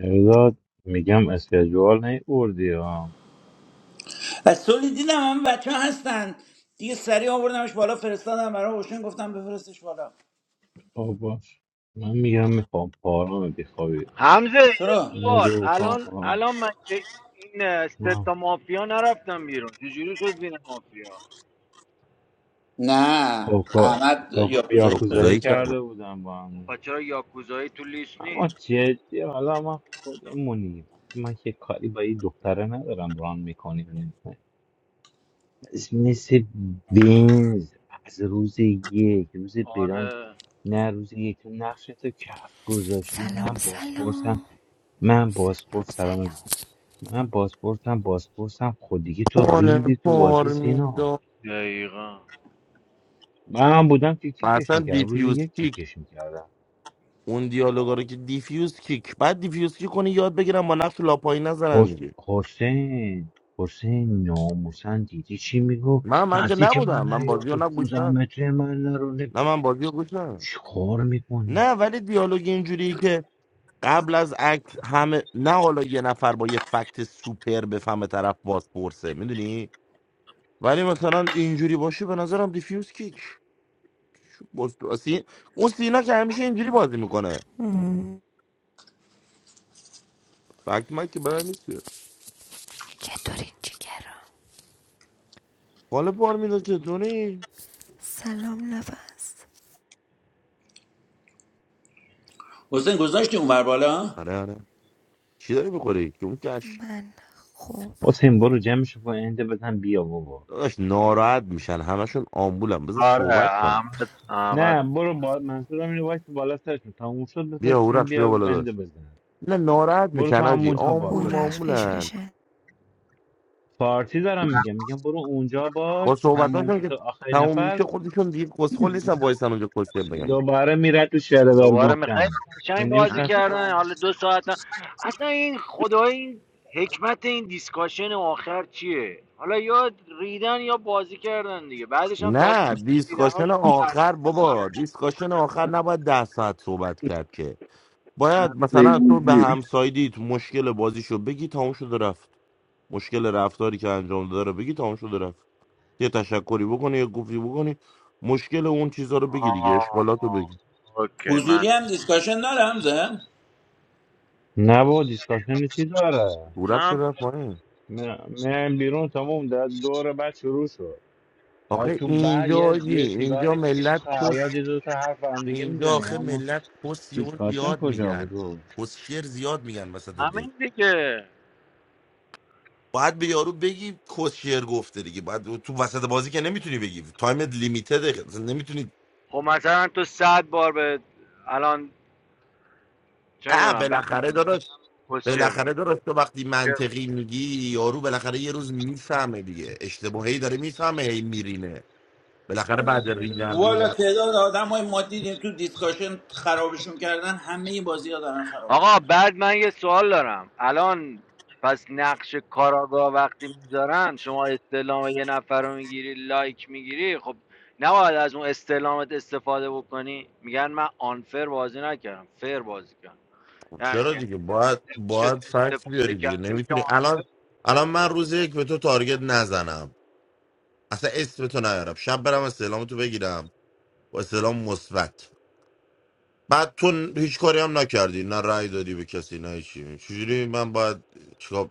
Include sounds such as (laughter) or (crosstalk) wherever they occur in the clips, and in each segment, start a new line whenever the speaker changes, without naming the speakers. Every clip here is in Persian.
مهرداد میگم اسکجوال نیوردی ها
از سولی دیدم همه بچه ها هستن دیگه سریع آوردمش بالا فرستادم برای اوشن گفتم بفرستش بالا
خواب باش من میگم میخوام پارام بیخوابی
حمزه یه
چرا؟
این
سوال
موضوع بخوام
الان
آه،
الان من که این اه، سه
آه.
تا مافیا نرفتم بیرون چجوری شد بین مافیا
نه
خب کا-
احمد
کاکا
یاکوزایی شده
یاکوزایی
آکوزایی کردم
کرده بودم با
خب
هم
پس چرا یاکوزایی تو لیست
اما
نیست
جدی حالا ما خودمونیم من که کاری با این دختره ندارم ران میکنی و نمی‌کنی. مثل بینز از روز یک روز بلان
آره
نه روز یک تو نقشتو کف گذاشتی
Salom,
من بازپرسم
salom,
من
salom,
بازپرس سلام
salom.
من بازپرسم بازپرسم خود دیگه تو
پاره
ریدی تو بازی
پار
سینا
میدم
دقیقا
من بودم که کیکش
اصلا
میکردم روز
دیفیوز
یک
کیک
کیکش میکردم
اون دیالوگا رو که دیفیوز کیک بعد دیفیوز کیک کنی یاد بگیرم با نقش لاپایی نزنن
حس...
دیگه
حسین حسین ناموسن دیدی چی میگفت
من من که
نزدیک
نبودم
من
من
نیا
بازی رو
تو
نه گوش
15
نه
متر من نرو نه
نه من بازی رو گوش نه
چیکار میکنی
نه ولی دیالوگ اینجوری که قبل از اکت همه نه حالا یه نفر با یه فکت سوپر بفهمه طرف باز پرسه میدونی ولی مثلا اینجوری باشه به نظرم دیفیوز کیک بس- اون سینا که همیشه اینجوری بازی میکنه فکت من که برای نیست
G'day, orangey girl.
قالب بار میداد چطوری
Salom, loveas.
حسین گذاشتی اونور بالا؟
آره آره چی داری بخوری که اون کش
Man, help.
حسین برو جمعش با انده بزن بیا بابا
داداش ناراحت میشن همشون آمبولم بذار
آره
صحبت کنن
احمد احمد
نه برو با منظورم اینه وایس بالا سرشون تموم شد
بیا
بفرستشون
اورخش بیا
بیا
بالا
بنده
داشت
بزن
نه ناراحت
برو تو
میشن آجی
همونجا
آمبول
باش
Who da
حسین
معمولن
specialist?
فارسی دارم میگم میگم برو اونجا باش
خود
تموم که
صحبتاشون
شد
که
آخرین
تموم
نفر
میشه خودشون دیگه کسخل
Hmm,
نیستن وایسن اونجا کسخل بگم
دوباره میره تو شرور
دوباره میخواید
گفتن من
قشنگ بازی
I'm
نمیشناسی
کردن
شما
حالا دو ساعت هم- اصلا این خدای این حکمت این دیسکاشن آخر چیه حالا یا ریدن یا بازی کردن دیگه بعدش هم تازه
نه دیسکاشن
ریدناش رو تحلیل
آخر
کردن.
بابا دیسکاشن آخر نباید ده ساعت صحبت کرد که
I'm
باید مثلا
playing
تو
with
به
you.
همسایدی تو مشکل بازیشو بگی تموم شده رفت مشکل رفتاری که انجام داره بگی تموم شده رفت یه تشکری بکنی یه گفتی بکنی مشکل اون چیزا رو بگی دیگه اشکالات رو
آه،
بگی
اوکی
حضوری هم دیسکاشن دارم زن
نه با دیسکاشن چی داره
دورت
نه
شده رفت پایین
من من بیرون تموم در دور بعد شروع شد در
آخه
تو بعد
اینجا
یه,
آجی
یه
اینجا
سیگاری میکشیم
ملت
تا حیات
کس
یه دو تا حرف با هم دیگه
اینجا
میزنیم
آخه
اما
ملت کس یهو
دیسکاشن
زیاد
کجا
میگن
بود او؟
کس شعر زیاد میگن وسط دین
همین دیگه
باید به یارو بگی کس شعر گفته دیگه باید تو وسط بازی که نمیتونی بگی تایمت لیمیتده نمیتونی
خب مثلا تو صد بار به الان چه
اه
میدونم به
بالاخره داداش
پوزیشن
بالاخره
میگه
داداش تو وقتی منطقی میگی یارو بالاخره یه روز میفهمه دیگه اشتباهی داره میفهمه هی میرینه بالاخره بعد ریدن
والا
ریدن
تعداد آدم های ما دیدیم تو دیسکاشن خرابشون کردن همه بازی ها دارن خرابشون
آقا
میکنن
بعد من یه سوال دارم الان پس نقش کاراگاه وقتی میذارن شما استعلام یه نفر رو میگیری لایک میگیری خب نباید از اون استعلامت استفاده بکنی میگن من آنفر بازی نکردم فر بازی کردم
خب
یعنی
چرا
چی؟ یعنی
دیگه باید باید فکت
استفاده
بیاری دیگه
کردیم که
نمیتونی
آنفر
الان الان من روز یک به تو تارگت نزنم اصلا اسم تو نیارم شب برم استعلام تو بگیرم با استعلام مثبت بعد تو هیچ کاری هم نکردی نه رأی دادی به کسی نه چی چجوری من باید چیکار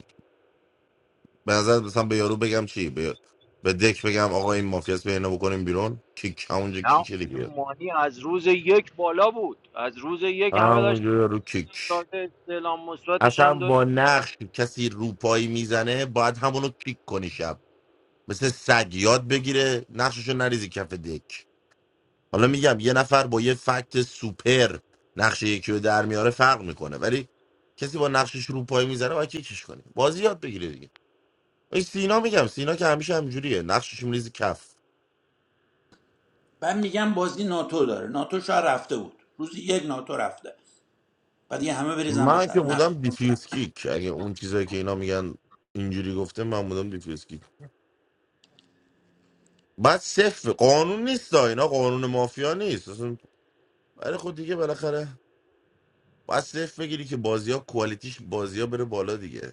به نظر مثلا به یارو بگم چی به, به دک بگم آقا این مافیاس به اینا بکنیم بیرون کیک همونجا
نه
کیک
اصلا
دیگه
مانی از روز یک بالا بود از روز یک همه داشت
همونجا یارو کیک
سایت استعلام مثبتش
اصلا
هم داشت
با نقش کسی روپایی میزنه باید همونو کیک کنی شب مثل سگ یاد بگیره نقششو نریزی کف دک حالا میگم یه نفر با یه فکت سوپر نقش یکی رو در میاره فرق میکنه ولی کسی با نقشش روپایی میزنه باید کیکش کنی بازی یاد بگیره دیگه این سینا میگم سینا که همیشه همجوریه نقشش میریزی کف
بعد میگم بازی ناتو داره ناتو شاید رفته بود روزی یک ناتو رفته بعد دیگه همه بریزن به
من
سر
که
نقش
بودم
اون کرد.
دیفیوز کیک اگه اون چیزایی که اینا میگن اینجوری گفته من بودم دیفیوز کیک بعد صفر قانون نیست ها، اینا قانون مافیا نیست ولی خود دیگه بالاخره باید صرف بگیری که بازی ها کوالیتیش بازی ها بره بالا دیگه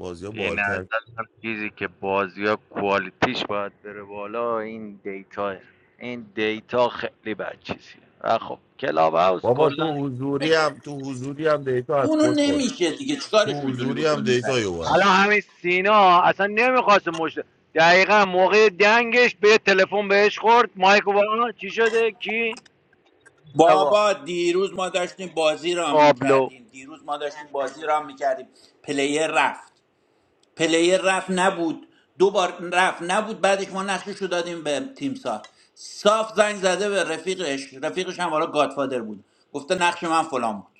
بازی ها
به
بالتر
نظر من چیزی که بازی ها کوالیتیش باید بره بالا این دیتا هست. این دیتا خیلی بد چیزیه و خب کلاب هاوس
بابا تو
کلا
حضوری هم تو حضوری هم دیتا از
اونو
خود کن
نمیشه دیگه
تو
چیکارش میتونی
حضوری هم
بکنی سعی
دیتا یو
الان
هست
همین سینا اصلا نمیخواست مشت دقیقا موقع دنگش به تلفن بهش خورد مایک و چی شده کی مستوا
بابا دیروز ما داشتیم بازی را
آبلو
میکردیم دیروز ما داشتیم بازی را میکردیم پلیر رفت پلیر رفت نبود دو بار رفت نبود بعدش ما نقشش رو دادیم به تیم سا صاف زنگ زده به رفیقش رفیقش هم حالا گادفادر بود گفته نقش من فلان بود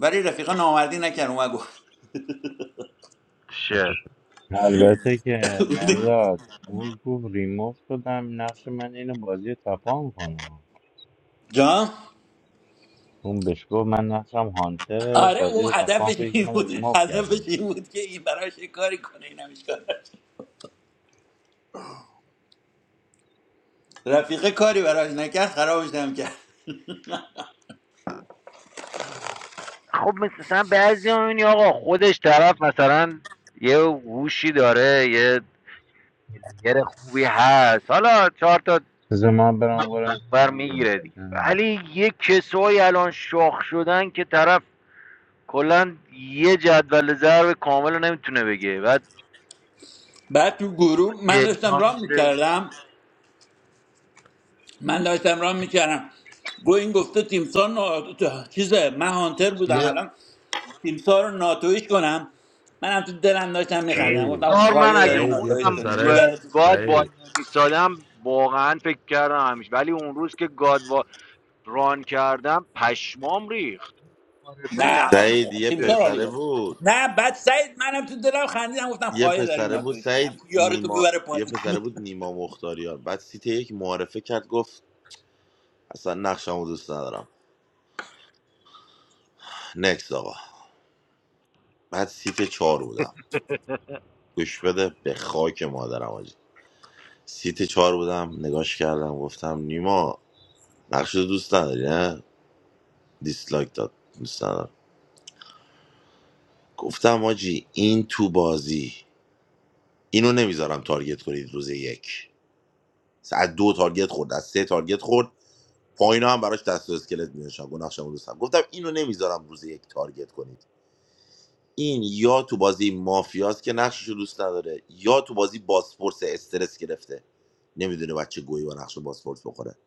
ولی رفیقا نامردی نکرد اومد گفت
شه
البته که مرداد اون گفت ریموف شدم نقش من اینو بازی تپان کنم
جان
اون بهش گفت من نقشم هانتر
آره
بازی
اون
رو تفاهم
هدفش
کنی که
این
من
بود
ریموو
هدفش
کرده
این بود که این براش یه کاری کنه این همش کار رفیقه کاری براش نکرد خرابش هم کرد
خب مثلا بعضی هم می‌بینی آقا خودش طرف مثلا یه هوشی داره یه یه خوبی هست حالا چهار تا
بذار من برم وارد
بر
کنم بیام
میگیره دیگه
نه.
ولی یه کسایی الان شاخ شدن که طرف کلا یه جدول ضرب کامل رو نمیتونه بگه بعد
بعد تو گروه من داشتم
دیتا
رام
میشه.
میکردم من داشتم رام میکردم گو این گفته تیمسار نا... چیزه من هانتر بودم
یه
الان تیمسار رو ناتویش کنم من هم تو دلم داشتم میخندم
سعید
گفتم
کیمسار من
خواهیه
اگه
داری
سعید یه
ناتویش
خودم
کنی
پسره
به
میبره تو
گاد وای
سعید
میسادم واقعا فکر کردم همیشه ولی اون روز که گاد وا- ران کردم پشمام ریخت معارفه
نه
نفر
سعید
با-
یه
تیمسار
سوم
عالی
پسره
بود
بود
نه بعد سعید منم تو دلم خندیدم گفتم
یه
خواهیه داری
پسره بود
ناتویش کنی
سعید
همچون تو
نیما
ببره
یه
پایین (laughs)
پسره بود نیما مختاریان بعد سیت یک معارفه کرد گفت اصلا نقشمو دوست ندارم نکس آقا بعد سیت چهار بودم گوش بده به خاک مادرم آجی. سیت چهار بودم نگاش کردم گفتم نیما نقش رو دوست نداری نه دیسلایک داد دوست ندارم گفتم آجی این تو بازی اینو نمیذارم تارگت کنید روز یک از دو تارگت خورد از سه تارگت خورد پایینا هم براش دست و اسکلت می‌نوشتم گفت نقشم رو دوستم گفتم اینو نمیذارم روز یک تارگت کنید این یا تو بازی مافیاست که نقشش رو دوست نداره یا تو بازی باسپورس استرس گرفته نمیدونه بچه گویی با نقش باسپورس بخوره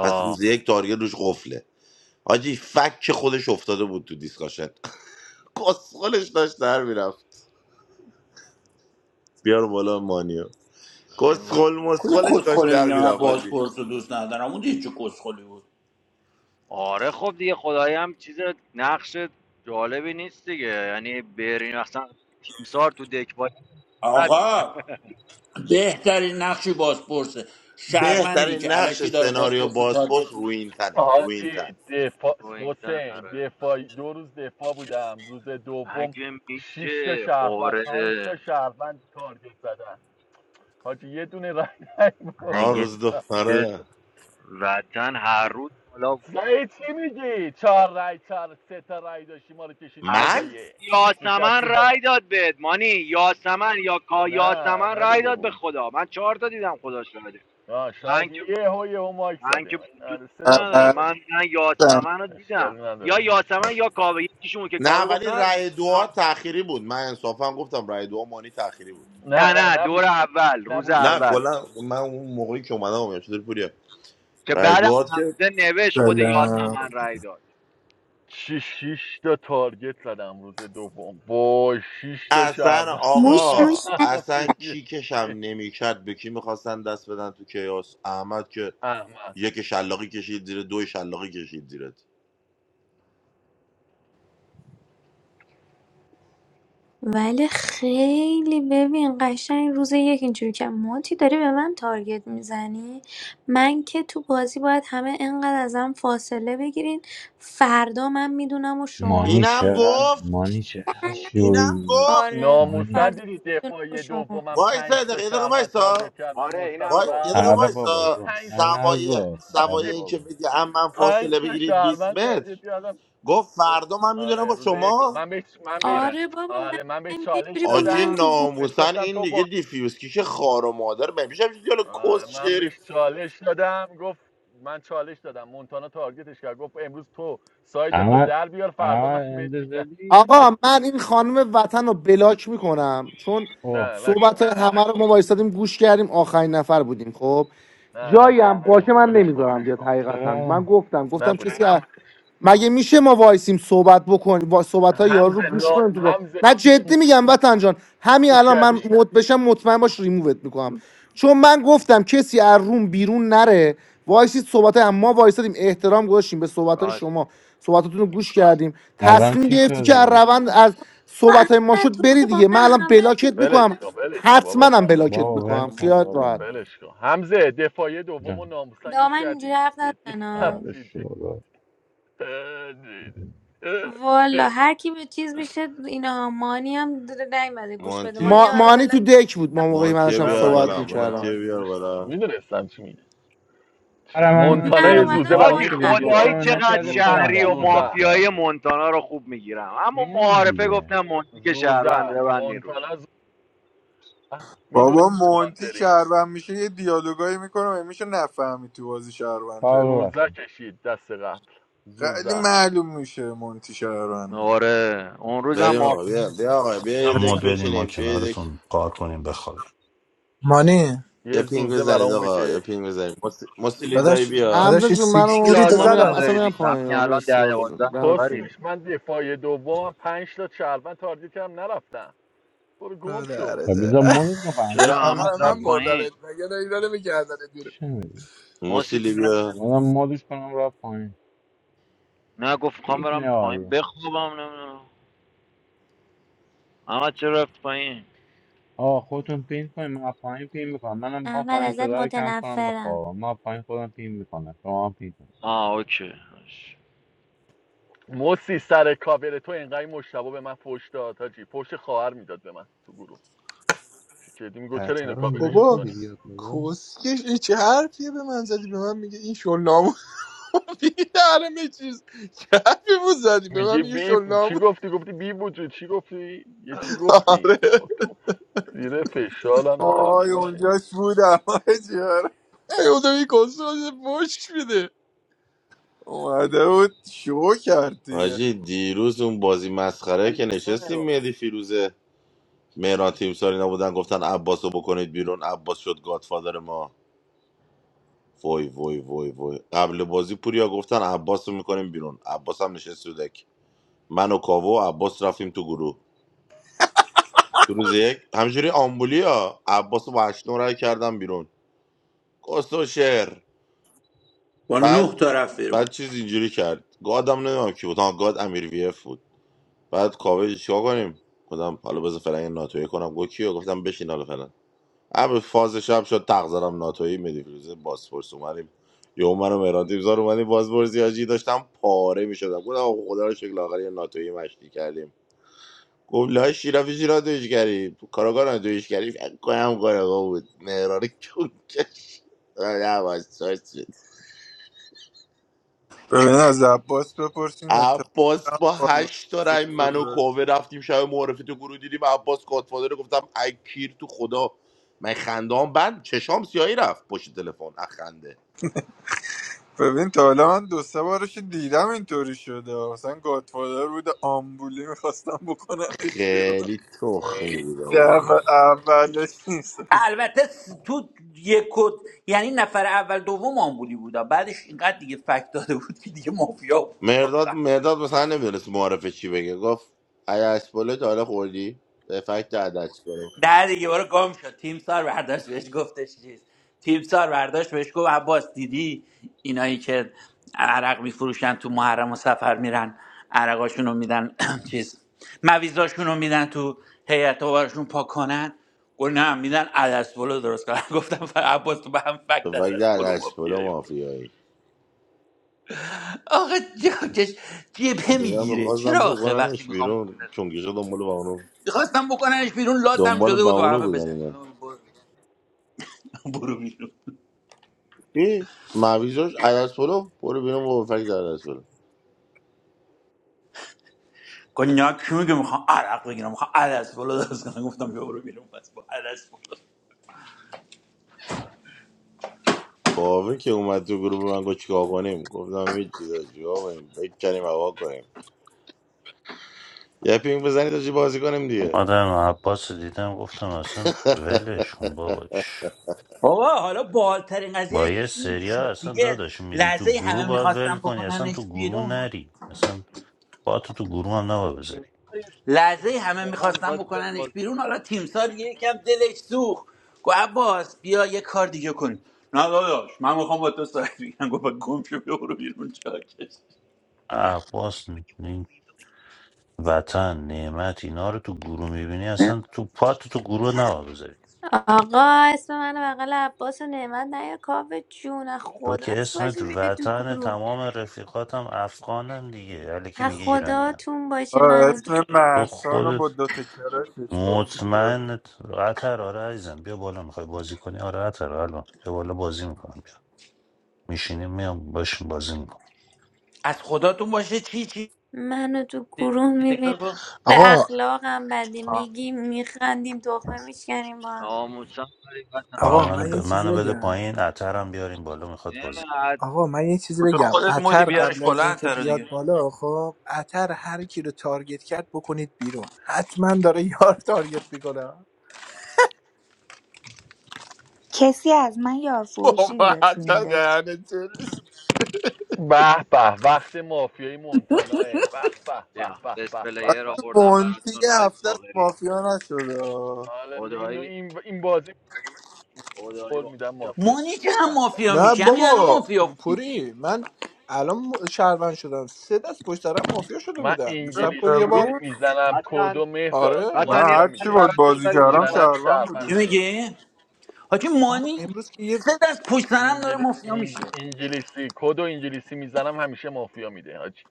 پس روز یک تارگت روش قفله حاجی فک خودش افتاده بود تو دیسکاشن (laughs) کسخلش داشت در میرفت بیار بالا مانیو
این و-
کسخل
کلو
مسخلش داشت
کسخوله
در
میگم من
میرفت حاجی
بازپرس رو دوست ندارم اون دیگه چه کسخلی بود
آره خب دیگه خدایی هم چیز نقش جالبی نیست دیگه یعنی برین اصلا تیمسار تو دک باید غارت میکنه
آقا بهترین نقش بازپرسه شهروندی
بهترین
که
نقش
علکی داره
سناریو
بازپرس رو
بازپس
تارگت
رو
می‌کنه.
این تنه رو این تن
آجی دفاع
رو این تن
حسین
آره
دفاع دو روز دفاع بودم روز دوم
مگه
شش تا
میشه
شهروند پنج تا
آره
شهروند تارگت زدن حاجی یه دونه رای
آن
بود
مگه
روز دو
میشه
آره
وطن هر روز حالا
سعی چی میگی چهار رای چهار سه تا رای داشتی ما رو کشیدی
عزیز
من
دفاعیه
یاسمن
نشستی
رای
بالا
داد بهت مانی یاسمن یا کا یاسمن
نه
رای
نداده
داد به
بود
خدا من چهار تا دیدم خداش رای
آه
من
شاید
که
یه هو یه هو مایک
من
زده
که دوست
آره، سه تا بود
اصلا
ندارم
ولی
من من یاسمن رو دیدم
اشکالی
یا
نداره
یاسمن
اشکال
یا کاوه یکیشون که کاوه
نه
گفت نه
ولی رأی دعا تأخیری بود من انصافا گفتم رأی دعا مانی تأخیری بود
نه
نه
نه
نه دور
نبودی
اول روز
نبودی
نه
اول
کلا من اون موقعی که اومدم اومدم چطور پوریا
که
رأی
بعدم
دعا که
حمزه نوشت خود
سلام
یاسمن رای داد
چی شیش تا تارگت زدم روز دوم وای شیش تا
اصلا
شهروند (laughs)
موش
با
آقا
موشن
هم
اصلا
دیگه.
کیکشم
چه
نمیکرد به کی میخواستن دست بدن تو کیاس احمد که
احمد
یک شلاقی کشید زیر دو شلاقی کشید زیرت
ولی خیلی ببین قشنگ روز یک اینجوری که مونتی داری به من تارگت میزنی من که تو بازی باید همه انقدر ازم فاصله بگیرین فردا من میدونم و شما
مانی
اینم
چقدر
گفت
مانی چقدر
سلام.
اینم
شوی
گفت
آره
ناموسن
فردا
مانی
دیدی
میدونم و
دفاعی
شما
دومم
وایسا یه
پنج تا
دقیقه یه دقیقه
شهروند
وایسا
تارگت کردم
آره
مصطفی
اینم
وای یه
گفت
رفت
دقیقه
آره بابا
وایسا
گم
پنج تا
انا
سوای
گفت آره
سوای
شهروند-
این که
بابا
بگی هم من
پنج
فاصله
تا
بگیرید 20
شهروند
متر
تارگت کردم
گفت
م-
فردا من میدونم
آره
با
روز یک گفت-
شما
من بهش من بهش
آره
آره بابا من
آره من بهش
میگم یه
چالش
جوری با
آجی
من
دادم
تو گو
بهش
ناموسن
گفتم
این
تو
دیگه دیفیوز کیش خار و مادر بمیشه دیالو
آره،
کس
من
شعری
بهش چالش دادم گفت من چالش دادم مونتانا تارگتش کرد گفت امروز تو ساید تو
اما
در بیار فردا
اما
من بهت
اند
میگم
زدی
(laughs)
آقا من این خانم وطن رو بلاک میکنم چون
اوه
نه
صحبت
نکن
همه رو ما وایستادیم گوش کردیم آخرین نفر بودیم خب
نه
جایی
نکن
هم باشه
نکن
من
ولش کن
نمیذارم بیاد حقیقتا من
چرا
گفتم گفتم کسی از-
نبودش
مگه میشه ما وایسیم صحبت بکنیم با صحبت های یارو رو
همزه
گوش
نا
کنیم تو با...
همزه
نه جدی میگم وطن جان همین
گوش
الان من
کردی
مد بشم مطمئن باش ریمووت میکنم چون من گفتم کسی از روم بیرون نره وایسید صحبت هم ما وایسادیم احترام گذاشتیم به صحبت های
راست
شما صحبتاتون رو گوش کردیم
الان
تصمیم
چی
گرفتی که از
شده
روند از
با
صحبت های ما
احمد
شد
تو
بری
که با
دیگه من
من
الان
هم
بلاکت میکنم
ولش کن ولش کن
حتما
بابا
هم
فدا
بلاکت
بابا ول
میکنم
کن
خیالت
بابا
راحت
ولش کن همزه دفاعی دوم و
جان
ناموسن
با
گوش
من اینجوری
کردی
حرف
جدی (laughs)
نزنا
آره
جدی
شروع
(laughs) جدی.
والا
(laughs)
هر کی به چیز میشه اینا مانی هم در- نیومده گوش بده مانی
ما
هم
مانی
الان
تو دک بود ما موقعی من
مانتیه
داشتم
نه
بیار
من
صحبت
بالا
گوش بودم
میکردم
مانتیه
من
بیار
گوش دادم
بالا
میدونستم چی میگه چی؟
آره من من
مونتانا
من
چرا
یه
از این
زوزه
اومدم
آجی
کاری
برامون
مانی
که بهت
قبل من
خدایی
کشیدا
گفتم
اینجا
چقدر
بود.
نکردی
چه
خودم
زوزه
شهری و
رفتم
میگی
این
زوزه
مافیایی
کردم
مونتانا رو خوب میگیرم اما
بیاین
معارفه
دیگه
گفتم مونتی که شهروند
زوزه
ببندین روش
مونتانا زوزه میدونه
بابا مونتی
مانتری
شهروند میشه یه دیالوگایی میکنه و میشه نفهمی تو بازی شهرونده
کار
زوزه
ببخشید
کشید دست قبل
خیلی
زوزه
معلوم میشه مونتی شهرونده
آره اون روزم
بریم
مافیا
آقا بیا بیا آقا بیا
یه
یه
گفتم
حسن.
دک
مود بدیم ما
بچینیم بیا یه دک
کنارتون کار کنیم بخوابیم
مانی
یه
یه
پینگ
زوزه
بزنید
برامون
آقا یه
بکش
پینگ بزنید مس- مسیلی دایی
داداش
بیا
داداش
حمزه
یه
جون
این
منو
سیکستی
مت
رو
کن
تو
من
لازم
میرم
زدم
اصلا
نداره
ها.
میرم
دیگه
پایین
همین الان
سیچ
مرسی
ده
ک-
باز
دوازده نفری
دمتون
کسکش من دفاع دومم پنج تا شهروند تارگت کردم نرفتم برو گم شو
پدرت.
تا بیزا مدت کن فقط
چرا
(laughs)
گوشتم
آقا
احمد
رو
رفت
من
تو
پایین
بردمت مگه نه اینا نمی‌کردن بیرون
چه میدونم
ماسی
مسیلی
چرا نمی‌ره؟
بیا
مادم مدش کنم را پایین
نه گفت میخوام
پین کنی
برم پایین
آریه
بخوابم نمیدونم احمد چرا رفت پایین
آه خودتون پین کنین من از پایین پین میکنم منم میخوام
احمد
پایین
ازت
صدا رو کم کنم
متنفرم
بخوابم من از پایین خودم پین میکنم شما هم پین
آه اوکی باش.
موسی سر کاور تو اینقدر این مشتبه به من فوش داد حاجی فوش خواهر میداد به من تو گروه چه جدی میگو چرا
اعطا
اینو
رو اینوایت
کاورش
بابا
میدی
میکنی
بیاد بالا
کسکش این چه حرفیه به من زدی به من میگه این شلنامو (laughs) بیدرم چیز چه حرفی بود زدی به من
میگی
میگه
بیف چی
شلنامو
گفتی گفتی بی وجود چی گفتی یه چی گفتی
آره
با تو زیر فشار هم داداش من
آی
میشه
اونجاش بود جیار
(laughs) ای خدا این کسکش بش میده
اومده بود شو کرد دیگه
حاجی دیروز اون بازی مسخره
ولی
که
تیم نمی‌ره
نشستیم
بالا.
مهدی فیروزه مهران تیم ساری نبودن گفتن عباس رو بکنید بیرون عباس شد گادفادر ما وای وای وای وای قبل بازی پوریا گفتن عباس رو میکنیم بیرون عباس هم نشست تو دک من و کاوه و عباس رفتیم تو گروه تو روز یک همجوری آمبولی ها عباس وحشنو رای کردم بیرون کسو شعر
با نه
بعد
تا رفت بیرون
بعد چیز اینجوری کرد گادم نمیدونم کی بود ها، گاد امیر وی اف بود بعد کاوه چیکار کنیم گفتم حالا بذار فلان ناتوی کنم گفت کیو گفتم بشین حالا فلان اما فاز شب شد تقذرم ناتوی مدی فیروزه باسپورس اومدیم یهو منو مهران زار اومدیم بازپرسی حاجی داشتم پاره میشدم گفتم آقا خدا رو شکل آخر یه ناتوی مشتی کردیم گفت لای شیرافی شیرا دویشگری کاراگاه نه دویشگری فکر کنم کاراگاه بود مهران کونکش عباس شاد شد
ببین از عباس بپرسین
عباس
اتفاقا
با
بار
هشت تا رای من و کاوه
بپرسین.
رفتیم شب معرفی تو گروه دیدیم عباس گادفادر گفتم ای پیر تو خدا من خندام بند چشام سیاهی رفت پشت تلفن از خنده
ببین تا حالا من دو سه بارش دیدم اینطوری شده مثلا گادفادر بود آمبولی میخواستم بکننش بیرون
خیلی تخمی بود آجی.
دفعه اولش نیست
البته س- تو یک و- یعنی نفر اول دوم آمبولی بودا بعدش اینقدر دیگه فکت داده بود که دیگه مافیا بود
مرداد مرداد مثلا نمیدونست معرفه چی بگه گفت ای اسپوله تا حالا خوردی به فکت عدس کنم
ده دیگه برو گم شد تیم سار برداشت بهش گفتش چیز تیم سار برداشت بهش گفت عباس دیدی اینایی که عرق میفروشن تو محرم و سفر میرن عرقاشون رو میدن (clears throat) چیز مویزاشون رو میدن تو هیئت و بارشون پاک کنن گفت نه میدن عدس پلو درست کنن (laughs) گفتم ف- عباس تو به هم فکت
تو وقتی
عدس
در
پلو
دستپل
مافیایی بود.
مافیایی
آخه جاکش جبهه
اینا
میگیره چرا
میخواستم
آخه وقتی
بکننش
میخوام
بیرون چونگیشا دنبال با اونو
میخواستم بکننش بیرون لاتم
دنبال
شده
با
بود و
اونو
همه
بودن
بزنیم
اینا
(laughs) برو بیرون
چی؟ مویزاش پلو برو بیرون با فکر در پلو
کنیاک کی میگه میخوام عرق بگیرم میخوام عدس بالا درست کنم گفتم بیا برو بیرون پس با عدس بالا
کاوه که اومد تو گروه من گفت چیکار کنیم گفتم یه چیزا چیکار کنیم بکنیم هوا کنیم یه پینگ بزنید تا چی بازی کنیم دیگه
آدم عباس رو دیدم گفتم اصلا ولش کن بابا چش.
بابا حالا بالترین
با
قضیهش
یه
این
سریا
شد
اصلا
دیگه
داداش میری تو
لحظه
گروه
همه
باید ول
میخواستم
کنی اصلا
بکننش
تو گروه
بیرون
نری اصلا با تو تو گروه هم
به
نباید
تیم
بذاری
یه فکر
لحظه
بده. اون
همه
موقع هم
میخواستم
می‌خواست بیاد
بکننش
باز
بیرون حالا تیمسار یکم دلش سوخت گفت عباس بیا یه کار دیگه کن نه داداش من میخوام با تو ساعت بگیرم گفت با گم شو بیا برو بیرون چاکش
عباس این وطن نعمت اینا رو تو گروه میبینی اصلا تو پا تو تو گروه نباید بذاری
آقا اسم من بغل عباس و نعمت نیا کاف جون از
تو که
خداست
اسمت
باشه بیا تو
وطن
گروه
تمام رفیقاتم افغانن دیگه علیکی
از
میگه ایرانی هم.
خداتون باشه
آه،
منو تو
اسم
تو
محسان رو
خودت
با دو تکرارش گفتی
مطمئن عطر آره عزیزم بیا بالا میخوای بازی کنی آره عطر الان بیا بالا بازی میکنم بیا میشینیم میام باشیم بازی میکنم
از خداتون باشه چی چی
منو تو گروه میبین
تکرار کن
به
آقا
اخلاقم بده
آه،
میگیم میخندیم تخمه میشکنیم با هم
ناموسم حقیقتا
آقا
آقا
آه.
منو
من
ب...
یه چیزی
منو بده
بگم
پایین عطرم بیاریم بالا میخواد بازی
چقدر
آقا من یه چیزی
تو
بگم
خودت مودی
اتر
می‌خواستم.
بیارش
قبل از
بلند
اینکه
تر
بیاد
دیگه
بالا خب اتر هر کی رو تارگت کرد بکنید بیرون حتما داره یار تارگت میکنه
کسی از من
با
یارفروشی
ما
دیده تو این
حتی
دکت
دهن چلست
به به وقت مافیای مونتانا به به به به
بیا
به
بست
به
آخه
پلیر
به
آوردم
مونتی
براتون
یه
آی
هفته از
فاقری
مافیا نشده آه.
حالا این
خدایی
این این بازی
خدایی
قول
با
میدم مافیا
مانی که هم
به به
مافیا
نه
میشه همین الان
بابا
مافیا بودی که
پوری من الان شهروند شدم سه دست پشت دارم مافیا شده
من
بودم یه سب کن یه
انگلیسی
بار
امروز
میزنم
وطن
کدو مهداد
آره
وطن
من
یه
مافیا
هرچی
قلب
میده
باید
برات
بازی
فارسی
بذاریم آی
کردم
میزنم
فاقری
شهروند
شربه
چی
بودی
میده
میگی حاجی
آها
مانی
امروز که یه
سه دست پشت سر هم داره
انگلی...
مافیا میشه
انگ- انگلیسی کدو انگلیسی میزنم همیشه مافیا میده حاجی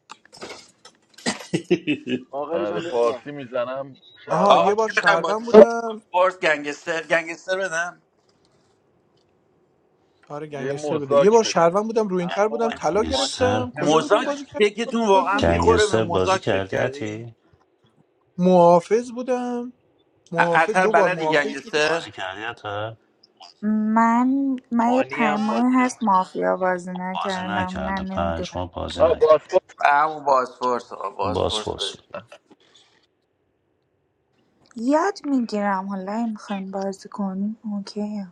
فاقری
آره
جان بیا بالا
فارسی میزنم
آها
آقا
یه
شهروند
بار
چی
میده
میخوایم بازی
شهروند
کنیم؟
بودم
بازپرس گنگستر گنگستر بدم
آره
یه
گنگستر بوده یه
مزداک
بار
بده
شهروند بودم
اب
روینتر
بابا
بودم طلا
نیمانی بازی
گنگستر
گرفتم کجا بودیم
مزاک
بازی کرد
یکیتون
خود
واقعا
بودی
میخوره به
گنگستر بازی
مزاک فکر
کردی
کردی
عتی
محافظ بودم
ا-
محافظ
اتر
دو بار
بلدی
محافظ بود
گنگستر
بازی کردی عطر
من من یه
مانی هم
پنج ماهی
بازی
هست
نمیکنه
مافیا بازی
بازی
نکردم نه
نکرده پنج
نمیدونم
ماه بازی
آه
نکرد
بازپرس
همون بازپرس آقا
باز
بازپرس
فرس
بده
بود.
یاد میگیرم حالا این میخوایم بازی کنیم اوکی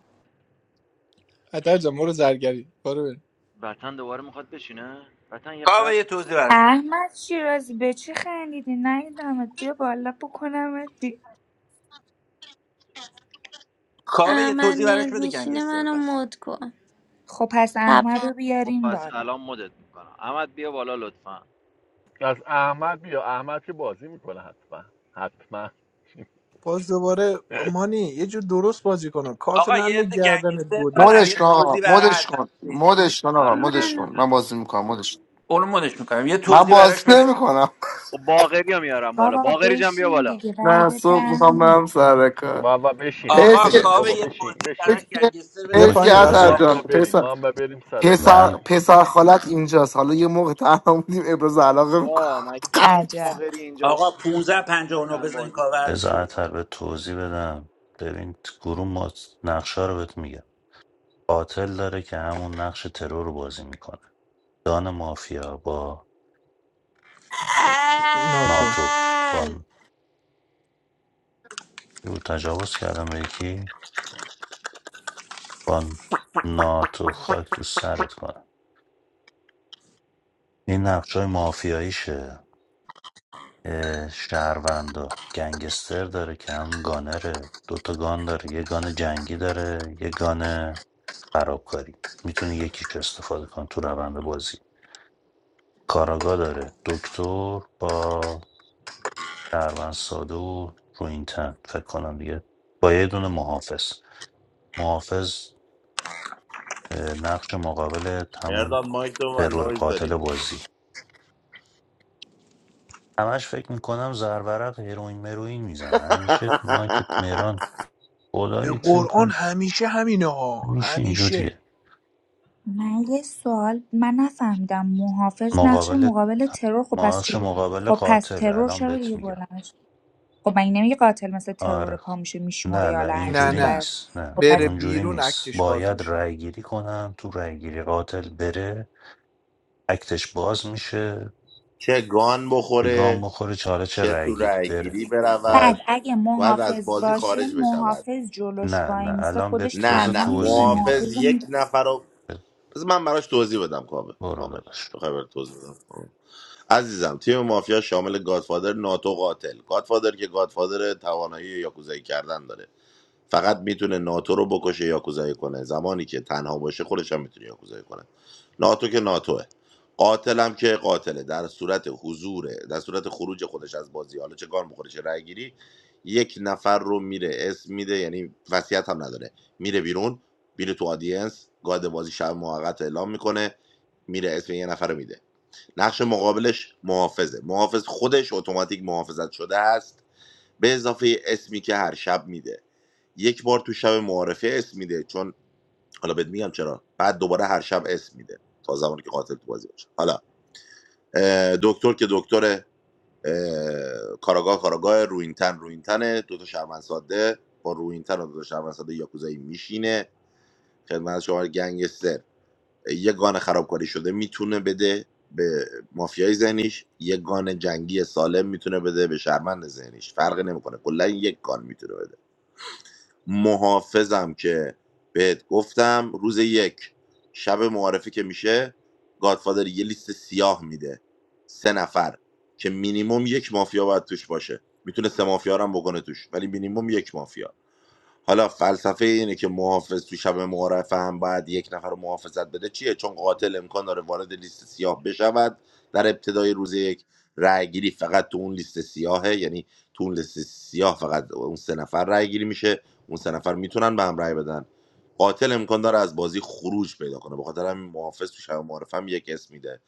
اتر جان برو زرگری برو بریم.
وطن دوباره میخواد بشینه وطن یه قلب
کاوه یه توضیح براش بده
احمد شیرازی به چی خندیدی ندیدمت بیا بالا بکنمت بی...
کاوه یه
احمد
توضیح براش
میاد
بده
میشینه
گنگستر
منو
پس
مد کن
خب پس احمد
تپان
رو
خب
بیارین
پس
بالا
الان مدت میکنم احمد بیا بالا لطفا
از احمد بیا احمد که بازی میکنه حتما حتما
باز دوباره مانی یه جور درست بازی کنه کارت
آقا
نند
یه عده
گردنت
گنگستر دادم
بودو
مودش
یه
کن آقا
توضیح برای
مودش
اتر
کن
بده
مودش کن آقا
آره
مودش
مرسی
منو
کن من بازی میکنم مودش کن.
اونو مدش میکنم یه
من
توضیح
بازی
براش بده
نمیکنم
خب باقری هم میارم بالا
بابا
باقری جان بیا
بشین
بالا
دیگه بعد
نه صبح
ده
میخوام
ما با...
برم سر کار
بابا بشین
حیف
آقا
خفه
که
شو
کاوه
بابا
یه
بشین
توضیح
حیف
براش
بشین
که
گنگستر
بیا
حیف
بده
که
پایین
اوکی
بشین
عطر
بذار
ما
وطن
هم
جان
باید
ک-
1559
بریم
پسر
ما هم باید بریم سر کار
پسر
من
بشین
پسر خالت اینجاست حالا یه موقع تنها بودیم ابراز علاقه
با
میکنم
مگه میشه
عجب
باقری اینجا با
آقا 1559
وطن
بزنین
بازی
کاوه
کنه
بذار
حرفشو
عطر
بزن
به توضیح بدم ببین گروه ما نقشه رو بهت میگم قاتل داره که همون نقش ترور رو بازی میکنه دان مافیا با
ناتو
ناتو با ن-
(laughs)
او تجاوز کردم به یکی با ناتو خاک تو سرت کنم این نقش های مافیاییشه اه، شهروندا گنگستر داره که هم گانره دوتا گان داره یه گان جنگی داره یه گان خرابکاری میتونه یکیش استفاده کنه تو روند بازی کاراگا داره دکتر با شهروند ساده و روینتن فکر کنم دیگه با یه دونه محافظ محافظ نقش مقابل همون
مردان مایک تو و
ترور
نویز
قاتل
داری
بازی همش فکر میکنم زرورق هیروین مروین میزنه همیشه
(laughs)
مایکت مهران
به
خدایی فکر
قرآن
کن
همیشه همینه ها
میشه
همیشه
اینجوریه
من یه سوال من نفهمیدم محافظ نقش
مقابل
مقابل ترور خب پس
نقش
چرا
مقابل
خب پس
قاتل
ترور
الان
چرا
بهت
دیگه
میگم
بلندش خب من نمیگه قاتل مثل
آره
ترور پا
خب.
میشه میشموره
نه
یا
نه
هرچی
نه
اینجوری
نه
بر
نیست
خب
نه
بره
پس
اونجوری
بیرون
نیست
اکتش باز
باید
میشه
رأی گیری کنم تو رأی گیری قاتل بره اکتش باز میشه
چه گان
به گام
بخوره
بخوره چاله چه
چه
رأی
تو
گیری بره
رأیگیری
بعد
آره
برود
اگه
باید از
محافظ
بازی
باشه
خارج بشود
محافظ جلوش
نه
وای
نه
میسه
الان به
خودش
نه
بذار
تنها
نه
میره یا
توضیح
محافظ
میدم
محافظ رو
یک
میره
نفر رو
ب-
بذار من براش توضیح بدم کامل
برو
کامل
داداش
بخوای برات توضیح بدم عزیزم تیم مافیا شامل گادفادر ناتو قاتل گادفادر که گادفادر توانایی یاکوزایی کردن داره فقط میتونه ناتو رو بکشه یاکوزایی کنه زمانی که تنها باشه خودش هم میتونه یاکوزایی کنه ناتو که ناتوه قاتلم که قاتله در صورت حضوره در صورت خروج خودش از بازی حالا چه گان بخوره چه رأی گیری یک نفر رو میره اسم میده یعنی وصیت هم نداره میره بیرون میره تو آدینس گاد بازی شب موقت اعلام میکنه میره اسم یه نفر رو میده نقش مقابلش محافظه محافظ خودش اتوماتیک محافظت شده است به اضافه اسمی که هر شب میده یک بار تو شب معارفه اسم میده چون حالا بهت میگم چرا بعد دوباره هر شب اسم میده تا زمانی که قاتل تو بازی باشه حالا دکتر که دکتر اه، کاراگاه کاراگاه روینتن روینتنه دوتا تا ساده با روینتن و دو تا شهروند ساده یاکوزایی میشینه خدمت شما گنگستر یه گان خرابکاری شده میتونه بده به مافیای ذهنیش یک گان جنگی سالم میتونه بده به شرمند ذهنیش فرق نمیکنه کلا یک گان میتونه بده محافظم که بهت گفتم روز یک شب معارفه که میشه گادفادر یه لیست سیاه میده سه نفر که مینیموم یک مافیا باید توش باشه میتونه سه مافیا رو هم بکنه توش ولی مینیموم یک مافیا حالا فلسفه اینه که محافظ تو شب معارفه هم باید یک نفر رو محافظت بده چیه چون قاتل امکان داره وارد لیست سیاه بشود در ابتدای روز یک رأی گیری فقط تو اون لیست سیاهه یعنی تو اون لیست سیاه فقط اون سه نفر رأی گیری میشه اون سه نفر میتونن به هم رأی بدن قاتل امکان داره از بازی خروج پیدا کنه به خاطر همین محافظ تو شب معارف هم یک اسم میده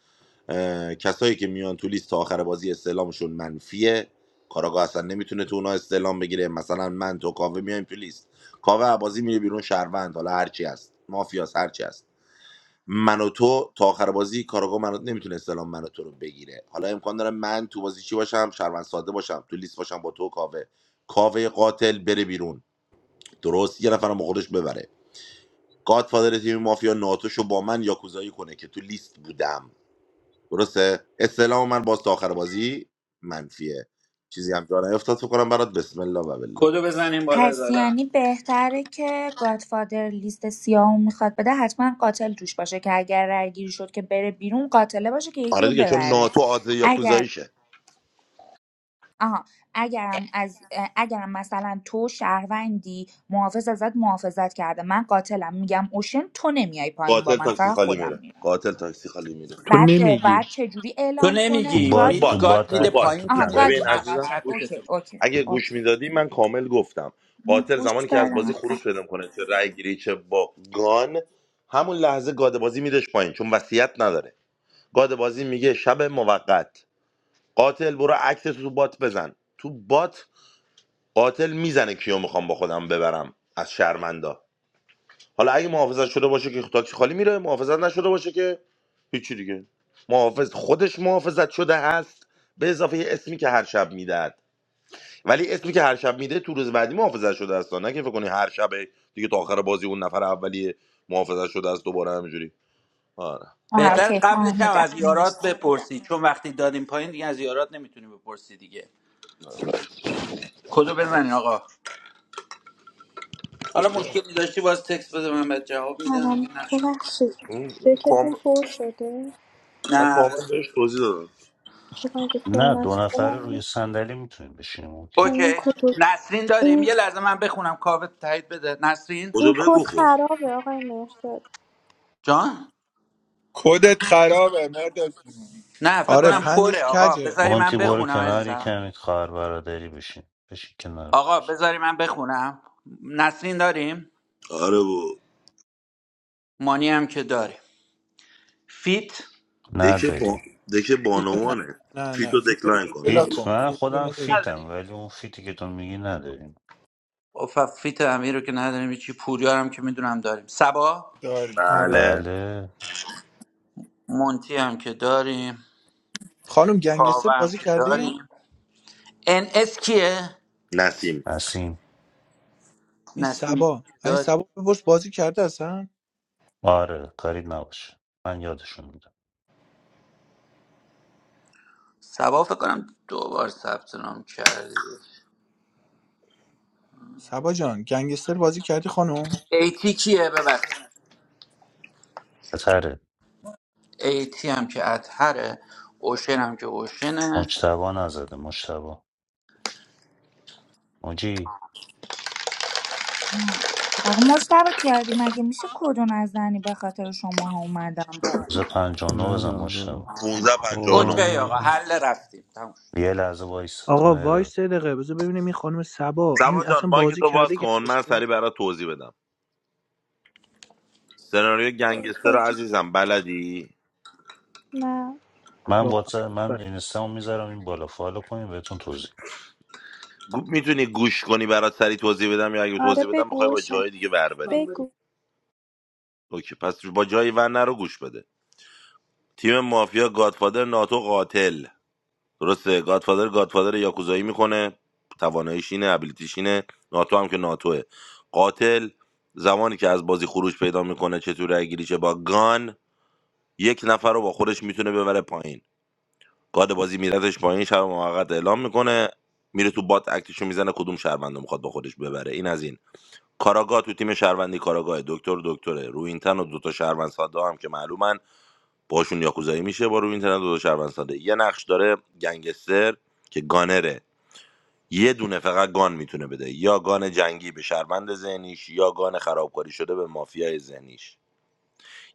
کسایی که میان تو لیست تا آخر بازی استعلامشون منفیه کاراگاه اصلا نمیتونه تو اونا استعلام بگیره مثلا من تو کاوه میایم تو لیست کاوه بازی میره بیرون شهروند حالا هرچی هست مافیاس هرچی هست من و تو تا آخر بازی کاراگاه منو نمیتونه استعلام من و تو رو بگیره حالا امکان داره من تو بازی چی باشم شهروند ساده باشم تو لیست باشم با تو و کاوه کاوه قاتل بره بیرون درست یه نفرم با خودش ببره گادفادر تیم مافیا ناتوشو با من یاکوزایی کنه که تو لیست بودم درسته استلام من باز تا آخر بازی منفیه چیزی هم جا نیفتاد فکر کنم برات بسم الله و بالله
کدو بزنیم بالا
پس
زدن؟
یعنی بهتره که گادفادر لیست سیاهو میخواد بده حتما قاتل توش باشه که اگر رأی گیری شد که بره بیرون قاتله باشه که یکی
آره
رو
دیگه چون
ببره
ناتو عادل
اگر
یاکوزاییشه
آها اگرم از اگرم مثلا تو شهروندی محافظ ازت محافظت کرده من قاتلم میگم اوشن تو نمیای پایین با
قاتل
من
تاکسی
فقط
خالی
خودم
میره
میرم
قاتل تاکسی خالی میره
تو
بعد
نمیگی
بعد چه جوری
تو
اعلام
تو
کنه
نمیگی
تو
گاد
بات
مید
بات
تو
میگه
گاد
بات
تو
میده
اکت
بات
تو
پایین تو
تو
آها
نه
میری
گاد
تو
ببین
بات
میگه
ا-
میزن
عزیزم
قاتل
گوش
اوکی
عکستو
اوکی
اگه گوش
اوکی
میدادی من کامل گفتم
من
قاتل
گوش
زمانی که از بازی
دادم
خروج پیدا کنه چه رای گیری چه با گان همون لحظه گاده بازی میدش پایین چون وصیت نداره گاد بازی میگه شب موقت قاتل برو عکس تو بات بزن تو بات قاتل میزنه کیو میخوام با خودم ببرم از شرمندا حالا اگه محافظت شده باشه که تاکسی خالی میره محافظت نشده باشه که هیچی دیگه محافظ خودش محافظت شده هست به اضافه یه اسمی که هر شب میدهد ولی اسمی که هر شب میده تو روز بعدی محافظت شده است نه که فکر کنی هر شب دیگه تا آخر بازی اون نفر اولی محافظت شده است دوباره همینجوری آره
آها
تمام
بهتر
اوکی
قبلش هم
فهمیدم
از یارات
مرسی
بپرسی چون وقتی دادیم پایین دیگه از یارات نمیتونی بپرسی دیگه کدو بزنین آقا
خب
حالا
چیه؟
مشکلی داشتی باز تکس بده من بهت جواب میدم
سلام
اگه نقش
ببخشید
خواستی.
اون کام-
دکتون پر شده
من
نه
کامل بهش توضیح دادم
خب اگه پر
نه دو
نشده من
نفره روی
این
صندلی میتونیم بشینیم اوکی
این
اوکی
کد رو-
نسرین داریم یه
این,
لحظه من بخونم کاوه تایید بده نسرین
بدو
این کد
بگو خب
خرابه آقای مهرداد
جان
کدت خرابه مداد جون
نه فکر
آره
کنم پره
پنجش
آقا
کجه
بذاری من
مونتی برو
بخونم
کنار یه
عزیزم
کمی خواهر برادری بشین بشین کنار
آقا
مونتی.
بذاری من بخونم نسرین داریم
آره و
مانی هم که داریم فیت فیت
دکه با...
نداریم
دکه
فیتو نه
بانوانه
نه نه
فیتو
فیتو
دکلاین کن
بلا
فیت
کن
من
فیتو
خودم
اینو بریم.
فیتم
نداریم
ولی اون فیتی که تو میگی نداریم
اوف فیت امیر رو که نداریم چی پوریا رو هم که میدونم داریم سبا
داری
آره
بله
بله
مونتی هم که داریم
خانم گنگستر
کاوه هم
بازی
که
کردی؟
داریم ان اس کیه
نسیم
نسیم
این
نسیم هم
سبا
که
این
داریم
سبا بپرس بازی کرده اصلا
آره کارید نباشه من یادشون میدم
سبا فکر کنم دو بار ثبت نام کردی
صبا جان گنگستر بازی کردی خانم
ایتی کیه ببخش
بتره
ایتی هم که اطهره اوشن هم که اوشنه
مجتبا نزده مجتبا موجی
نه آقا مشتبه تیاردی مگه میشه کدو نزنی به خاطر شما ها اومدم بالا.
موزه پنجانو بزن
ندارم
مجتبی
دادم
15 59
خوابم
اوکی آقا
برده.
حل رفتیم تموم شد.
یه لحظه وایست
آقا
مهراد
وایس سه دقیقه بذار ببینیم این خانم سبا این
سما جان
اصلا
مایک
بازی
تو باز
کرده
کن من
گنگستر
سریع برات توضیح بدم سناریو گنگستر رو
توضیح
عزیزم بلدی
نه
من
یا
واتساپ من اینستامو میذارم این بالا فالو کنیم بهتون توضیح میدم.
گو... میتونی گوش کنی برات سریع توضیح بدم یا اگه
آره
توضیح بدم
بگو
بخوای با
اوشن
جای دیگه ور بری
بگو
اوکی پس با جای ور رو گوش بده تیم مافیا گادفادر ناتو قاتل درسته گادفادر گادفادر یاکوزایی میکنه تواناییش اینه ابیلیتیش اینه ناتو هم که ناتوه قاتل زمانی که از بازی خروج پیدا میکنه چطور رای گیری چه با گان یک نفر رو با خودش میتونه ببره پایین گاد بازی میردش پایین شب موقت اعلام میکنه میره تو بات اکتشو میزنه کدوم شهروند رو میخواد با خودش ببره این از این کاراگاه تو تیم شهروندی کاراگاه دکتر دکتره روینتن و دوتا شهروند ساده هم که معلومن باشون یاکوزایی میشه با روینتن و دوتا شهروند ساده یه نقش داره گنگستر که گانره یه دونه فقط گان میتونه بده یا گان جنگی به شرمند ذهنیش یا گان خرابکاری شده به مافیای ذهنیش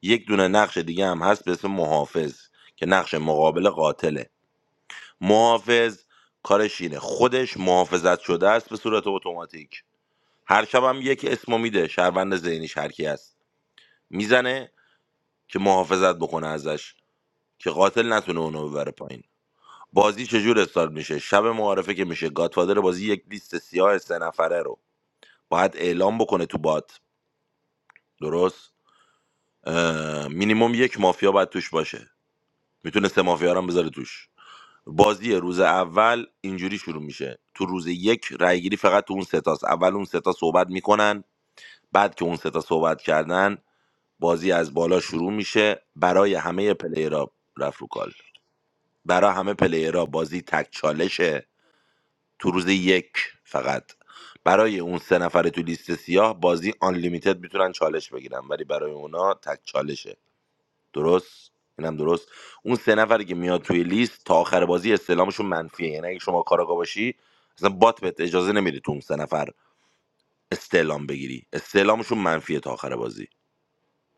یک دونه نقش دیگه هم هست به اسم محافظ که نقش مقابل قاتله محافظ کارش اینه خودش محافظت شده است به صورت اتوماتیک هر شب هم یک اسمو میده شهروند ذهنیش هر کی هست میزنه که محافظت بکنه ازش که قاتل نتونه اونو ببره پایین بازی چجور استارت میشه شب معارفه که میشه گاتفادر بازی یک لیست سیاه سه نفره رو باید اعلام بکنه تو بات درست اه، مینیموم یک مافیا باید توش باشه میتونه سه مافیا رو هم بذاره توش بازی روز اول اینجوری شروع میشه تو روز یک رایگیری فقط تو اون ستاست اول اون سه تا صحبت میکنن بعد که اون سه تا صحبت کردن بازی از بالا شروع میشه برای همه پلیرها رفت رو کال برای همه پلیرها بازی تک چالشه تو روز یک فقط برای اون سه نفر تو لیست سیاه بازی آن لیمیتد میتونن چالش بگیرن ولی برای اونا تک چالشه درست اینم درست اون سه نفری که میاد توی لیست تا آخر بازی استعلامشون منفیه یعنی اگه شما کاراگا باشی اصلا بات بهت اجازه نمیده تو اون سه نفر استعلام بگیری استعلامشون منفیه تا آخر بازی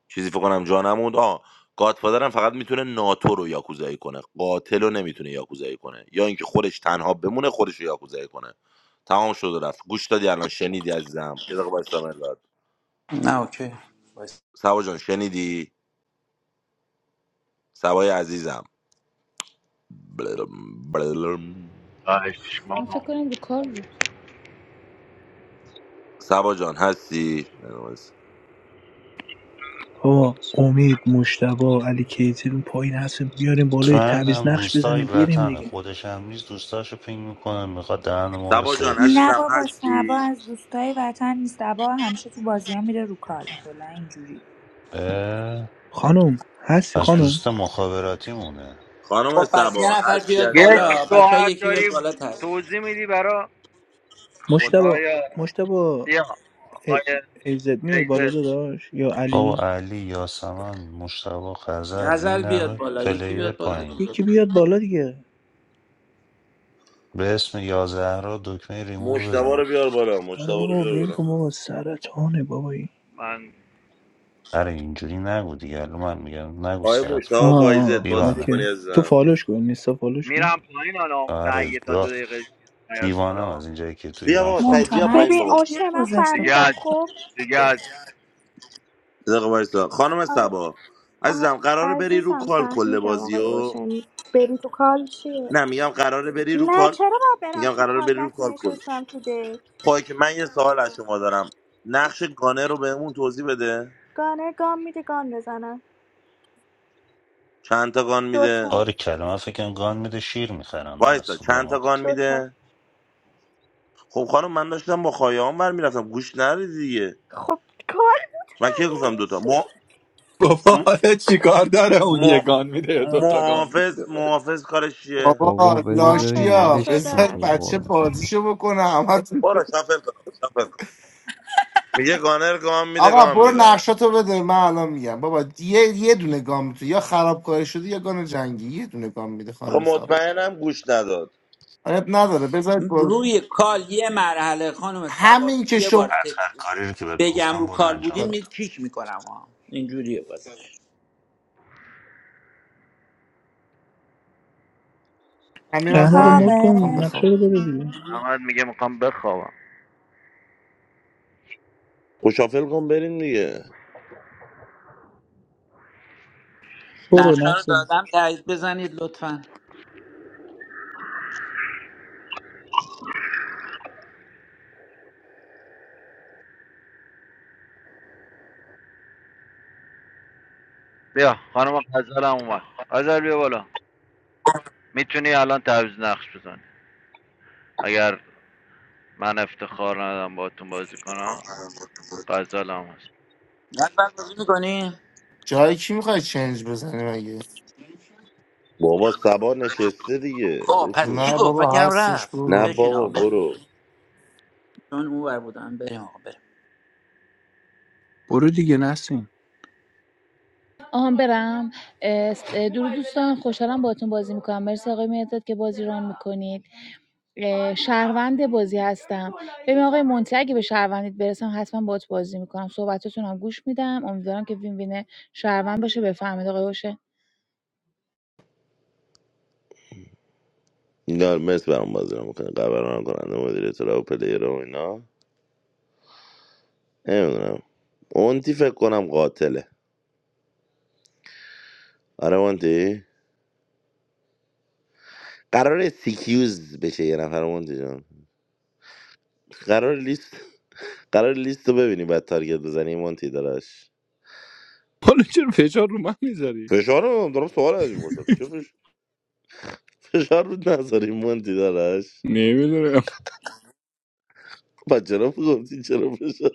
چیزی فکر کنم جا نموند آ گادفادرم فقط میتونه ناتو رو یاکوزایی کنه قاتل رو نمیتونه یاکوزایی کنه یا اینکه خودش تنها بمونه خودش رو یاکوزایی کنه تمام شد و رفت گوش دادی الان شنیدی عزیزم یه دقیقه وایسا مهرداد.
نه اوکی باشه.
سبا جان شنیدی سبای عزیزم بلرم بلرم.
خواهش
من فکر
ما
کنم رو کار بود
سبا جان هستی
آقا امید مشتبا علی کیتل اون پایین هست بیاریم بالای
چون
تعویض
هم
نقش
دوستای
بزنیم بیاریم
وطنه
دیگه
خودش هم نیست دوستاشو پینگ میکنه میخواد دهن ما رو
سبا جان
سرویس
نه
کنه
عزیزم
بابا سبا
هستی
از دوستای وطن نیست سبا همیشه تو بازی ها میره رو کال کلا اینجوری
اه،
خانم هستی
پس
خانم
دوست مخابراتی مونه
خانم
خب پس
سبا
یه نفر
هستی
بیاد
یک
بالا
عزیزم
بچه ها
ساعت
یکی بیاد
داری
بالا تعریف
توضیح میدی برا
مشتبا
خدایا
مشتبا
بیا آقای
ایزد می بالا
کیزه
داداش یا
بابا
علی
علی یاسمن مشتبا خزل
غزل
این
بیاد
همه
بالا یکی
پلیر
بیاد بالا
پایین
دیگه.
یکی بیاد بالا دیگه
به اسم یازده را دکمه ریموو
مشتبه
بزنیم
رو بیار بالا مشتبه
آره
رو
بابا
بیار
ببین
بالا
کن بابا سرطانه بابایی
من
آره اینجوری نگو دیگه الان من میگم نگو
آیا
سرطان
مشتبه
آه
وایزت
آه،
بازی
اوکی
دیوانه
میکنی
تو
عزیزم
فالوش کن نیستا فالوش کن
میرم پایین حالا نه
آره
یه تا دو
دا-
دقیقه نیاد
دیوانم
بالا
از اینجایی که تو
بیا
ایران
بابا
فالو
سعید بیا
مونتانا
کنم
پایین
عکس
ببین
بابا
کیو
اوشن من
گذاشته
دیگه
بود
فهمیدم
از-
خب
دیگه
یه
از
دقیقه وایسا خانم
آره
سبا
آه،
عزیزم قراره بری رو
عزیزم
کال کل
فهمیدم آقای
بازیو
اوشن بری تو کال چیه
نه میگم قراره بری رو
نه
کال
چرا باید برم
میگم
تو
قراره
کال
بری رو
وقتی
کال کل
نشستم تو دک
خواهی که من یه سوال از شما دارم نقش گانه رو بهمون توضیح بده
گانر گام میده گان بزنم
چند تا گان میده
دوتا
آره کلمه من فکر کنم گان میده شیر میخرن در
وایسا چند تا گان
سوپرمارکت
دوتا
میده خب خانم من داشتم با خواهیام بر میرفتم گوش نری دیگه
خب کال بود
من کی گفتم دوتا
همش.
م...
بابا
م...
حالا چیکار داره اون یه
م...
گان میده یا دوتا گان
محافظ
میده
محافظ کارش چیه
بابا
بابا
بده بریم
محافظت
لاشیا
ولش
شده
کن
بذار
تو
است
رو
بچه
قرآن.
بازیشو بکنه همه
برو شافل کن آقا، شافل میگه گانر گام میده
آقا
گام
برو
میزنن
نقشاتو بده من الان میگم بابا یه یه دونه گام میتونی یا خرابکاری شدی یا گان جنگی یه دونه گام میده
خب
خانم صاحب
مطمئنم گوش نداد
آیت نداره بذارید برو
روی کال یه مرحله خانم
همین
سباد
که
یه بار
شما
بعد هر
ت-
کاری رو که بهت
بگم
گفتم
رو
برو
کال
انجام
بودین می
بده
کیک میکنم ها اینجوریه باز
همین
کی
هم
احمد رو مد
پایین
کن
کاوه
میخوام بخواب
نقشه رو بده دیگه
احمد میگه میخوام بخوابم
خوشافل کن بریم دیگه
برو
نقشه رو
نسیم
دادم تایید بزنید لطفا
بیا خانم غزل هم اومد غزل بیا بالا میتونی الان تعویض نقش بزنی اگر من افتخار ندم باهاتون بازی کنم غزل هم هست
غزل بازی میکنی؟
جایی کی میخوای چنج بزنی مگه
بابا سبا نشسته دیگه
خب پس
بشین
چی
نه
گفت فکر
بابا
کردم
هستش
رفت
برو
نه
بشین آقا
بابا
بریم
برو
چون اون بر بودم بریم آقا بریم
برو دیگه نسیم
آهان برم اه، س- درود دوستان خوشحالم باهاتون بازی میکنم مرسی آقای مداد که بازی ران میکنید شهروند بازی هستم ببین آقای مونتی اگه به شهروندیت برسم حتما باهات بازی میکنم صحبتتون هم گوش میدم امیدوارم که وین وین شهروند باشه بفهمید آقای اوشه
اینا مثل برام بازی میکنه قبران کننده مدیر اطلاع و پلیر و اینا نمیدونم اونتی فکر کنم قاتله آره اونتی قرار سیکیوز بشه یه نفر مونتی جان قرار لیست قرار لیست رو ببینی بعد تارگت بزنی مونتی داداش
حالا چرا فشار رو من میذاری
فشار رو دارم سوال از این پرسم چه فش... فشار رو نذاری مونتی داداش
نمیدونم
بچه گفتی چرا فشار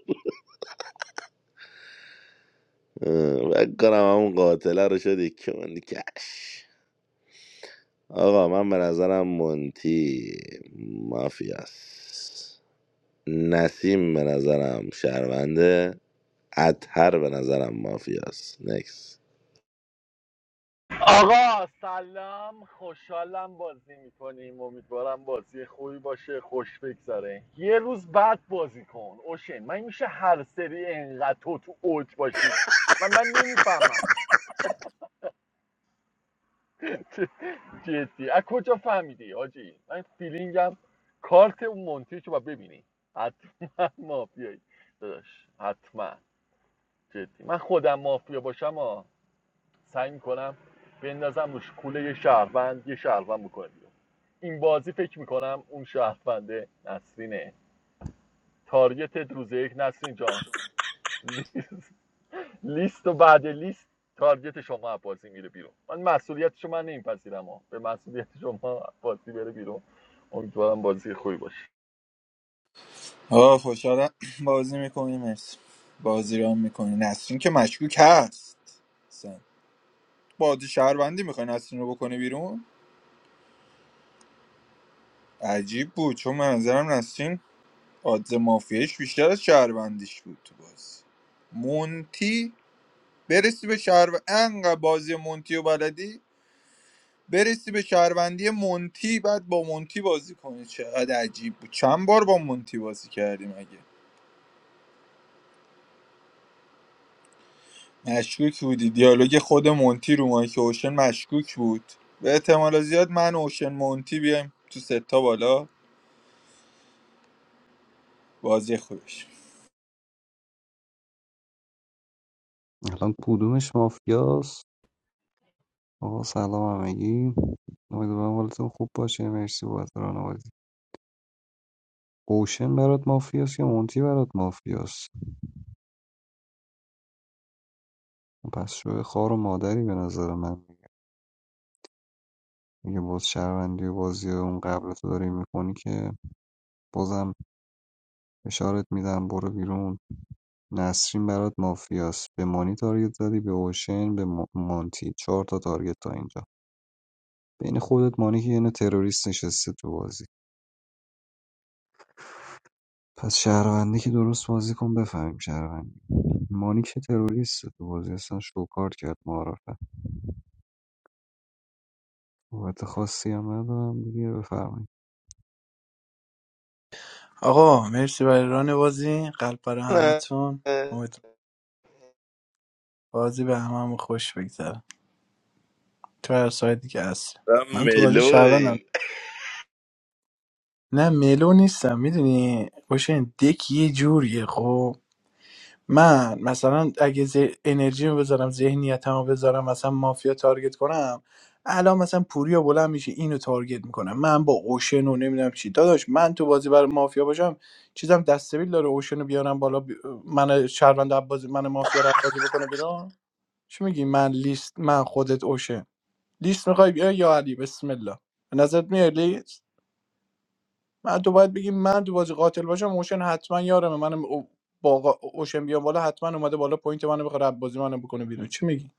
اه، فکر کنم همون قاتله رو شدی که من کش آقا من به نظرم مونتی مافیاست نسیم به نظرم شهرونده اطهر به نظرم مافیاست نکس
آقا سلام خوشحالم بازی میکنیم امیدوارم بازی خوبی باشه خوش بگذره یه روز بعد بازی کن اوشن من میشه هر سری انقدر تو تو اوج باشی من من نمیفهمم (laughs) جدی از کجا فهمیدی حاجی من فیلینگم کارت اون مونتی رو باید ببینی حتما مافیایی داداش حتما جدی من خودم مافیا باشم آ سعی میکنم بندازم روش کوله یه شهروند یه شهروند میکنه بیرون این بازی فکر میکنم اون شهرونده نسرینه تارگتت روز یک نسرین جان (laughs) لیست و بعد لیست تارگت شما از بازی میره بیرون من مسئولیت شما نمیپذیرم ها. به مسئولیت شما از بازی بره بیرون امیدوارم بازی خوبی باشه
آه خوشحالم بازی میکنی مرسی بازی رام میکنی نسرین که مشکوک هست اصلا بازی شهروندی میخوای نسرین رو بکنی بیرون عجیب بود چون منظرم نسرین آدز مافیایش بیشتر از شهروندیش بود تو بازی مونتی برسی به شهر انقدر بازی مونتی و بلدی برسی به شهروندی مونتی بعد با مونتی بازی کنی چقدر عجیب بود چند بار با مونتی بازی کردیم اگه مشکوک بودی دیالوگ خود مونتی رو مایک اوشن مشکوک بود به احتمال زیاد من و اوشن مونتی بیایم تو ستا بالا بازی خوبش
الان کدومش مافیاست آقا سلام همگی امیدوارم حالتون خوب باشه مرسی بابت راهنمایی اوشن برات مافیاست یا مونتی برات مافیاست پس شوی خار و مادری به نظر من میگه میگه باز شهروندی و بازی اون قبل تو داری میکنی که بازم اشارت میدم برو بیرون نسرین برات مافیاست به مانی تارگت زدی به اوشن به م- مانتی چهار تا تارگت تا اینجا بین خودت مانی که یه یعنی تروریست نشسته تو بازی پس شهروندی که درست بازی کن بفهمیم شهروندی مانی که تروریست تو بازی اصلا شوکارت کرد معرفه قوت خاصی هم ندارم دیگه بفرمایید
آقا مرسی برای ران بازی قلب برای همتون امید بازی به هممون خوش بگذره تو هر سایدی که هست من تو بازی شهروندم
ملوین
نه ملو نیستم میدونی باشه دک یه جوریه خب من مثلا اگه ذه- انرژیمو بذارم ذهنیتمو بذارم مثلا مافیا تارگت کنم الان مثلا پوریا بلند میشه اینو تارگت میکنم من با اوشن و نمیدونم چی داداش من تو بازی برای مافیا باشم چیزم دستبیل داره اوشن رو بیارم بالا بی... من شهروند عبازی من مافیا رو عبازی بکنه بیرون چی میگی من لیست من خودت اوشن لیست میخوای بیا یا علی بسم الله به نظرت میاد لیست من تو باید بگی من تو بازی قاتل باشم اوشن حتما یارمه منم او- با آقا اوشن بیام بالا حتما اومده بالا پوینت منو بخوره رب بازی منو بکنه بیرون چی میگی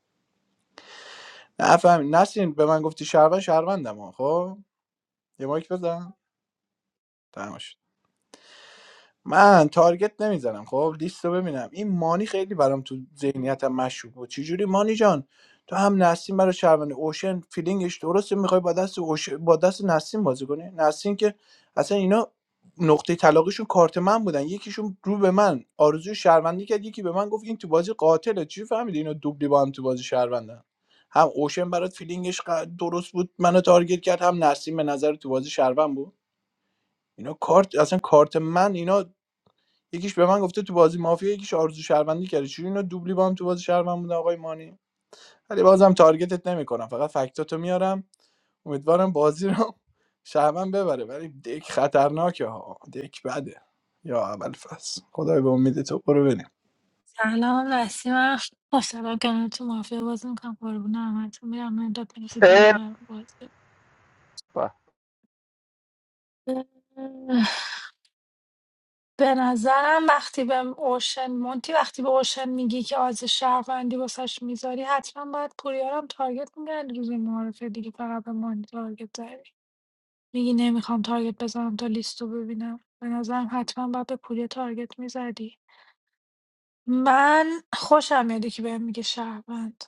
نفهم نسین به من گفتی شهروند شهروندم ها، خب یه مایک بزن تمام من تارگت نمیزنم خب لیست رو ببینم این مانی خیلی برام تو ذهنیتم مشکوک بود چجوری مانی جان تو هم نسیم برای شهروند اوشن فیلینگش درسته میخوای با دست اوش... با دست نسیم بازی کنی نسیم که اصلا اینا نقطه طلاقشون کارت من بودن یکیشون رو به من آرزوی شهروندی کرد یکی به من گفت این تو بازی قاتله چی فهمیدی اینا دوبلی با هم تو بازی شهروندن هم اوشن برات فیلینگش ق- درست بود منو تارگت کرد هم نسیم به نظر تو بازی شهروند بود اینا کارت اصلا کارت من اینا یکیش به من گفته تو بازی مافیا یکیش آرزو شهروندی کرده چون اینا دوبلی با هم تو بازی شهروند بودن آقای مانی ولی بازم تارگتت نمیکنم فقط فکتاتو میارم امیدوارم بازی رو شهروند ببره ولی دک خطرناکه ها دک بده یا اول فصل خدای به امید تو برو بریم
سلام نسیمم خوشحالم کنم تو مافیا بازی میکنم قربون همتون میرم اینجا پنج دقیقه بازی اه، به نظرم وقتی به اوشن مونتی وقتی به اوشن میگی که آز شهروندی واسش میذاری حتما باید پوریارم تارگت میگن روز معارفه دیگه فقط به مونتی تارگت داری میگی نمیخوام تارگت بزنم تا لیستو ببینم به نظرم حتما باید به پوریا تارگت میزدی من خوشم میاد که بهم میگه شهروند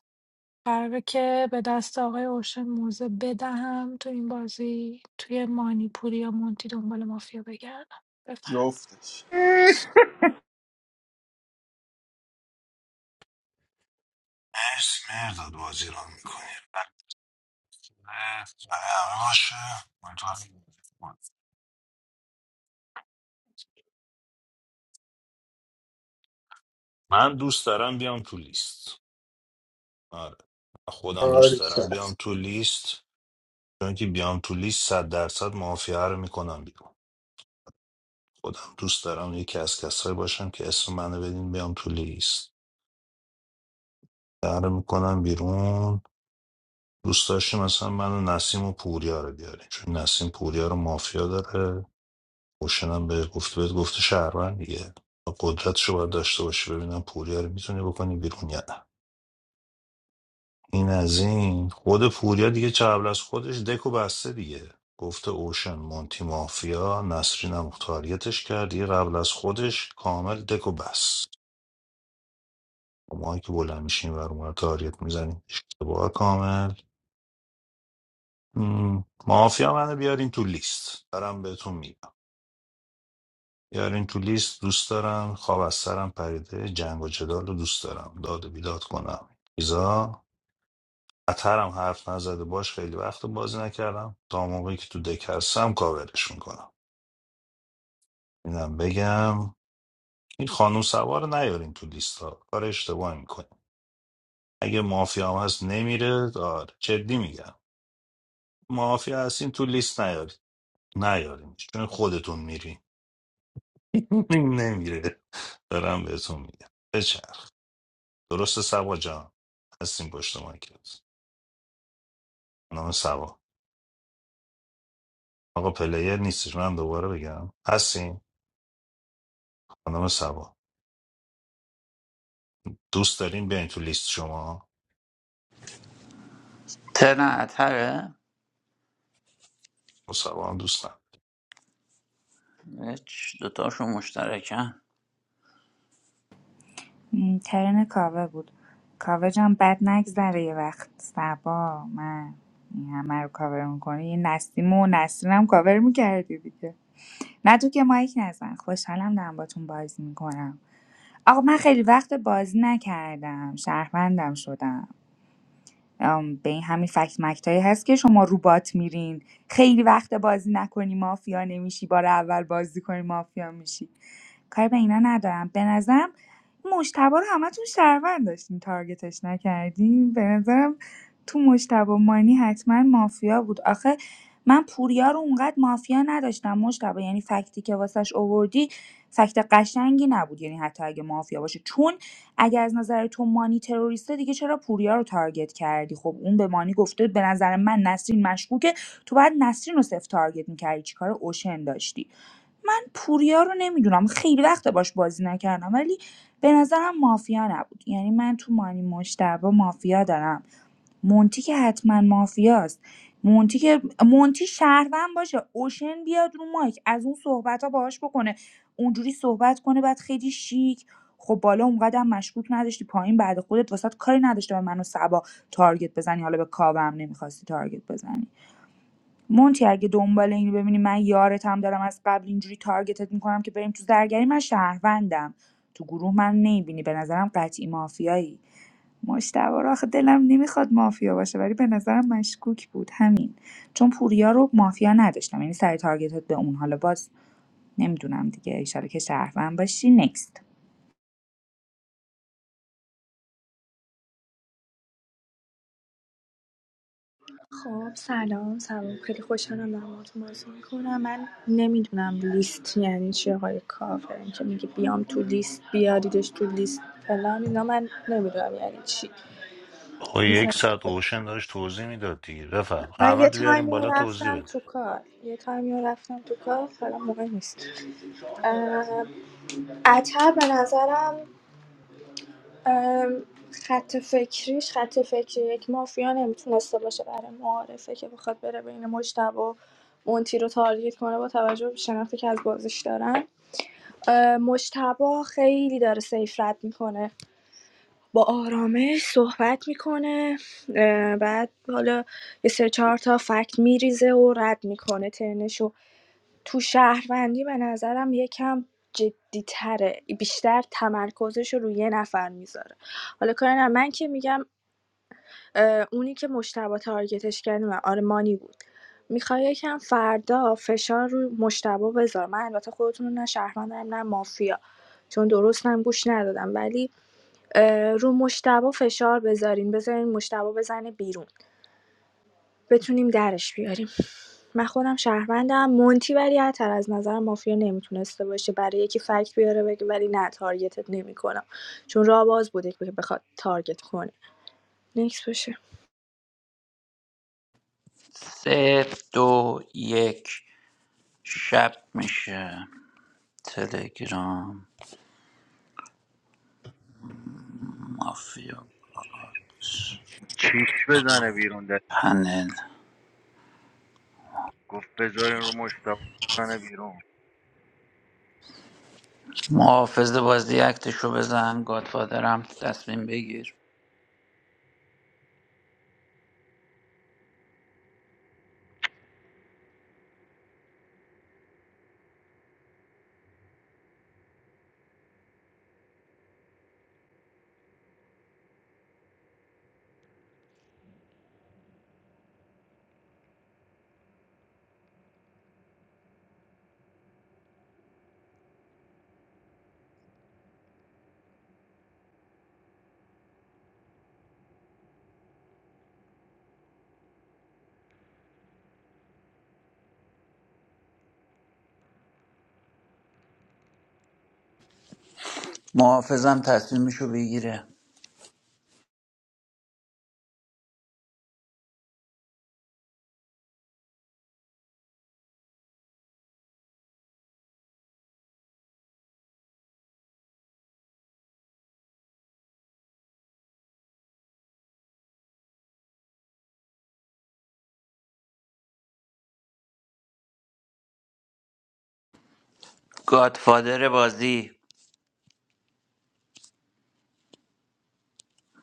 قراره که به دست آقای اوشن موزه بدهم تو این بازی توی مانیپوری یا مونتی دنبال مافیا بگردم بفرم
جفتش
مرسی مرداد بازی را میکنی همه باشه امیدوارم. من دوست دارم بیام تو لیست آره خودم دوست
آره
دارم بیام تو لیست چون که بیام تو لیست صد درصد مافیا رو میکنم بیرون خودم دوست دارم یکی از کسایی باشم که اسم منو بدین بیام تو لیست در میکنم بیرون دوست داشتی مثلا من و نسیم و پوریا رو بیاریم چون نسیم پوریا رو مافیا داره هم به گفت بهت گفته شهروند دیگه قدرتشو باید داشته باشی ببینم پوریا رو میتونی بکنی بیرون یا نه این از این خود پوریا دیگه چه قبل از خودش دکو بسته دیگه گفته اوشن مونتی مافیا نسرین هم تاریتش کرد دیگه قبل از خودش کامل دکو بست ما که بلند میشیم و رو تاریت میزنیم اشتباه کامل مم. مافیا منو بیارین تو لیست دارم بهتون میگم یارین تو لیست دوست دارم خواب از سرم پریده جنگ و جدال رو دوست دارم داد و بیداد کنم ایزا اترم حرف نزده باش خیلی وقت بازی نکردم تا موقعی که تو دک هستم کاورش میکنم اینم بگم این خانم سوار رو نیارین تو لیست ها کار اشتباه میکنیم اگه مافیا هم هست نمیره آره جدی میگم مافیا هستین تو لیست نیارین نیارین چون خودتون میرین (laughs) نمیره دارم بهتون میگم درسته سوا جان هستیم پشت مایکت خانم سوا آقا پلیر نیستش من دوباره بگم هستیم خانم سوا دوست داریم بیاین تو لیست شما
ترن اتره
با سوا هم دوست ندارم.
هیچ، دوتاشون مشترکن
م، ترن کاوه بود کاوه جان بد نگذره یه وقت سبا من این همه رو کاور میکنی یه نسیم و نسرین کاور میکردی دیگه نه تو که مایک نزن خوشحالم دارم باتون بازی میکنم آقا من خیلی وقت بازی نکردم شهروندم شدم ام، به این همین فکت مکتایی هست که شما رو بات میرین خیلی وقت بازی نکنی مافیا نمیشی بار اول بازی کنی مافیا میشی کار به اینا ندارم به نظرم مشتبه رو همتون شهروند داشتین تارگتش نکردین به نظرم تو مشتبه مانی حتما مافیا بود آخه من پوریا رو اونقدر مافیا نداشتم مشتبه یعنی فکتی که واسش اووردی فکت قشنگی نبود یعنی حتی اگه مافیا باشه چون اگه از نظر تو مانی تروریسته دیگه چرا پوریا رو تارگت کردی خب اون به مانی گفته به نظر من نسرین مشکوکه تو بعد نسرین رو صفر تارگت میکردی چیکار اوشن داشتی من پوریا رو نمیدونم خیلی وقت باش بازی نکردم ولی به نظرم مافیا نبود یعنی من تو مانی مشتبه مافیا دارم مونتی که حتما مافیاست مونتی که مونتی شهروند باشه اوشن بیاد رو مایک از اون صحبت ها باهاش بکنه اونجوری صحبت کنه بعد خیلی شیک خب بالا اونقدر هم مشکوک نداشتی پایین بعد خودت واسات کاری نداشته به من و سبا تارگت بزنی حالا به کاوم نمیخواستی تارگت بزنی مونتی اگه دنبال این ببینی من یارت هم دارم از قبل اینجوری تارگتت میکنم که بریم تو زرگری من شهروندم تو گروه من نمیبینی به نظرم قطعی مافیایی مجتبی رو آخه دلم نمیخواد مافیا باشه ولی به نظرم مشکوک بود همین چون پوریا رو مافیا نداشتم یعنی سر تارگتت به اون حالا باز نمیدونم دیگه ایشالا که شهروند باشی نکست
خب سلام سلام خیلی خوشحالم در باهاتون بازی میکنم من نمیدونم لیست یعنی چی آقای کافر اینکه میگه بیام تو لیست بیاریدش تو لیست فلان اینا من نمیدونم یعنی چی
آقا
مثلا
یک ساعت اوشن داشت توضیح میداد دیگه بفهم
من یه
احمد بیاریم
تایمی رو
بالا توضیح
رفتم
بده
تو کار یه تایمی رو رفتم تو کار حالا موقع نیست اه، اتر به نظرم ام، خط فکریش خط فکری یک مافیا نمیتونسته باشه برای معارفه که بخواد بره بین مجتبی و مونتی رو تارگت کنه با توجه به شناختی که از بازیش دارن اه، مجتبی خیلی داره سیف رد میکنه با آرامش صحبت میکنه بعد حالا یه سه چهار تا فکت میریزه و رد میکنه ترنشو تو شهروندی به نظرم یکم جدیتره بیشتر تمرکزش رو روی یه نفر میذاره حالا کاری ندارم. من که میگم اه، اونی که مشتبه تارگتش کردیم و آرمانی بود میخوای یکم فردا فشار رو مشتبه بذار من البته خودتون رو نه شهروند دارم نه مافیا چون درست هم گوش ندادم ولی اه، رو مشتبه فشار بذارین بذارین مشتبه بزنه بیرون بتونیم درش بیاریم من خودم شهروندم مونتی ولی عطر از نظر مافیا نمیتونسته باشه برای یکی فکت بیاره بگه ولی نه تارگتت نمیکنم چون راه باز بوده که بخواد تارگت کنه نکس باشه
سه دو یک شب میشه تلگرام مافیا
چیش بزنه بیرون ده
پنل
گفت بذارین رو مشتاق بزنه بیرون
محافظ بازی اکتشو بزن گادفادرم تصمیم بگیر محافظم تصمیمشو بگیره گادفادر بازی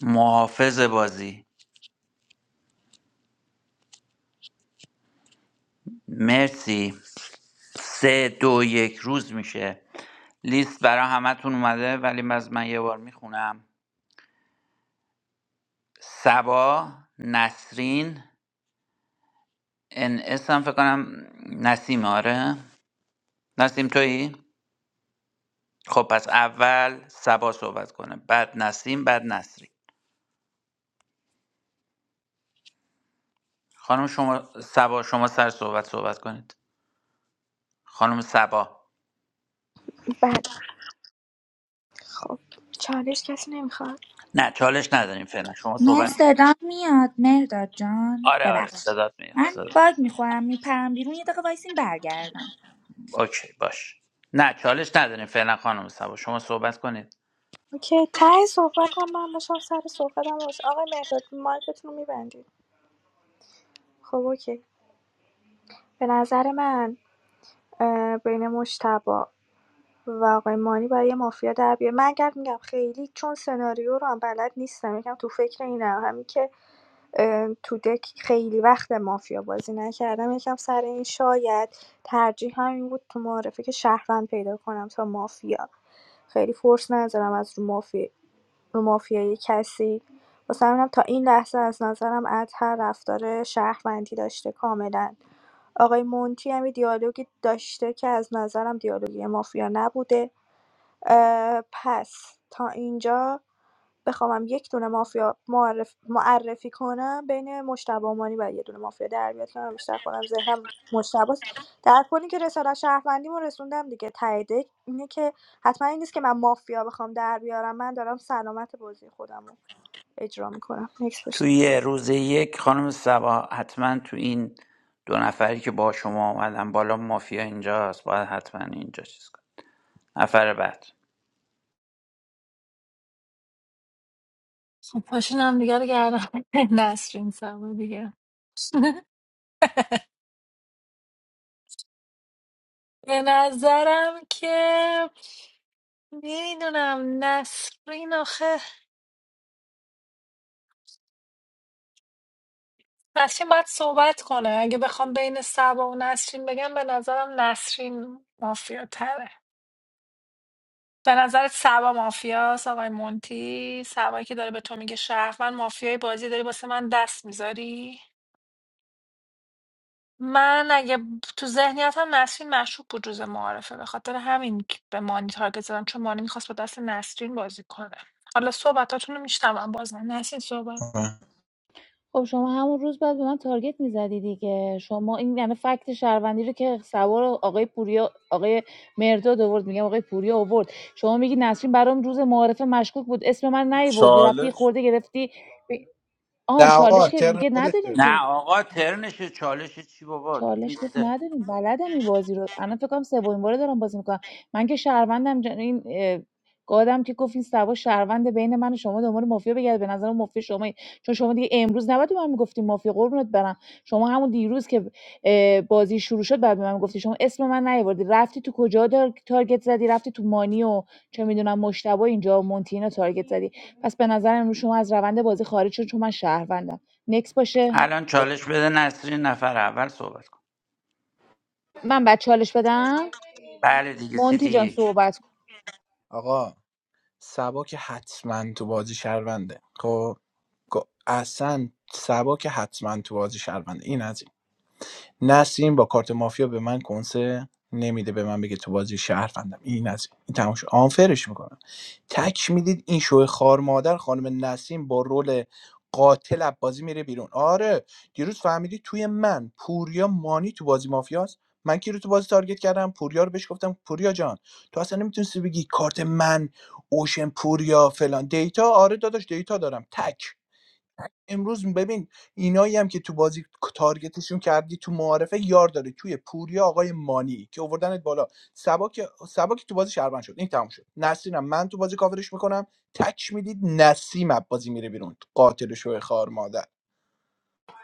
محافظ بازی مرسی سه دو یک روز میشه لیست برا همتون اومده ولی من از من یه بار میخونم سبا نسرین ان اس هم فکر کنم نسیم آره نسیم تویی خب پس اول سبا صحبت کنه بعد نسیم بعد نصری خانم شما سبا شما سر صحبت صحبت کنید خانم سبا
بله خب چالش کسی نمیخواد
نه چالش نداریم فعلا شما
من
صحبت
صدام میاد مرداد جان
آره آره
ببخش
صدات میاد
من
صدات.
باگ میخورم میپرم بیرون یه دقیقه وایسین برگردم
اوکی باش نه چالش نداریم فعلا خانم سبا شما صحبت کنید
اوکی ته صحبتم من باشم سر صحبتم باش آقای مهرداد مایکتون رو میبندید خب اوکی به نظر من بین مشتبه واقع‌مانی برای مافیا در بیاره من اگر میگم خیلی چون سناریو رو هم بلد نیستم یکم تو فکر اینم همین که اه، تو دک خیلی وقت مافیا بازی نکردم یکم سر این شاید ترجیح همین بود تو معرفه که شهروند پیدا کنم تا مافیا خیلی فورس نذارم از رو مافیا رو مافیای کسی واسه همینم تا این لحظه از نظرم عطر رفتار شهروندی داشته کاملا آقای مونتی هم یه دیالوگی داشته که از نظرم دیالوگی مافیا نبوده اه، پس تا اینجا بخوامم یک دونه مافیا معرف معرفی کنم بین مشتبه مانی و یه دونه مافیا در بیاد که من بیشتر خودم ذهنم مشتباست در کنی که رسالت شهروندیمو رسوندم دیگه تاییده اینه که حتما این نیست که من مافیا بخوام در بیارم من دارم سلامت بازی خودمو اجرا میکنم نکس باشه
توی روز یک خانم سبا حتما تو این دو نفری که با شما آمدن بالا مافیا اینجاست باید حتما اینجا چیز کنید. نفر بعد
خب پاشین هم دیگه رو گردن (laughs) نسرین سوا دیگه (laughs) به نظرم که میدونم نسرین آخه نسرین باید صحبت کنه اگه بخوام بین سبا و نسرین بگم به نظرم نسرین مافیا به نظرت سبا مافیاست آقای مونتی سبایی که داره به تو میگه شهروند مافیای بازی داری واسه من دست میذاری من اگه ب- تو ذهنیتم نسرین مشروب بود روز معارفه به خاطر همین که به مانی تارگت زدم چون مانی میخواست با دست نسرین بازی کنه حالا صحبتاتون رو میشنوم بازم نسرین صحبت
خب شما همون روز بعد به من تارگت میزدی دیگه شما این یعنی فکت شهروندی رو که سوار آقای پوریا آقای مرداد آورد میگم آقای پوریا آورد شما میگی نسرین برام روز معارفه مشکوک بود اسم من نیوردی رفتی یه
چالش
خورده گرفتی
نه
آن چالش
آقا
که
ترن
میگه نداریم
خودشه
که
نه آقا ترنش چالش چی بابا تو
چالش گفت
لیسته
نداریم بلدم این بازی رو الان فکر کنم سومین باره دارم بازی میکنم من که شهروندم جن... این اه، گادم که گفت این سبا شهروند بین من و شما دنبال مافیا بگرد به نظر مافیا شما چون شما دیگه امروز نباید به من میگفتی مافیا قربونت برم شما همون دیروز که اه، بازی شروع شد بعد به من گفتی شما اسم من نیاوردی رفتی تو کجا دار... تارگت زدی رفتی تو مانی و چه میدونم مشتبه اینجا و مونتینا تارگت زدی پس به نظر امروز شما از روند بازی خارج شد چون من شهروندم نکس باشه
الان چالش بده نسرین نفر اول صحبت کن
من بعد چالش بدم
بله دیگه
مونتی
سیتی
جان
یک
صحبت کن
آقا سبا که حتما تو بازی شهرونده خب گو- اصلا سبا که حتما تو بازی شهرونده این از این نسیم با کارت مافیا به من کنسه نمیده به من بگه تو بازی شهروندم این از این این تموم شد آنفرش میکنم تک میدید این شوه خار مادر خانم نسیم با رول قاتل از بازی میره بیرون آره دیروز فهمیدی توی من پوریا مانی تو بازی مافیاست من کی رو تو بازی تارگت کردم پوریا رو بهش گفتم پوریا جان تو اصلا نمیتونستی بگی کارت من اوشن پوریا فلان دیتا آره داداش دیتا دارم تک امروز ببین اینایی هم که تو بازی تارگتشون کردی تو معارفه یار داره توی پوریا آقای مانی که اووردنت بالا سبا که سبا که تو بازی شهروند شد این تموم شد نسرینم من تو بازی کاورش میکنم تک میدید نسیم از بازی میره بیرون قاتل شوی خار مادر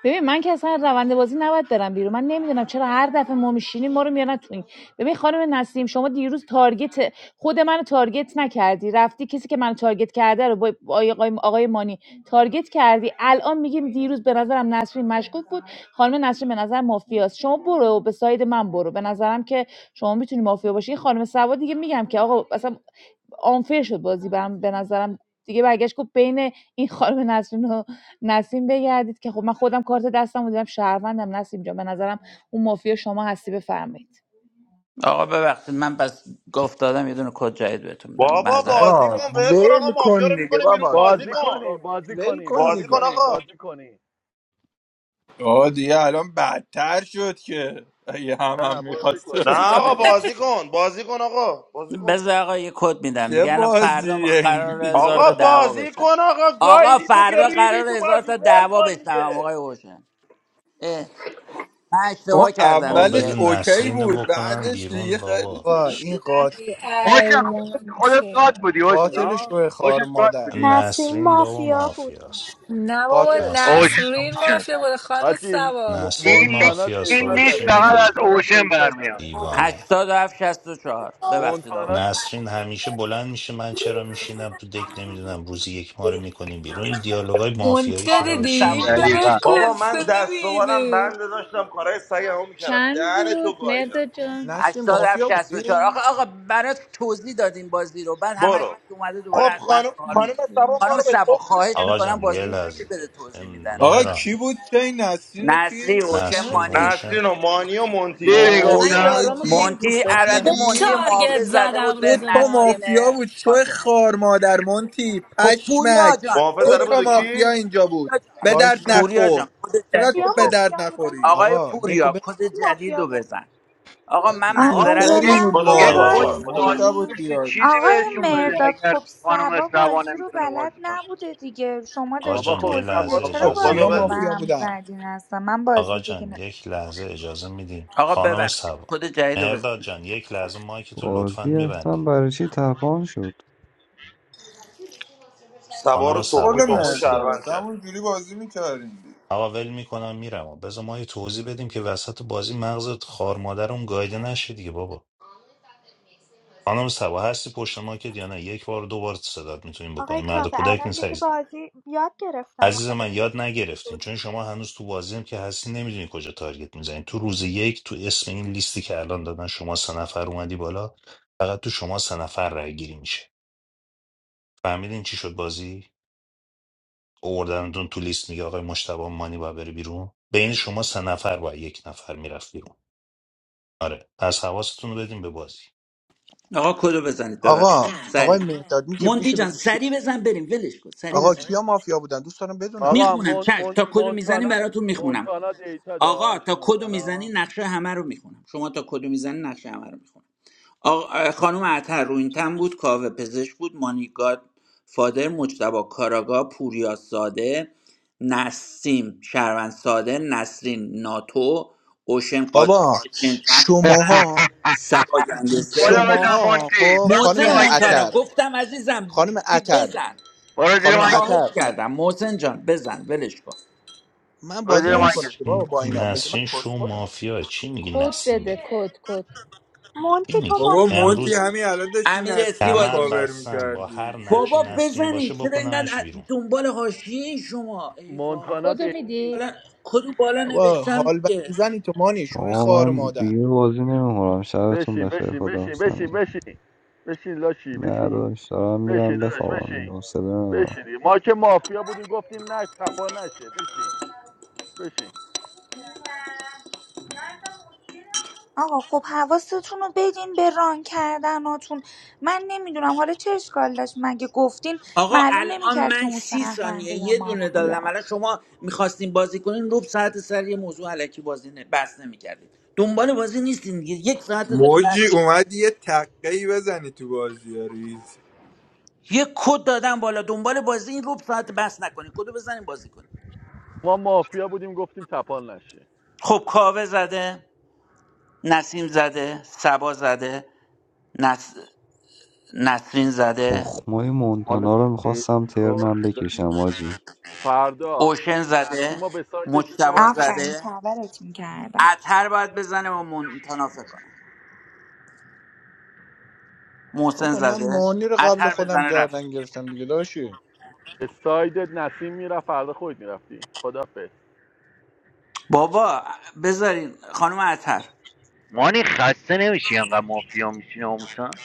ببین من که اصلا روند بازی نباید برم بیرون من نمیدونم چرا هر دفعه ما میشینیم ما رو میارن تو این ببین خانم نسیم شما دیروز تارگت خود منو تارگت نکردی رفتی کسی که منو تارگت کرده رو با آقای, آقای مانی تارگت کردی الان میگیم دیروز به نظرم نسرین مشکوک بود خانم نسرین به نظر مافیاست شما برو به ساید من برو به نظرم که شما میتونی مافیا باشی این خانم سوا دیگه میگم که آقا اصلا آنفر شد بازی برم به نظرم دیگه برگشت گفت بین این خانم نسرین و نسیم بگردید که خب من خودم کارت دستم بودم شهروندم نسیم جان به نظرم اون مافیا شما هستی بفرمایید
آقا ببخشید من پس گفت دادم یه دونه کد جدید بهتون میدم
بابا
معذرت از
بازی
آقا
کن
همت
ول کن آقا
ول
مافیا
کن
رو
دیگه
میکنه بیرون
بابا کی-
بازی
بازی
من-
کن
کنیم
با-
بازی
ول
کنیم
کن
بازی
بازی کن
دیگه
کنیم
آقا
بازی کنیم
آه دیگه الان بدتر شد که اگه هم
نه
هم
بازی
میخواست
کنیم
نه
بازی
آقا
بزنی.
کنیم
بازی کن بازی کن آقا بازی کن
بذار آقا یه کد میدم
چه
دیگه الان فردا
بازیه این
قرار
دیگه
هزار
آقا
تا دعوا
بازی
بشن
کن آقا
آقا
گایدی تو که
فردا
ریدی
قرار
تو
هزار
بازی
تا
ول
دعوا
کن
بشنوم
دیگه
آقای اوشن اه، من
اون
اشتباه کردم
آقا
اولش
بده
دیگه
اوکی
نسرین
بود
بکنن
بعدش دیگه
بیرون
خیلی
بابا
با
چیزش
ش-
این
شد.
قاتل
ای ای
اوشن خودت خودت
مونتی
بودی اوشن
قاتل
ها
شوی
اوشن
خار
گاد
مادر
بودی
نسیم
نسرین بابا
مافیا بود
مافیاست
نه بابا
قاتل
نسرین
اوشن
نسرین
اوشن
مافیا بود خانم
حاجی
سبا
نسرین
این لیست
مونتانا
مافیاست
این
دیتا
بابا
لیست
چی
داره
فقط
میگی
از
مونتانا
اوشن
دیتا
برمیاد
داره
دیوانه
هشتاد و هفت شست و چهار ببخشید
مونتانا
آقا
نسرین همیشه بلند میشه من چرا میشینم تو دک نمیدونم روزی یک ما رو میکنیم بیرون این دیالوگای مافیایی
مونتی رو
شو
خانم
بابا چی
دیدی
میگی
به من
دقیقا
مونتی
بابا من
سبا
کنسه
دست و بالم
نمیده
بنده داشتم کارهای سگمو میکردم
چند
دهن تو
بود
گاییدم
مرداد جان
نسیم
87
مافیا
64 آخه
بودی
آقا آقا برات توضیح دادیم بازی رو بعد همش
برو
اومده
خب
دوباره از من
خانم
سوال
هشت.
خانم
میکنه
سبا ما
خانم
رو به
سبا
تخمش
خواهش
آقا
گرفت
میکنم
جان
دیگه
یه
بازی
گوش
رو گوش
لحظه
بده
نمیده
م-
توضیح میدن
آقا
برات
مهران
کی
دیگه.
بود که این نسرین
نصری
کی
هوشم
نسرین
اوچن
مانی
اوشه
نسرین و مانی و مونتی
دیدی
وای
گفتم
آجی
مونتی البته
خوب
مونتی
دیدی
محافظ
تارگت
زده
زدم
بود
دو
به
روز
تا
نسرین
مافیا
معارفه
بود شو
قاتل
خار مادر مونتی
خب پوریا
پشمک
جان
محافظ
دو
زده بود
تا
ولش
و
کن
مافیا
کی
اینجا بود
پوریا جان
به
وایس
درد
پوریا جان
نخور
کد
چقدر
جدید
تو
رو
به
بزن
درد نخوری
آقای
آقا دکو
پوریا کد جدید رو بزن آقا من
آقا
آقا
معذرت
یه
سوپری
میخوام
یک
بود
کد
کدو
لحظه
یک
بگو
آقا
جدید رو
خود
آقا
معارفم
جان
بزن
کدو بگو
مشتبه
وایسین
بازپرسی
تیاری
چیزی
آقای
بهشون
بودی
بده
تو
مرداد
اگر
خب
خانم
سبا
استوا
بازی رو
نمیتونه
بلد
بازی کنه
نبوده دیگه شما
آقا
داشتی
بابا
جان
خب
یه
توضیح میده
لحظه
ثبات
چرا
آقا
خب
اجازه
کدو
کیا
بازی رو به
بگو
میدیم
مافیا
هم
بودن
زدین اصلا من
آقا
بازی دیگه
جان
نه
یک لحظه اجازه میدیم
آقا
خانم
ببخشید
سبا
کد جدید رو بزن
مهرداد جان یک لحظه مایک تو لطفا
بازی اصلا
میبندی
برای چی تپان شد
سبا
خانم
رو
سبا
تخمی
پل
تخمی
هستیم
مردا
شهروند کرد
همون جوری بازی میکردیم دیگه.
آقا ول میکنم میرم بذار ما یه توضیح بدیم که وسط بازی مغزت خار مادرم گایده نشه دیگه بابا خانم سبا هستی پشت ماکت یا نه یک بار دو بار صدات میتونیم
آقای
بکنیم مرد
کاوه
کودک
الان
نیست
دیگه
عزیز
بازی یاد گرفتم
عزیز
آخه
من یاد نگرفتین چون شما هنوز تو بازی هم که هستی نمیدونی کجا تارگت میزنین تو روز یک تو اسم این لیستی که الان دادن شما سه نفر اومدی بالا فقط تو شما سه نفر رای گیری میشه فهمیدین چی شد بازی اوردنتون تو لیست میگه آقای مشتبه مانی باید بره بیرون بین شما سه نفر با یک نفر میرفت بیرون آره پس حواستون رو بدین به بازی
آقا کدو بزنید ببخشید
آقا آقای
سریع
مهداد می که
مونتی
میشه
جان
بگی کی-
سریع بزن بریم ولش کن سریع
آقا
بزن
کیا مافیا بودن دوست دارم بدونم
آقا
میخونم
مون...
چش
مون...
تا کدو میزنی
مونتانا
براتون میخونم
مونتانا دیتا
آقا
داشت
تا کدو میزنی
مونتانا
نقشه همه رو میخونم شما تا کدو میزنی نقشه همه رو میخونم آقا خانم عطر رو این بود کاوه پزشک بود مانیگاد فادر مجتبا کاراگا پوریا ساده نسیم شهروند ساده نسرین ناتو اوشن قاتل
بابا
که چند نقش
(laughs)
کردن
شماها
سبا
خدا
گنگستر
بزن
شماها
مونتی
خب
برو
خانم
زیر
محسن مونتانا
مایکل
عطر
گفتم عزیزم
خانم
دید
عطر
بزن
برو زیر
خانم
مایکل
خواهش
عطر
کردم محسن جان بزن ولش کن
من
برو
بازی
زیر مایکل
نمیکنم که بابا
نسرین
با اینا میگه من
نسرین شو
کسخورم
مافیا چی میگی
کد
نسیم
بده
بره
کد کد
چی
مونتی تو
میگی
بابا
مافیا
مونتی
بودی
امروز
همین الان داشتی
امیر اسکی
نسرین رو
بازی
کمر
می
کاور
بستم با هر
میکردی
نقشی
بابا
سجی
نسرین
بزنین
باشه
چرا اینقدر
بکنمش
ا-
بیرون
دنبال حاشیه شما ای بابا
مونتانا
کدو
دیتا
میدید
بالا کدو بالا
بابا
نوشتم
حال
دیگه
زنی تو مانی شوی
آقا
خار
من
مادر
دیگه بازی نمیکنم شبتون
بشین
بخیر
بشین
خدا
بشین
حافظ
بشین
همگی
بشین بشین لاشی
نه
بشین
داداش، دارم
بشین
میرم
داداش
بخوابم دیگه
بشین
حوصله ندارم
بشین دیگه. ما که مافیا بودیم گفتیم نه تپان نشه بشین بشین
آقا خب حواستون رو بدین به ران کردناتون من نمیدونم حالا چه اشکال داشت مگه گفتین
آقا
معلوم
الان
نمیکرد که
من
اون
سی ثانیه
شهرونده یا
یه دونه دادم
مافیا
الان شما میخواستین بازی کنین روب ساعت سر یه موضوع علکی بازی نه بحث نمیکردین دنبال بازی نیستین دیگه یک ساعت داریم بحث
موجی
می‌کنین.
اومد یه تقه ای بزنی تو بازی ها ریز
یه کد دادم بالا دنبال بازی این روب ساعت بحث نکنین کدو بزنین بازی کنین
ما مافیا بودیم گفتیم تپان نشه
خب کاوه زده نسیم زده سبا زده نس... نسرین زده
تخمای
حالا
مونتانا
چه
رو میخواستم
اصرار
ترنم
داری
بکشم حاجی
فردا
اوشن
نسیم
زده
به سایدش
مجتبا
میکردیم بیرون
آفرین
زده
کاورت میکردم
اتر باید بزنه و مونتانا فکر کنم محسن
بابا من
زده
مانی رو قبل
اتر
خودم
بزنه رفت
گردن گرفتم دیگه داشی
به سایدت نسیم میرفت فردا خودت میرفتی خدا
بابا بذارین خانم اتر
مانی خسته نمیشی انقدر مافیا میشین آموسا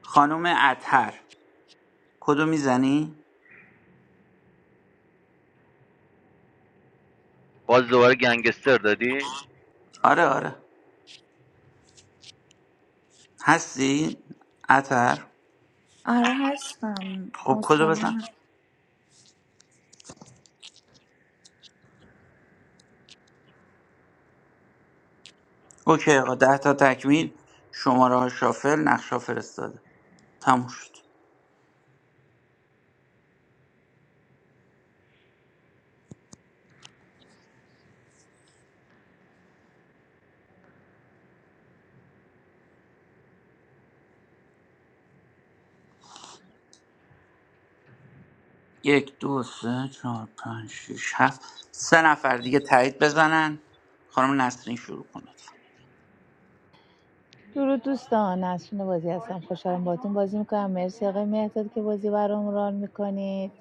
خانم اتر کدو میزنی؟
باز دوباره گنگستر دادی
آره آره هستی؟ اتر
آره هستم
خب کدو
حوصله
بزن
ندارم.
اوکی آقا ده تا تکمیل شماره ها شافل نقشا فرستاده تموم شد یک دو سه چهار پنج شیش هفت سه نفر دیگه تایید بزنن خانم نسرین شروع کنید
درود دوستان نسرین بازی هستم خوشحالم باهاتون بازی میکنم مرسی آقای مهداد که بازی برام ران میکنید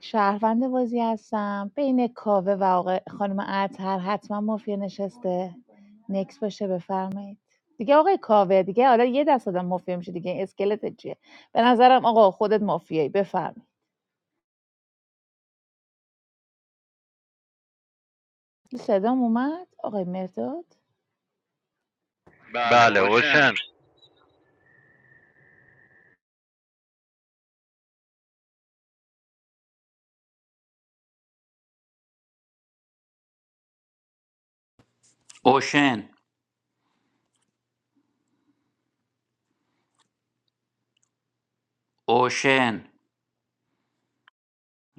شهروند بازی هستم بین کاوه و آقای خانم عطر حتما مافیا نشسته نکس باشه بفرمایید دیگه آقای کاوه دیگه حالا یه دست آدم مافیا میشه دیگه اسکلت چیه به نظرم آقا خودت مافیایی بفرمایید صدام اومد آقای مهداد؟ بله
بله
مرداد
اوشن
اوشن اوشن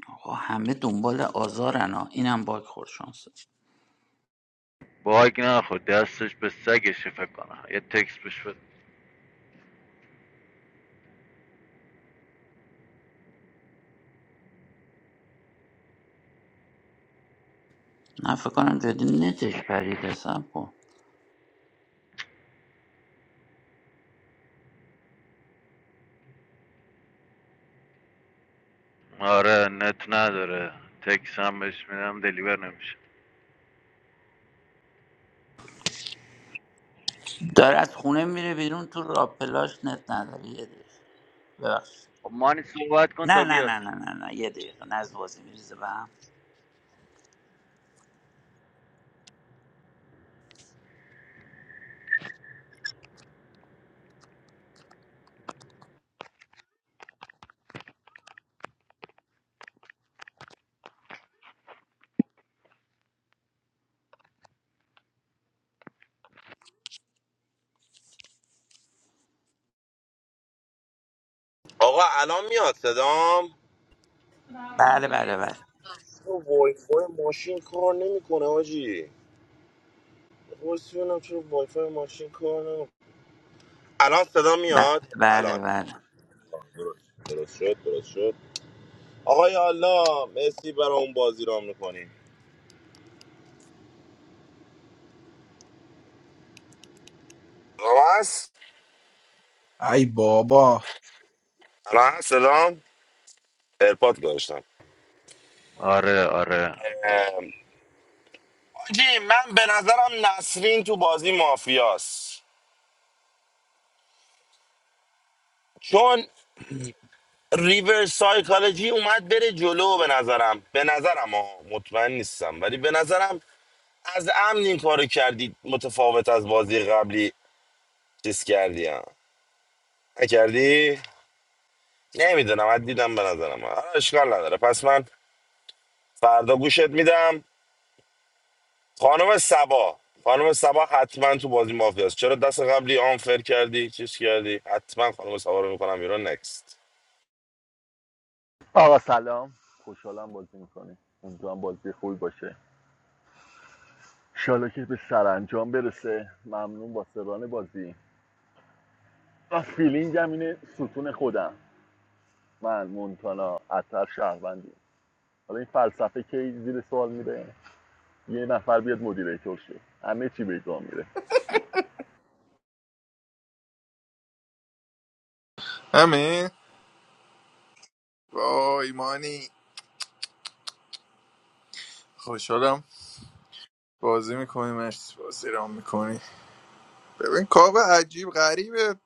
آقا همه دنبال آزارن ها اینم باک خورد شانسه
باگ نخود دستش به سگشه فکر کنم یه تکس بش بده
نه فکر کنم جدی نتش پریده سب کن
آره نت نداره تکس هم بهش میدم دلیور نمیشه
داره از خونه میره بیرون تو راپلاش نت نداری یه دقیقه ببخشید.
خب مانی صحبت کن
نه
تا
نه
بیاد
نه نه نه نه یه دقیقه نه از بازی میریزه به هم
آقا الان میاد صدام
بله بله بله
وای وای فای ماشین کار نمیکنه آجی پرسیدم چرا وای فای ماشین کار نمیکنه الان صدا میاد
بله بله
الان
بله
درست شد درست شد آقای الله مرسی برای اون بازی رام میکنیم الان هست
ای بابا
الان هست صدام ایرپاد گذاشتم
آره آره
آجی من به نظرم نسرین تو بازی مافیاست چون ریسایکالوجی اومد بره جلو به نظرم به نظرم ها مطمئن نیستم ولی به نظرم از امن این کارو کردی متفاوت از بازی قبلی چیز کردی ها نکردی نمیدونم از دیدم به نظرم آه، اشکال نداره پس من فردا گوشت میدم خانم سبا خانم سبا حتما تو بازی مافیاست چرا دست قبلی آنفر کردی چیز کردی حتما خانم سبا رو میکنم ایران نکست
آقا سلام خوشحالم بازی میکنیم امیدوارم بازی خوبی باشه انشالله که به سرانجام برسه ممنون با سران بازی و فیلینگم اینه ستون خودم من مونتانا اطرف شهروندیم حالا این فلسفه کی زیر سوال میره یه نفر بیاد مدیریتور شه همه چی به جا میره
همین با ایمانی خوشحالم بازی میکنی مرسی بازی رام میکنی ببین کاب عجیب غریبه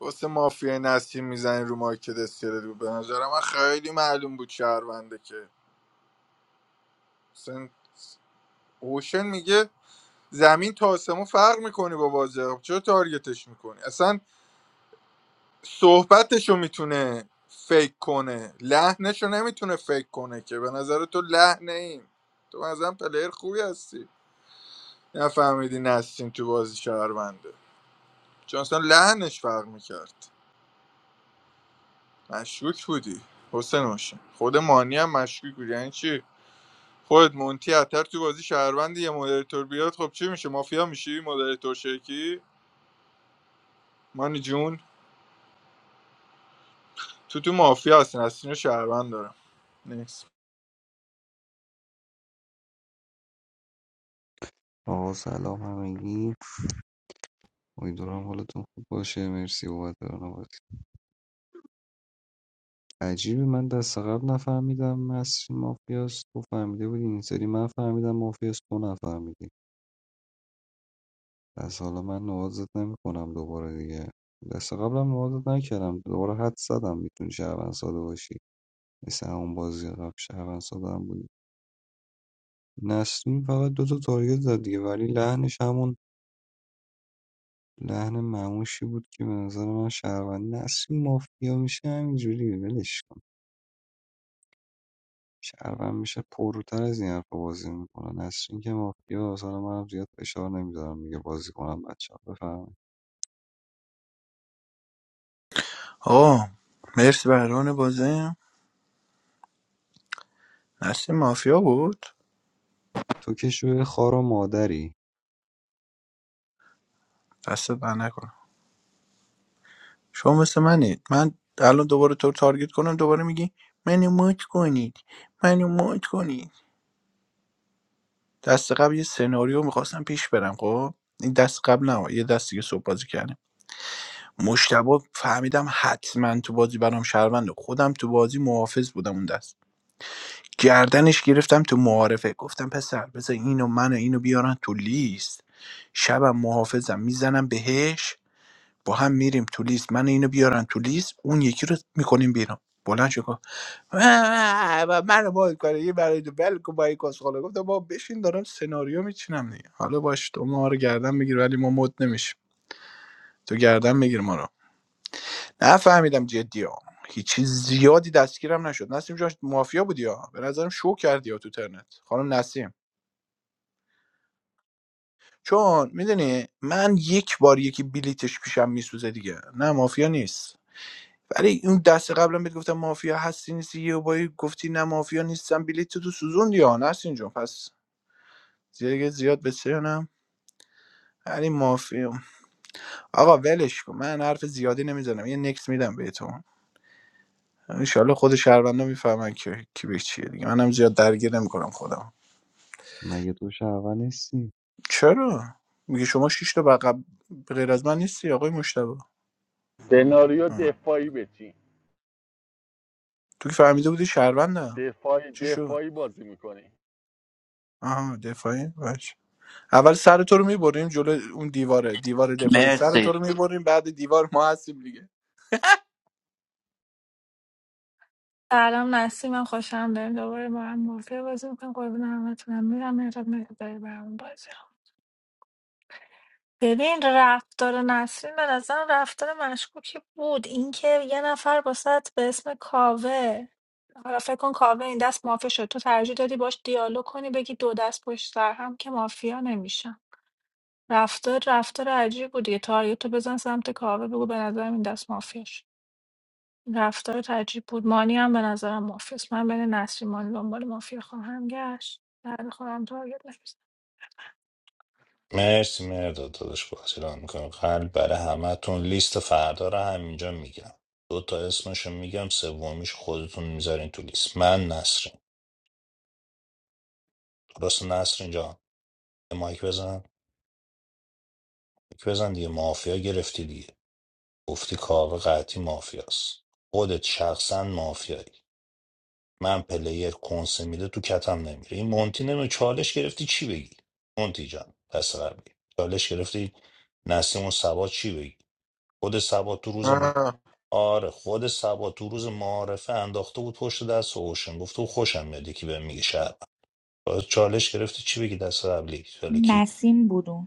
واسه مافیا نسیم میزنی رو مارکت استیل رو به نظر من خیلی معلوم بود شهرونده که سن... اوشن میگه زمین تا آسمون فرق میکنی با بازی چرا تارگتش میکنی اصلا صحبتشو میتونه فیک کنه لحنشو نمیتونه فیک کنه که به نظر تو لحنه این تو مثلا پلیر خوبی هستی نفهمیدی نستیم تو بازی شهرونده چون اصلا لحنش فرق میکرد مشکوک بودی حسین باشه خود مانی هم مشکوک بودی یعنی چی خودت مونتی اتر تو بازی شهروندی یه مدریتور بیاد خب چی میشه مافیا میشی مدریتور شرکی مانی جون تو تو مافیا هستین از سینه شهروند دارم نیکس
آقا سلام همگی امیدوارم حالتون خوب باشه مرسی بابت راهنمایی عجیبه من دست قبل نفهمیدم مصر مافیاست تو فهمیده بودی این سری من فهمیدم مافیاست تو نفهمیدی پس حالا من نوازت نمیکنم دوباره دیگه دست قبلم نوازت نکردم دوباره حد زدم میتونی شهروند ساده باشی مثل همون بازی قبل شهروند ساده هم بودی نسرین فقط دو تا تارگت زد دیگه ولی لحنش همون لحن معموشی بود که به نظر من شهروند نسیم مافیا میشه همینجوری ولش کن شهروند میشه پروتر از این حرفا بازی میکنه نسرین که مافیا اصلا منم زیاد فشار نمیذارم میگه بازی کنم بچه ها بفهمید
آه مرسی بران بازی نسل مافیا بود
تو که شوی خار و مادری
دستت بر نکنم شما مثل منید من الان دوباره تو رو تارگت کنم دوباره میگی منو موت کنید منو موت کنید دست قبل یه سناریو میخواستم پیش برم خب این دست قبل نه یه دستی که صبح بازی کردیم مشتبه فهمیدم حتما تو بازی برام شهرونده خودم تو بازی محافظ بودم اون دست گردنش گرفتم تو معارفه گفتم پسر بذار اینو منو اینو بیارن تو لیست شبم محافظم میزنم بهش با هم میریم تو لیست من اینو بیارن تو لیست اون یکی رو میکنیم بیرون بلند شو گفت و من بازی کنه یه برای تو بل کو با کسخاله گفتم با بشین دارم سناریو میچینم دیگه حالا باش تو ما رو گردن میگیری ولی ما مد نمیشیم تو گردن میگیر ما رو نفهمیدم جدی ها هیچی زیادی دستگیرم نشد نسیم جان مافیا بودی ها به نظرم شو کردی ها تو ترنت خانم نسیم چون میدونی من یک بار یکی بلیتش پیشم میسوزه دیگه نه مافیا نیست ولی اون دست قبلا بهت گفتم مافیا هستی نیستی یه بایی گفتی نه مافیا نیستم بلیت تو تو سوزون یا نستین جون پس دیگه زیاد بسیرنم ولی مافیا آقا ولش کن من حرف زیادی نمیزنم یه نکس میدم بهتون انشالله خود شهروندا میفهمن که کی به چیه دیگه منم زیاد درگیر نمیکنم خودم
مگه تو شهروند نیستی
چرا میگه شما شش تا بقب به غیر از من نیستی آقای مشتبه
سناریو
آه.
دفاعی بچین
تو که فهمیده بودی شهروندم
دفاعی
چی شد
دفاعی بازی میکنی
آها دفاعی باش اول سر تو رو میبریم جلو اون دیواره دیوار دفاعی سر
مرسی
تو رو میبریم بعد دیوار ما هستیم دیگه
سلام نسیم خوشم داریم دوباره با هم مافیا بازی میکنم قربون همتونم میرم مهراب مهرابی برام بازی رو. ببین رفتار نسرین به نظرم رفتار مشکوکی بود اینکه یه نفر باست به اسم کاوه حالا فکر کن کاوه این دست مافیا شد تو ترجیح دادی باش دیالوگ کنی بگی دو دست پشت سر هم که مافیا نمیشم رفتار رفتار عجیب بود دیگه تارگت تو بزن سمت کاوه بگو به نظرم این دست مافیا شد رفتار عجیب بود مانی هم به نظرم مافیاست من بین نسلی مانی دنبال مافیا خواهم گشت بعد خودم تارگت نمیزنم
مرسی مرداد داداش بازی را میکنم قلب برای همتون لیست فردا رو همینجا میگم دو تا اسمشو میگم سومیش خودتون میذارین تو لیست من نسرین درست نسرین جان یه مایک بزن مایک بزن دیگه مافیا گرفتی دیگه گفتی کاوه قطعی مافیاست خودت شخصا مافیایی من پلیر کنسه میده تو کتم نمیره این مونتی نمیره چالش گرفتی چی بگی مونتی جان پس قبلی چالش گرفتی نسیم و سبا چی بگی خود سبا تو روز م-
آه،
آره خود سبا تو روز معارفه انداخته بود پشت دست و اوشن گفته و خوشم میاد که بهم میگه شهر چالش گرفتی چی بگی دست قبلی حالا کی
نسیم بودون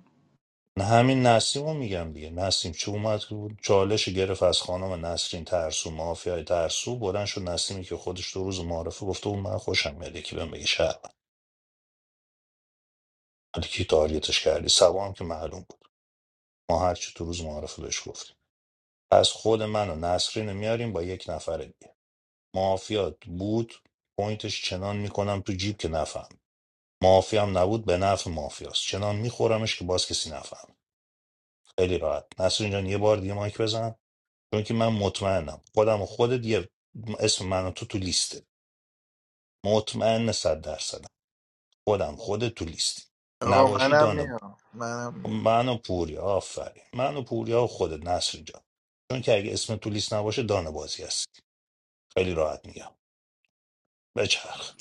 نه همین نسیم رو میگم دیگه نسیم چه اومد که بود چالش گرفت از خانم نسرین ترسو مافیای ترسو بلند شد نسیمی که خودش دو روز معارفه گفته بود من خوشم میاد که بهم بگه شهر ولی کی تارگتش کردی سبا هم که معلوم بود ما هر چی تو روز معارفه بهش گفتیم پس خود من و نسرین رو میاریم با یک نفر دیگه مافیات بود پوینتش چنان میکنم تو جیب که نفهم مافیا هم نبود به نفع مافیاست چنان میخورمش که باز کسی نفهم خیلی راحت نسرین جان یه بار دیگه مایک بزن چون که من مطمئنم خودم و خودت یه اسم من و تو تو لیسته مطمئن صد درصدم خودم خودت تو لیستی
آقا
نباشی
منم
دانه
میام منم
خب
میام
من و پوریا آفرین من و پوریا و خودت نصر جان چون که اگه اسم تو لیست نباشه دانه بازی هستی خیلی راحت میگم بچرخ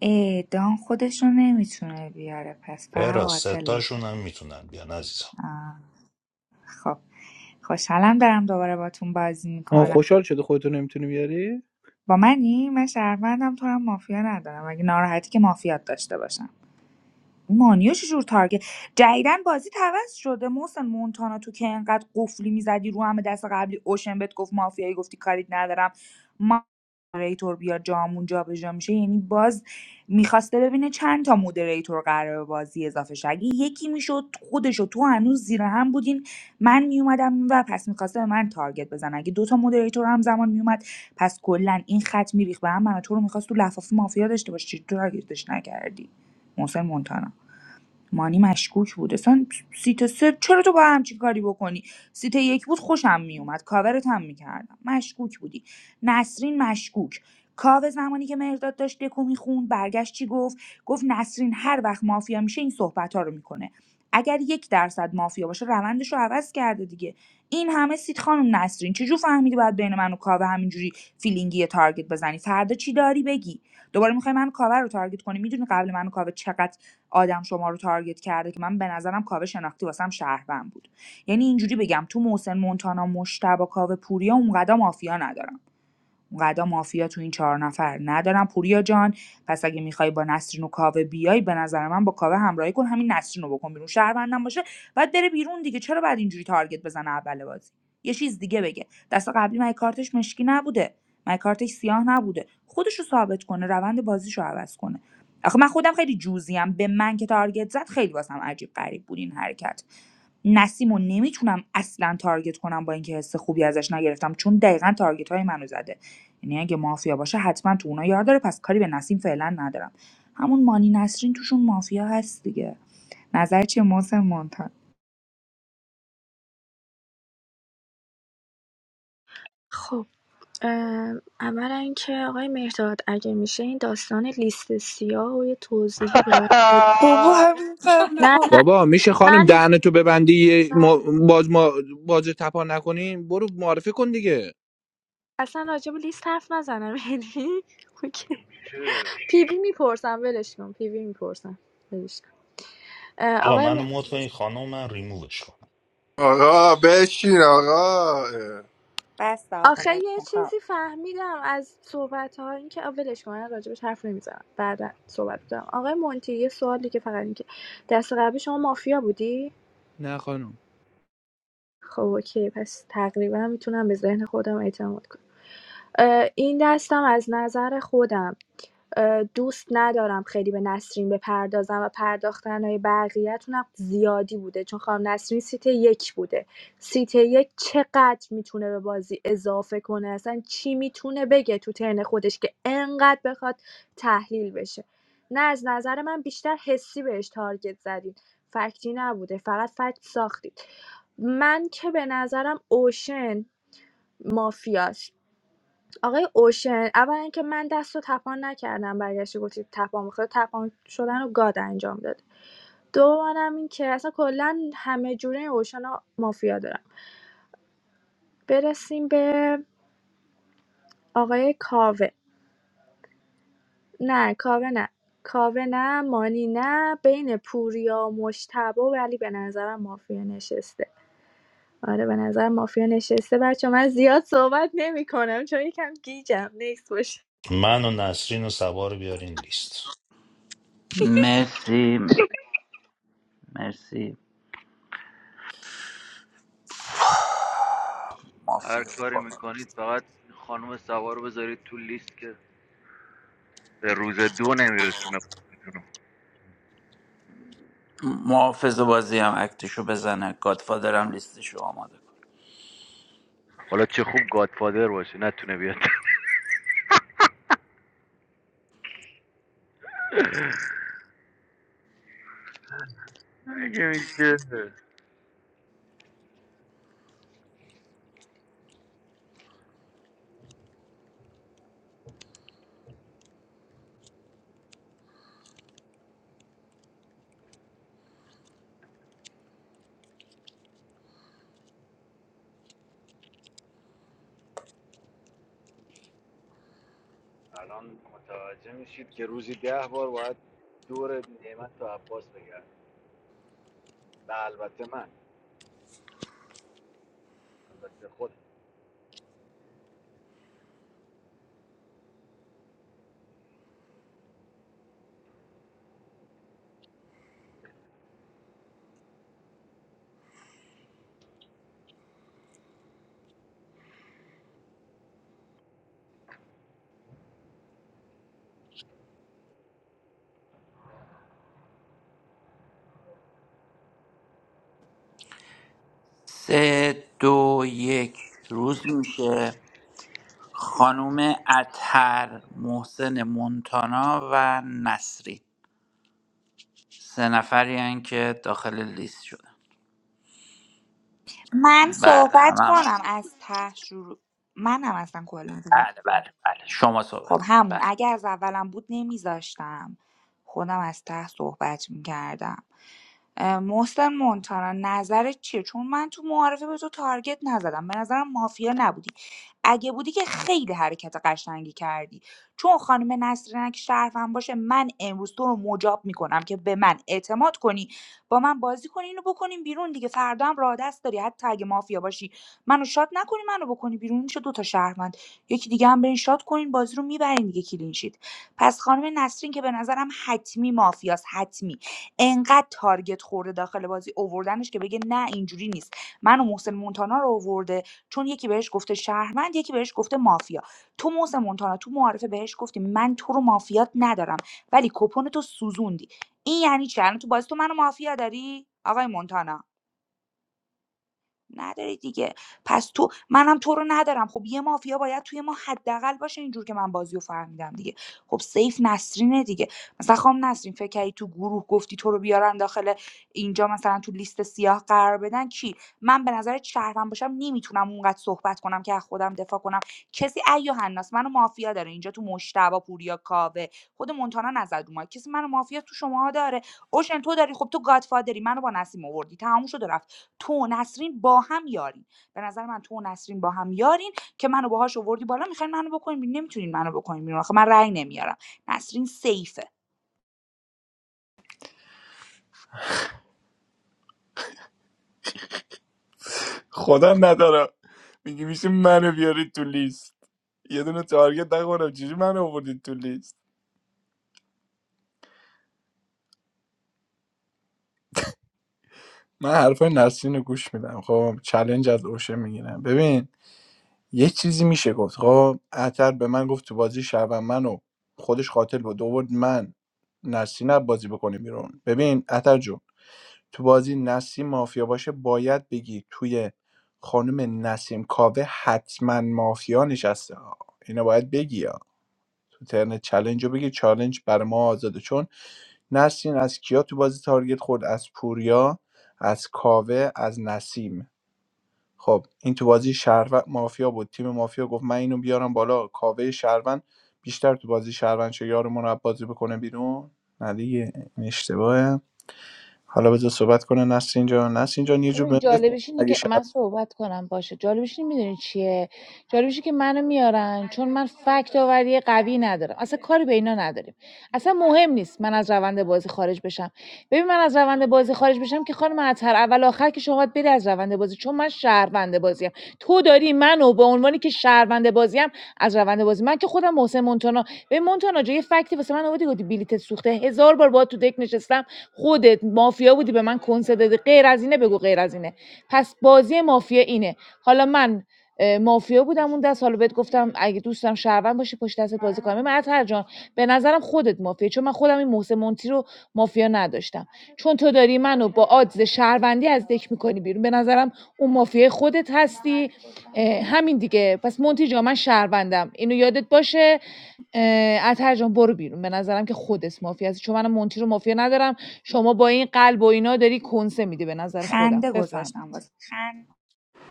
اعدام خودش رو نمیتونه بیاره پس فقط
را
قاتلش
ستاشون هم میتونن بیان عزیزم
آه، خب خوشحالم دارم دوباره باتون بازی
آه
میکنم
خوشحال شده خودتو نمیتونی بیاری
با منی من شهروندم تو هم مافیا ندارم اگه ناراحتی که مافیات داشته باشم مانیا چجور تارگت جدیدن بازی عوض شده محسن مونتانا تو که انقدر قفلی میزدی رو همه دست قبلی اوشن بهت گفت مافیایی گفتی کاریت ندارم ما مودریتور بیا جامون جابجا میشه یعنی باز میخواسته ببینه چند تا مودریتور قرار به بازی اضافه شه اگه یکی میشد خودشو تو هنوز زیر هم بودین من میومدم و پس میخواسته به من تارگت بزن اگه دوتا مودریتور هم زمان میومد پس کلا این خط میریخ به هم من و تو رو میخواست تو لفاف مافیا داشته باشی چی تو تارگتش نکردی محسن مونتانا مانی مشکوک بود اصلا سیت سه چرا تو با همچین کاری بکنی سیت یک بود خوشم میومد کاورت هم میکردم مشکوک بودی نسرین مشکوک کاوه زمانی که مهرداد داشت دکو میخوند برگشت چی گفت گفت نسرین هر وقت مافیا میشه این صحبت ها رو میکنه اگر یک درصد مافیا باشه روندش رو عوض کرده دیگه این همه سیت خانم نسرین چجور فهمیدی باید بین من و کاوه همینجوری فیلینگی تارگت بزنی فردا چی داری بگی دوباره میخوای من و کاوه رو تارگت کنی میدونی قبل من و کاوه چقدر آدم شما رو تارگت کرده که من به نظرم کاوه شناختی واسم شهروند بود یعنی اینجوری بگم تو محسن مونتانا مشتبه کاوه پوریا اونقدر مافیا ندارم اونقدر مافیا تو این چهار نفر ندارم پوریا جان پس اگه میخوای با نسرین و کاوه بیای به نظر من با کاوه همراهی کن همین نسرین رو بکن بیرون شهروندم باشه بعد بره بیرون دیگه چرا بعد اینجوری تارگت بزنه اول بازی یه چیز دیگه بگه دست قبلی من کارتش مشکی نبوده من کارتش سیاه نبوده خودش رو ثابت کنه روند بازیشو عوض کنه آخه من خودم خیلی جوزیم به من که تارگت زد خیلی واسم عجیب غریب بود این حرکت نسیمو نمیتونم اصلا تارگت کنم با اینکه حس خوبی ازش نگرفتم چون دقیقاً تارگت های منو زده یعنی اگه مافیا باشه حتما تو اونا یار داره پس کاری به نسیم فعلا ندارم همون مانی نسرین توشون مافیا هست دیگه نظر چیه محسن مونتانا
خب ام، اولا اینکه آقای مهداد اگه میشه این داستان لیست سیاه و یه توضیحی به من بده
(laughs)
نه نه
بابا میشه خانم
من
دهن تو ببندی یه ما باز ما باز تپا نکنیم برو معرفی کن دیگه
اصلا راجع به لیست حرف نزنم یعنی (laughs)
مگه
اوکی
میشه
پیوی میپرسم ولش کن پیوی میپرسم ولش کن. اه،
آقا منو
آقای
مود کنین خانم من ریمووش کنم
آقا بشین آقا اه.
بس آقا
آخه
ول
یه
کن.
چیزی فهمیدم از صحبت ها این که اولش ولش کن من راجبش حرف نمیزنم بعدا صحبت کنم آقای مونتی یه سوالی که فقط این که دست قبلی شما مافیا بودی
نه خانم
خب اوکی پس تقریبا میتونم به ذهن خودم اعتماد کنم این دستم از نظر خودم دوست ندارم خیلی به نسرین بپردازم و پرداختن های بقیه‌تونم زیادی بوده چون خانم نسرین سیت یک بوده سیت یک چقدر میتونه به بازی اضافه کنه اصلا چی میتونه بگه تو ترن خودش که انقدر بخواد تحلیل بشه نه از نظر من بیشتر حسی بهش تارگت زدین فکتی نبوده فقط فکت ساختید من که به نظرم اوشن مافیاست آقای اوشن اولا که من دست و تپان نکردم برگشتی گفتی تپان میخواد تپان شدن رو گاد انجام داده دومانم این که اصلا کلا همه جوره این اوشن رو مافیا دارم برسیم به آقای کاوه نه کاوه نه کاوه نه مانی نه بین پوریا و مشتبه ولی به نظرم مافیا نشسته آره به نظر مافیا نشسته بچه من زیاد صحبت نمی کنم چون یکم گیجم نیست باشه
من و نسرین و سبا رو بیارین لیست
مرسی مرسی مافیا
هر کاری
با-
میکنید فقط خانم سوار رو بذارید تو لیست که به روز دو نمیرسونه
محافظ بازی هم اکتشو بزنه گادفادر هم لیستشو آماده کنه
حالا چه خوب گادفادر باشه نتونه بیاد (laughs) مگه میشه الان متوجه میشید که روزی ده بار باید دور نعمت و عباس بگرد و البته من البته خود
سه دو یک روز میشه خانوم اتر محسن مونتانا و نصری سه نفری هن که داخل لیست شدن
من
بله
صحبت
همه هم
کنم از ته شروع منم اصلا کلا
بله بله بله شما
خب
صحبت کنید
همون
بله
اگه از اولم بود نمیذاشتم خودم از ته صحبت میکردم محسن مونتانا نظرت چیه چون من تو معارفه به تو تارگت نزدم به نظرم مافیا نبودی اگه بودی که خیلی حرکت قشنگی کردی چون خانم نسرینک شرفم باشه من امروز تو رو مجاب میکنم که به من اعتماد کنی با من بازی کنی اینو بکنیم بیرون دیگه فردا هم راه دست داری حتی اگه مافیا باشی منو شاد نکنی منو بکنی بیرون میشه دوتا شهروند یکی دیگه هم برین شات کنین بازی رو میبرین دیگه کلینشید پس خانم نسرین که به نظرم حتمی مافیاست حتمی انقدر تارگت خورده داخل بازی اووردنش که بگه نه اینجوری نیست منو محسن مونتانا رو اوورده چون یکی بهش گفته شهروند یکی بهش گفته مافیا تو محسن مونتانا تو معارفه بهش گفتی من تو رو مافیات ندارم ولی کپون تو سوزوندی این یعنی چی الان تو بازی تو منو مافیا داری آقای مونتانا نداری دیگه پس تو منم تو رو ندارم خب یه مافیا باید توی ما حداقل باشه اینجور که من بازی رو فهمیدم دیگه خب سیف نسرینه دیگه مثلا خام نسرین فکر کردی تو گروه گفتی تو رو بیارن داخل اینجا مثلا تو لیست سیاه قرار بدن کی من به نظر شهرم باشم نمیتونم اونقدر صحبت کنم که از خودم دفاع کنم کسی ایو حناس منو مافیا داره اینجا تو مشتبا پوریا کاوه خود مونتانا نزد رو ما کسی منو مافیا تو شماها داره اوشن تو داری خب تو گادفادری منو با نسیم آوردی تموم شد و رفت تو و نسرین با هم یارین به نظر من تو و نسرین با هم یارین که منو باهاش آوردی بالا میخواین منو بکنین بیرون نمیتونین منو بکنین بیرون آخه من رأی نمیارم نسرین سیفه
خدا نداره میگی میشه منو بیارید تو لیست یه دونه تارگت نخورم چجوری منو آوردید تو لیست من حرفای نسرین رو گوش میدم خب چلنج از اوشه میگیرم ببین یه چیزی میشه گفت خب اتر به من گفت تو بازی شهروند منو خودش قاتل بود آورد من نسیم رو بازی بکنه بیرون ببین اتر جون تو بازی نسیم مافیا باشه باید بگی توی خانم نسیم کاوه حتما مافیا نشسته ها. اینو باید بگی ها. تو ترن چلنج رو بگی چالنج بر ما آزاده چون نسیم از کیا تو بازی تارگت خورد از پوریا از کاوه از نسیم خب این تو بازی شهروند مافیا بود تیم مافیا گفت من اینو بیارم بالا کاوه شهروند بیشتر تو بازی شهروند شه یارمون رو بازی بکنه بیرون نه دیگه این اشتباهه حالا بذار صحبت کنه نسرین جان نسرین جان یه جور
ببین
بهم بفهم
جالبش اینه
اگه
که
شهر
من صحبت کنم باشه جالبش این میدونی چیه جالبش اینه که منو میارن چون من فکت آوری قوی ندارم اصلا کاری به اینا نداریم اصلا مهم نیست من از روند بازی خارج بشم ببین من از روند بازی خارج بشم که خانم اطهر اول آخر که شما باید بری از روند بازی چون من شهروند بازیم تو داری منو به عنوانی که شهروند بازیم از روند بازی من که خودم محسن مونتونا ببین مونتانا جا یه فکتی واسه من آوردی گفتی بلیتت سوخته هزار بار باهات تو دک نشستم خودت مافیا بودی به من کنسه دادی غیر از اینه بگو غیر از اینه پس بازی مافیا اینه حالا من اه، مافیا بودم اون دست حالا بهت گفتم اگه دوستم شهروند باشی پشت دستت بازی کنم من هر جان به نظرم خودت مافیا چون من خودم این محسن مونتی رو مافیا نداشتم چون تو داری منو با آدز شهروندی از دک میکنی بیرون به نظرم اون مافیای خودت هستی همین دیگه پس مونتی جا من شهروندم اینو یادت باشه اه، جان برو بیرون به نظرم که خودت مافیا هستی چون من مونتی رو مافیا ندارم شما با این قلب و اینا داری کنسه میدی به نظر خودم
خنده
بفرمایید
گذاشتم واسه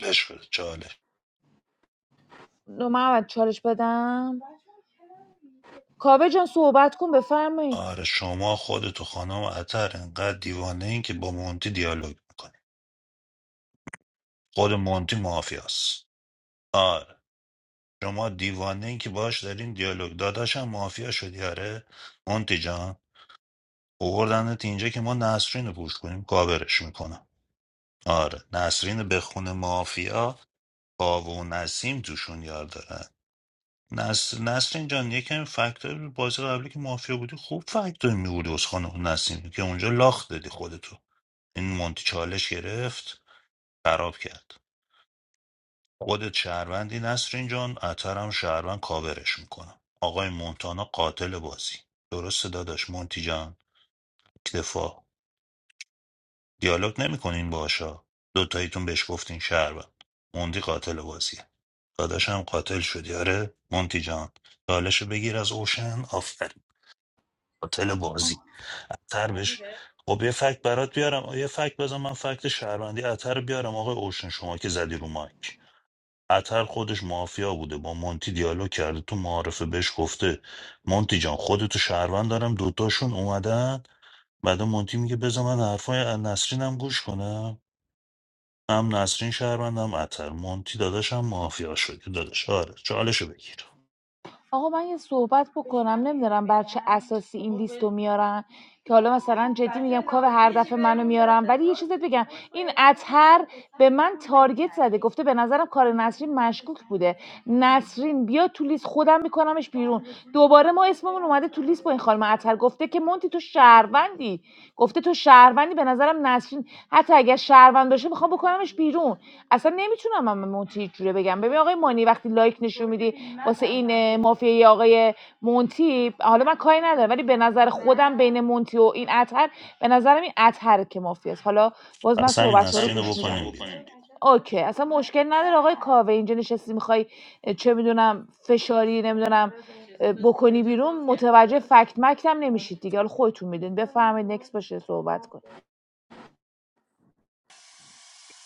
بشکره چاله
من اول چالش بدم کاوه جان صحبت کن بفرمایید
آره شما خودت و خانم عطر انقدر دیوانه این که با مونتی دیالوگ میکنی خود مونتی مافیاست آره شما دیوانه این که باش دارین دیالوگ داداشم مافیا شدی آره مونتی جان اووردنت اینجا که ما نسرین رو پوش کنیم کاورش میکنم آره نسرین به خون مافیا کاوه و نسیم توشون یار دارن نس... نسرین جان یکم فکتور بازی قبلی که مافیا بودی خوب فکتور میبودی از خانه نسیم که اونجا لاخ دادی خودتو این مونتی چالش گرفت خراب کرد خودت شهروندی نسرین جان اترم شهروند کاورش میکنم آقای مونتانا قاتل بازی درسته داداش مونتی جان اکتفا دیالوگ نمیکنین باشا دوتاییتون بهش گفتین شهروند موندی قاتل بازیه داداشم قاتل شدی آره مونتی جان چالش بگیر از اوشن آفرین قاتل بازی اتر بش خب یه فکت برات بیارم یه فکت بزن من فکت شهروندی اتر بیارم آقای اوشن شما که زدی رو مایک اتر خودش مافیا بوده با مونتی دیالوگ کرده تو معارفه بهش گفته مونتی جان خودتو شهروند دارم دوتاشون اومدن بعد مونتی میگه بذار من حرفای نسرینم گوش کنم هم نسرین شهروند هم عطر مونتی داداشم مافیا شدی داداش آره چالشو بگیر
آقا من یه صحبت بکنم نمیدونم بر چه اساسی این لیست میارن که حالا مثلا جدی میگم کاو هر دفعه منو میارم ولی یه چیزت بگم این اطهر به من تارگت زده گفته به نظرم کار نسرین مشکوک بوده نسرین بیا تو لیست خودم میکنمش بیرون دوباره ما اسممون اومده تو لیست با این خانم اطهر گفته که مونتی تو شهروندی گفته تو شهروندی به نظرم نسرین حتی اگر شهروند باشه میخوام بکنمش بیرون اصلا نمیتونم من مونتی هیچ جوره بگم ببین آقای مانی وقتی لایک نشون میدی واسه این مافیای آقای مونتی حالا من کاری ندارم ولی به نظر خودم بین مونتی و این اطهر به نظرم این اطهر که مافیاست حالا باز من
پس همین
صحبت رو
نسرین
گوش
رو
میدم
بکنیم بیرون
بیرون اوکی اصلا مشکل نداره آقای کاوه اینجا نشستی میخوای چه میدونم فشاری نمیدونم بکنی بیرون متوجه فکت مکتم نمیشید دیگه حالا خودتون میدونید بفهمید نکس باشه صحبت کنید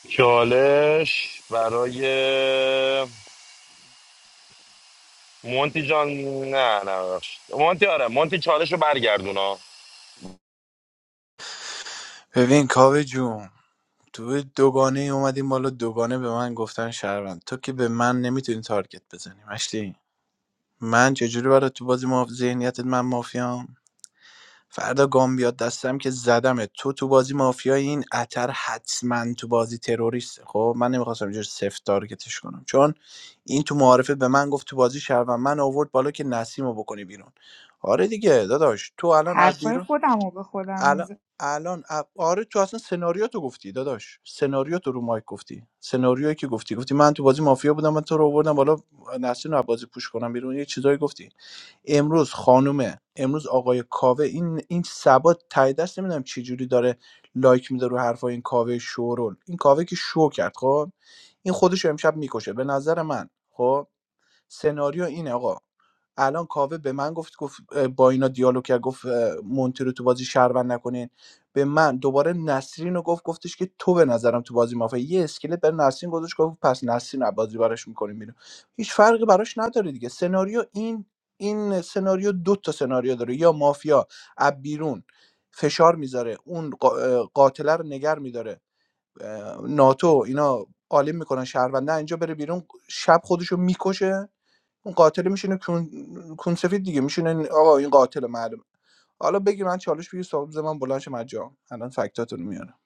چالش برای مونتی جان نه نه ببخشید. مونتی آره مونتی چالش رو برگردونا
ببین کاوه جون تو دوگانه ای اومدیم بالا دوگانه به من گفتن شهروند تو که به من نمیتونی تارگت بزنی مشتی من چجوری برای تو بازی ما ذهنیتت من مافیام فردا گام بیاد دستم که زدمت تو تو بازی مافیای این اتر حتما تو بازی تروریست خب من نمیخواستم اینجور سفت تارگتش کنم چون این تو معارفه به من گفت تو بازی شهروند من آورد بالا که نسیم رو بکنی بیرون آره دیگه داداش تو الان از
حرفای خودم رو به خودم
الان
میزه
الان ا- آره تو اصلا سناریو تو گفتی داداش سناریو تو رو مایک گفتی سناریویی که گفتی گفتی من تو بازی مافیا بودم من تو رو آوردم بالا نسرین رو از بازی پوش کنم بیرون یه چیزایی گفتی امروز خانومه امروز آقای کاوه این این ثبات ته دست نمیدونم چه جوری داره لایک میده رو حرفای این کاوه شورول این کاوه که شو کرد خب این خودش رو امشب میکشه به نظر من خب سناریو اینه آقا الان کاوه به من گفت گفت اه، با اینا دیالوگ کرد گفت اه، مونتی رو تو بازی شهروند نکنین به من دوباره نسرین رو گفت گفتش که تو به نظرم تو بازی مافیا یه اسکلت برای نسرین گذاشت گفت پس نسرین رو بازی براش میکنیم بیرون هیچ فرقی براش نداره دیگه سناریو این این سناریو دو تا سناریو داره یا مافیا از بیرون فشار میذاره اون قا- اه، قاتله رو نگر میداره ناتو اینا عالی میکنن شهرونده اینجا بره بیرون شب خودشو میکشه اون قاتل میشینه کون کونسفید دیگه میشینه این- آقا این قاتل معلومه حالا بگی من چالش بگی سابز من بلند شم از جام. الان فکتاتون میارم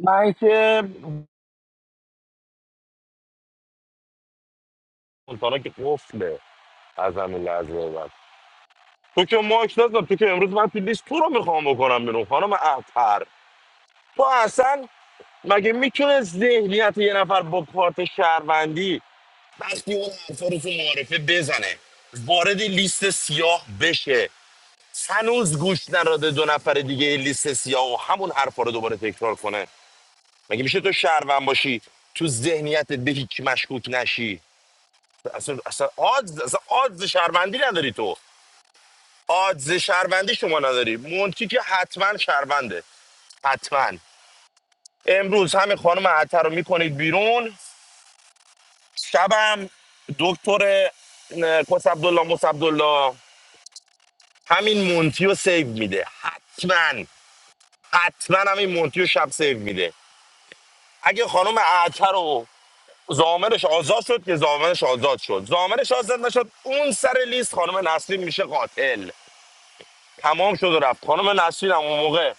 من که مونتانا که قفله از همین لحظه بعد تو که ماک نزد تو که امروز من تو لیست تو رو میخوام بکنم بیرون خانم اطهر تو اصلا مگه میتونه ذهنیت یه نفر با کارت شهروندی وقتی اون حرفا رو تو معارفه بزنه وارد لیست سیاه بشه هنوز گوش نراده دو نفر دیگه لیست سیاه و همون حرفا رو دوباره تکرار کنه مگه میشه تو شهروند باشی تو ذهنیت به هیچ مشکوک نشی اصلا اصلا آدز اصلا آدز شهروندی نداری تو آدز شهروندی شما نداری مونتی که حتما شهرونده حتما امروز همین خانم عطر رو میکنید بیرون شبم دکتر کس عبدالله مس عبدالله همین مونتی رو سیو میده حتما حتما همین مونتی رو شب سیو میده اگه خانم اعتر رو زامرش آزاد شد که زامرش آزاد شد زامرش آزاد نشد اون سر لیست خانم نسرین میشه قاتل تمام شد و رفت خانم نسرین هم اون موقع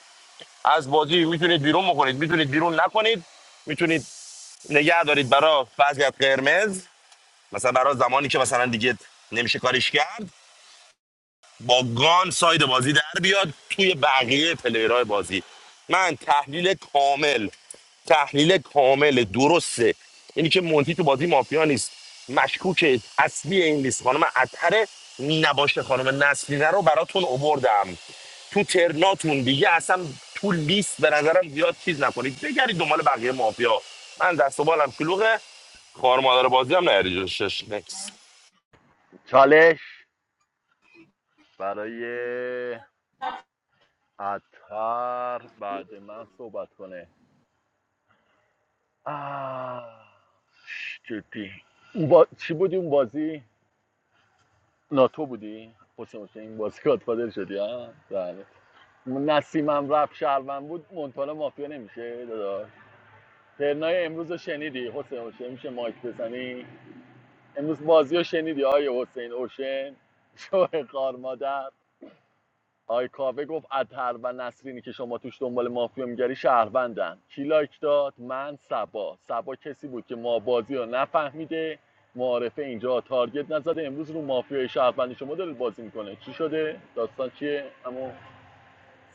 از بازی میتونید بیرون بکنید میتونید بیرون نکنید میتونید نگه دارید برای وضعیت قرمز مثلا برای زمانی که مثلا دیگه نمیشه کاریش کرد با گان ساید بازی در بیاد توی بقیه پلیرهای بازی من تحلیل کامل تحلیل کامل درسته اینی که مونتی تو بازی مافیا نیست مشکوک اصلی این لیست خانم اتر نباشه خانم نسلینه رو براتون اووردم تو ترناتون دیگه اصلا تو لیست به نظرم زیاد چیز نکنید بگرید دنبال بقیه مافیا من دست و بالم شلوغه خوار مادر بازی هم نه جلوشش نکس
چالش برای عطر بعد من صحبت کنه آه، جدی اون با... چی بودی اون بازی ناتو بودی حسین این بازی گادفادر شدی ها بله نسیمم رپ شهروند بود مونتانا مافیا نمیشه داداش ترنای امروز رو شنیدی حسین اوشن میشه مایک بزنی امروز بازی رو شنیدی آیه حسین اوشن شوه خار مادر آی کاوه گفت اطهر و نسرینی که شما توش دنبال مافیا میگری شهروندن کی لایک داد من سبا سبا کسی بود که ما بازی رو نفهمیده معارفه اینجا تارگت نزده امروز رو مافیای شهروندی شما داره بازی میکنه چی شده داستان چیه اما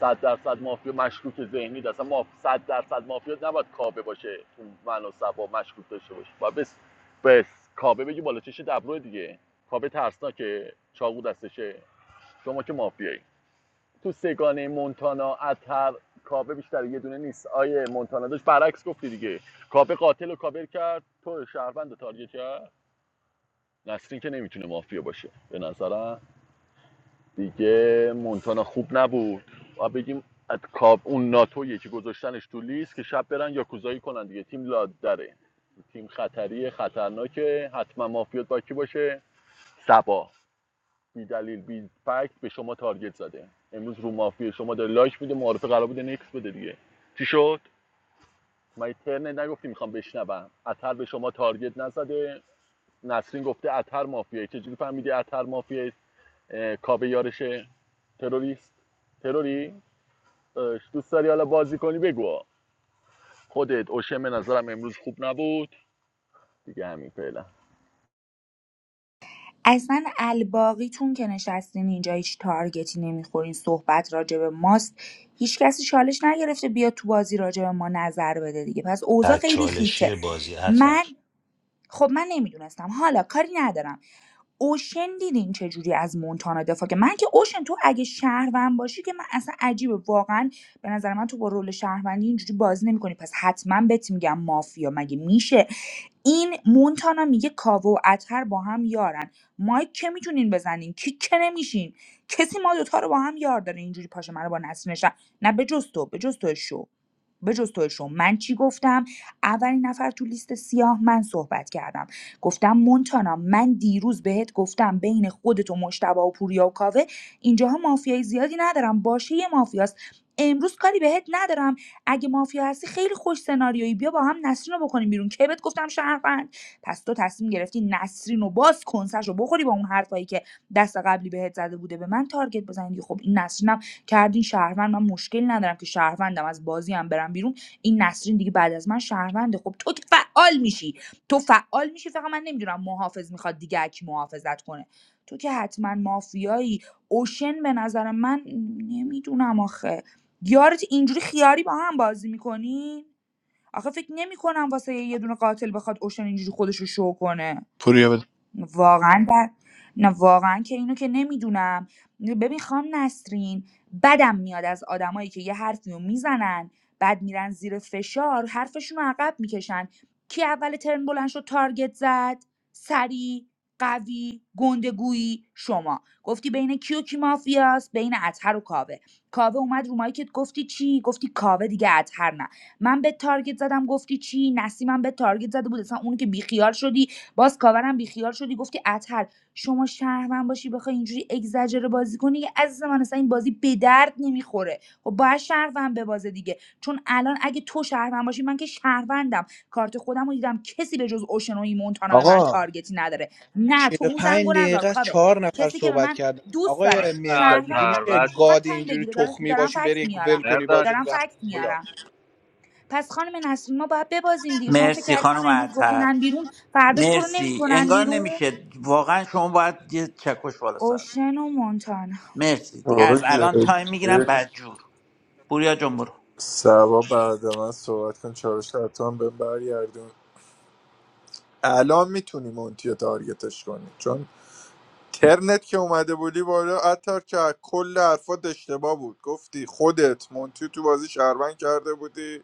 صد درصد مافیا مشکوک ذهنی دست اصلا ما صد درصد مافیا نباید کابه باشه تو من و سبا مشکوک داشته باشه و بس بس کابه بگی بالا چش دبرو دیگه کابه ترسناکه چاقو دستشه شما که مافیایی تو سگانه مونتانا اتر کابه بیشتر یه دونه نیست آیه مونتانا داشت برعکس گفتی دیگه کابه قاتل و کابر کرد تو شهروند رو تارگت کرد نسرین که نمیتونه مافیا باشه به نظرم دیگه مونتانا خوب نبود و بگیم از کاب اون ناتویی که گذاشتنش تو لیست که شب برن یاکوزایی کنن دیگه تیم لادره تیم خطریه خطرناکه حتما مافیات با کی باشه سبا بی دلیل بی فکت به شما تارگت زده امروز رو مافیا شما داره لایک میده معارفه قرار بوده نکس بده دیگه چی شد من یه ترنت نگفتی میخوام بشنوم اثر به شما تارگت نزده نسرین گفته اثر مافیایی چجوری فهمیدی اثر مافیایی اه، یارش تروریست تروری داداش، دوست داری حالا بازی کنی بگو خودت اوشن به نظرم امروز خوب نبود دیگه همین فعلا
اصلا الباقیتون که نشستین اینجا هیچ تارگتی نمیخورین صحبت راجع به ماست هیچ کسی چالش نگرفته بیا تو بازی راجع به ما نظر بده دیگه پس اوضاع
تک
خیلی خیته
چالشی بازی عطر
من خب من نمیدونستم حالا کاری ندارم اوشن دیدین چجوری از مونتانا دفاع که من که اوشن تو اگه شهروند باشی که من اصلا عجیبه واقعا به نظر من تو با رول شهروندی اینجوری بازی نمیکنی پس حتما بهت میگم مافیا مگه میشه این مونتانا میگه کاوه و اتر با هم یارن مایک که میتونین بزنین کیک که نمیشین کسی ما دوتا رو با هم یار داره اینجوری پاشه منو با نسل نشن نه به جز تو به جز تو شو به جز تو شو من چی گفتم اولین نفر تو لیست سیاه من صحبت کردم گفتم مونتانا من دیروز بهت گفتم بین خودت و مشتبه و پوریا و کاوه اینجاها مافیای زیادی ندارم باشه یه مافیاست امروز کاری بهت ندارم اگه مافیا هستی خیلی خوش سناریویی بیا با هم نسرین رو بکنیم بیرون که بهت گفتم شهروند پس تو تصمیم گرفتی نسرین رو باز کنسش رو بخوری با اون حرفایی که دست قبلی بهت زده بوده به من تارگت بزنید خب این نسرینم کردین شهروند من مشکل ندارم که شهروندم از بازی هم برم بیرون این نسرین دیگه بعد از من شهرونده خب تو فعال میشی تو فعال میشی فقط من نمیدونم محافظ میخواد دیگه کی محافظت کنه تو که حتما مافیایی اوشن به نظر من نمیدونم آخه یارت اینجوری خیاری با هم بازی میکنین آخه فکر نمیکنم واسه یه دونه قاتل بخواد اوشن اینجوری خودش رو شو کنه
پوریا بده
واقعا در... نه واقعا که اینو که نمیدونم ببین خام نسرین بدم میاد از آدمایی که یه حرفی رو میزنن بعد میرن زیر فشار حرفشون رو عقب میکشن کی اول ترن بلند شد تارگت زد سری قوی گندگویی شما گفتی بین کیو کی و کی مافیاست بین اطهر و کاوه کاوه اومد رو مایکت گفتی چی گفتی کاوه دیگه اطهر نه من به تارگت زدم گفتی چی نسیمم به تارگت زده بود اصلا اون که بیخیال شدی باز کاورم بیخیال شدی گفتی اطهر شما شهروند باشی بخوای اینجوری اگزجره بازی کنی که عزیز من اصلا این بازی به درد نمیخوره خب باید شهروند ببازه دیگه چون الان اگه تو شهروند باشی من که شهروندم کارت خودم رو دیدم کسی به جز اوشنوی مونتانا به من
آقا
تارگتی نداره نه
چهل
تو
و
اون
پنج
زنگو نزار
دقیقه از
کاوه
چهار نفر
کسی که به
صحبت
من
کردن
دوست
من
داره
آقای
نه
مهداد میگی
شهروندم
اتر
میشه
بعد
دلش میخواد
گاد
تایم
اینجوری
بگیره دارم,
تخمی
دارم
باشی
فکت
بری ول
میارم
کنی
برداد
باجه
دارم
به
فکت
خدا
میارم پس خانم نسرین ما باید ببازیم دیگه شما فکر
مرسی
کردی
خانم
من امروز
اتر
بکنن بیرون فرداش تو رو
مرسی
نمیکنن
انگار
بیرون
نمیشه واقعا شما باید یه چکش بالا سر کنید.
اوشن و مونتانا
مرسی دیگه
آقا
از الان
جدی
تایم میگیرم
بزن.
بدجور پوریا جون برو
سبا بعد من صحبت کن چالش حتما به برگردون الان میتونی مونتی رو تارگتش کنی چون ترنت که اومده بودی بالا عطار که از کل حرفات اشتباه بود گفتی خودت مونتی تو بازی شهروند کرده بودی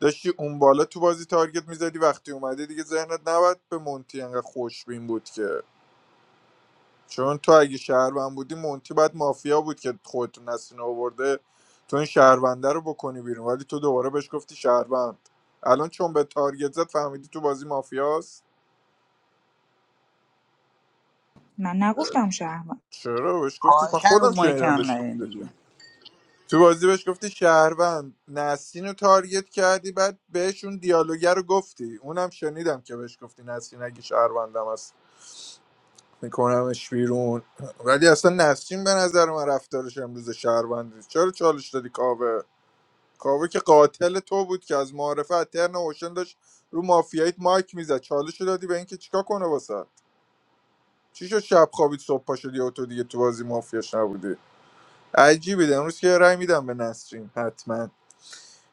داشتی اون بالا تو بازی تارگت میزدی وقتی اومده دیگه ذهنت نباید به مونتی انقدر خوشبین بود که چون تو اگه شهروند بودی مونتی باید مافیا بود که خودتون نسین آورده تو این شهرونده رو بکنی بیرون ولی تو دوباره بهش گفتی شهروند الان چون به تارگت زد فهمیدی تو بازی مافیاست
من نگفتم شهر
چرا بهش گفتی من
خواهشن رو
خودم
مایک
شنیدم
هم
بهش گفتی.
نیاین دیگه
تو بازی بهش گفتی شهروند نسرین رو تارگت کردی بعد بهشون دیالوگر رو گفتی اونم شنیدم که بهش گفتی نسرین اگه شهروندم هست میکنمش بیرون ولی اصلا نسرین به نظر من رفتارش امروز شهروندی چرا چالش دادی کاوه کاوه که قاتل تو بود که از معارفه از اوشن داشت رو مافیایت مایک میزد چالش رو دادی به اینکه چیکار کنه واسه چی شد شب خوابید صبح پا شدی و تو دیگه تو بازی مافیاش نبودی عجیبه امروز که رای میدم به نسرین حتما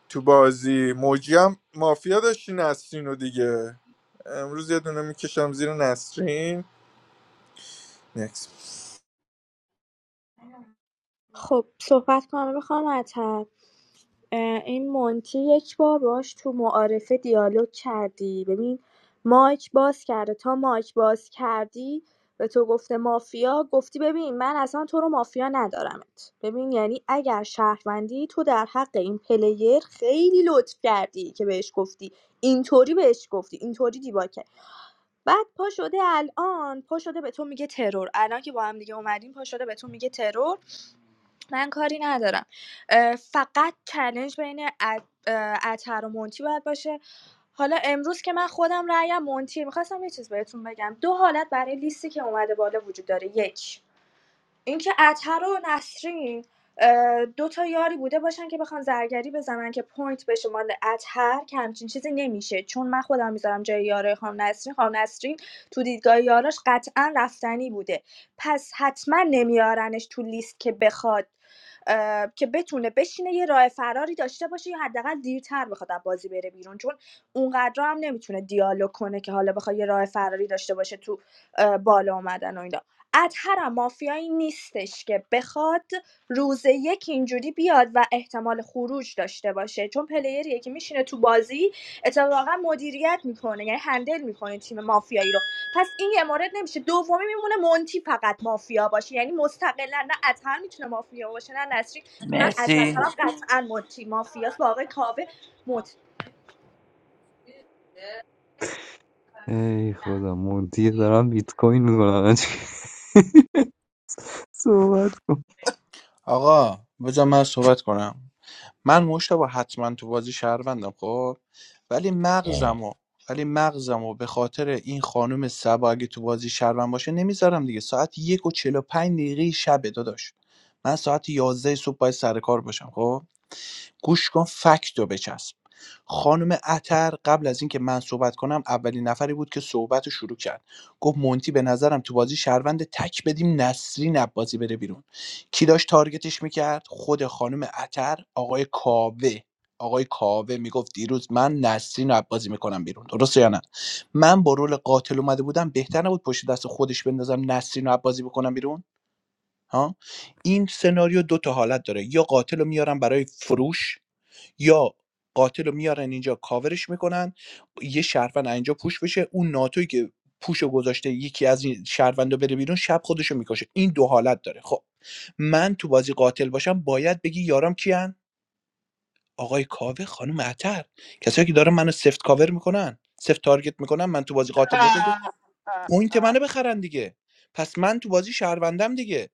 تو بازی موجی هم مافیا داشتی نسرین رو دیگه امروز یه دونه میکشم زیر نسرین نکس
خب صحبت کنم بخوام اتر این مونتی یک بار باش تو معارفه دیالوگ کردی ببین مایک باز کرده تا مایک باز کردی به تو گفته مافیا گفتی ببین من اصلا تو رو مافیا ندارمت ببین یعنی اگر شهروندی تو در حق این پلیر خیلی لطف کردی که بهش گفتی اینطوری بهش گفتی اینطوری دیبا که بعد پا شده الان پا شده به تو میگه ترور الان که با هم دیگه اومدیم پا شده به تو میگه ترور من کاری ندارم اه، فقط چلنج بین ات- اه، اتر و مونتی باید باشه حالا امروز که من خودم رأیم مونتی میخواستم یه چیز بهتون بگم دو حالت برای لیستی که اومده بالا وجود داره یک اینکه عطر و نسرین اه، دو تا یاری بوده باشن که بخوان زرگری بزنن که پوینت بشه مال اطهر که همچین چیزی نمیشه چون من خودم میذارم جای یاره خانم نسرین خانم نسرین تو دیدگاه یاراش قطعا رفتنی بوده پس حتما نمیارنش تو لیست که بخواد که بتونه بشینه یه راه فراری داشته باشه یا حداقل دیرتر بخواد از بازی بره بیرون چون اونقدر هم نمیتونه دیالوگ کنه که حالا بخواد یه راه فراری داشته باشه تو بالا اومدن و اینا اطهرم مافیایی نیستش که بخواد روز یک اینجوری بیاد و احتمال خروج داشته باشه چون پلیریه که میشینه تو بازی اتفاقا مدیریت میکنه یعنی هندل میکنه تیم مافیایی رو پس این یه مورد نمیشه دومی میمونه مونتی فقط مافیا باشه یعنی مستقلا نه اطهر میتونه مافیا باشه نه نسری که من از
مرسی
نظرم قطعا مونتی مافیاست با آقای کاوه مت
ای خدا مونتی دارم بیت کوین میکنم (laughs) صحبت
آقا بذار من صحبت کنم من مشتبه حتما تو بازی شهروندم خب ولی مغزمو ولی مغزمو به خاطر این خانم سبا اگه تو بازی شهروند باشه نمیذارم دیگه ساعت یک و چهل و پنج دقیقه شبه داداش من ساعت یازده صبح باید سر کار باشم خب گوش کن فکت رو بچسب خانم اتر قبل از اینکه من صحبت کنم اولین نفری بود که صحبت رو شروع کرد گفت مونتی به نظرم تو بازی شهروند تک بدیم نسرین بازی بره بیرون کی داشت تارگتش میکرد خود خانم اتر آقای کاوه آقای کاوه میگفت دیروز من نسرین رو بازی میکنم بیرون درسته یا نه من با رول قاتل اومده بودم بهتر نبود پشت دست خودش بندازم نسرین رو بازی بکنم بیرون ها این سناریو دو تا حالت داره یا قاتل رو میارم برای فروش یا قاتل رو میارن اینجا کاورش میکنن یه شهروند اینجا پوش بشه اون ناتوی که پوش رو گذاشته یکی از این شهروندا بره بیرون شب خودشو میکشه این دو حالت داره خب من تو بازی قاتل باشم باید بگی یارم کیان آقای کاوه خانم عطر کسایی که دارن منو سفت کاور میکنن سفت تارگت میکنن من تو بازی قاتل باشم که پوینت منو بخرن دیگه پس من تو بازی شهروندم دیگه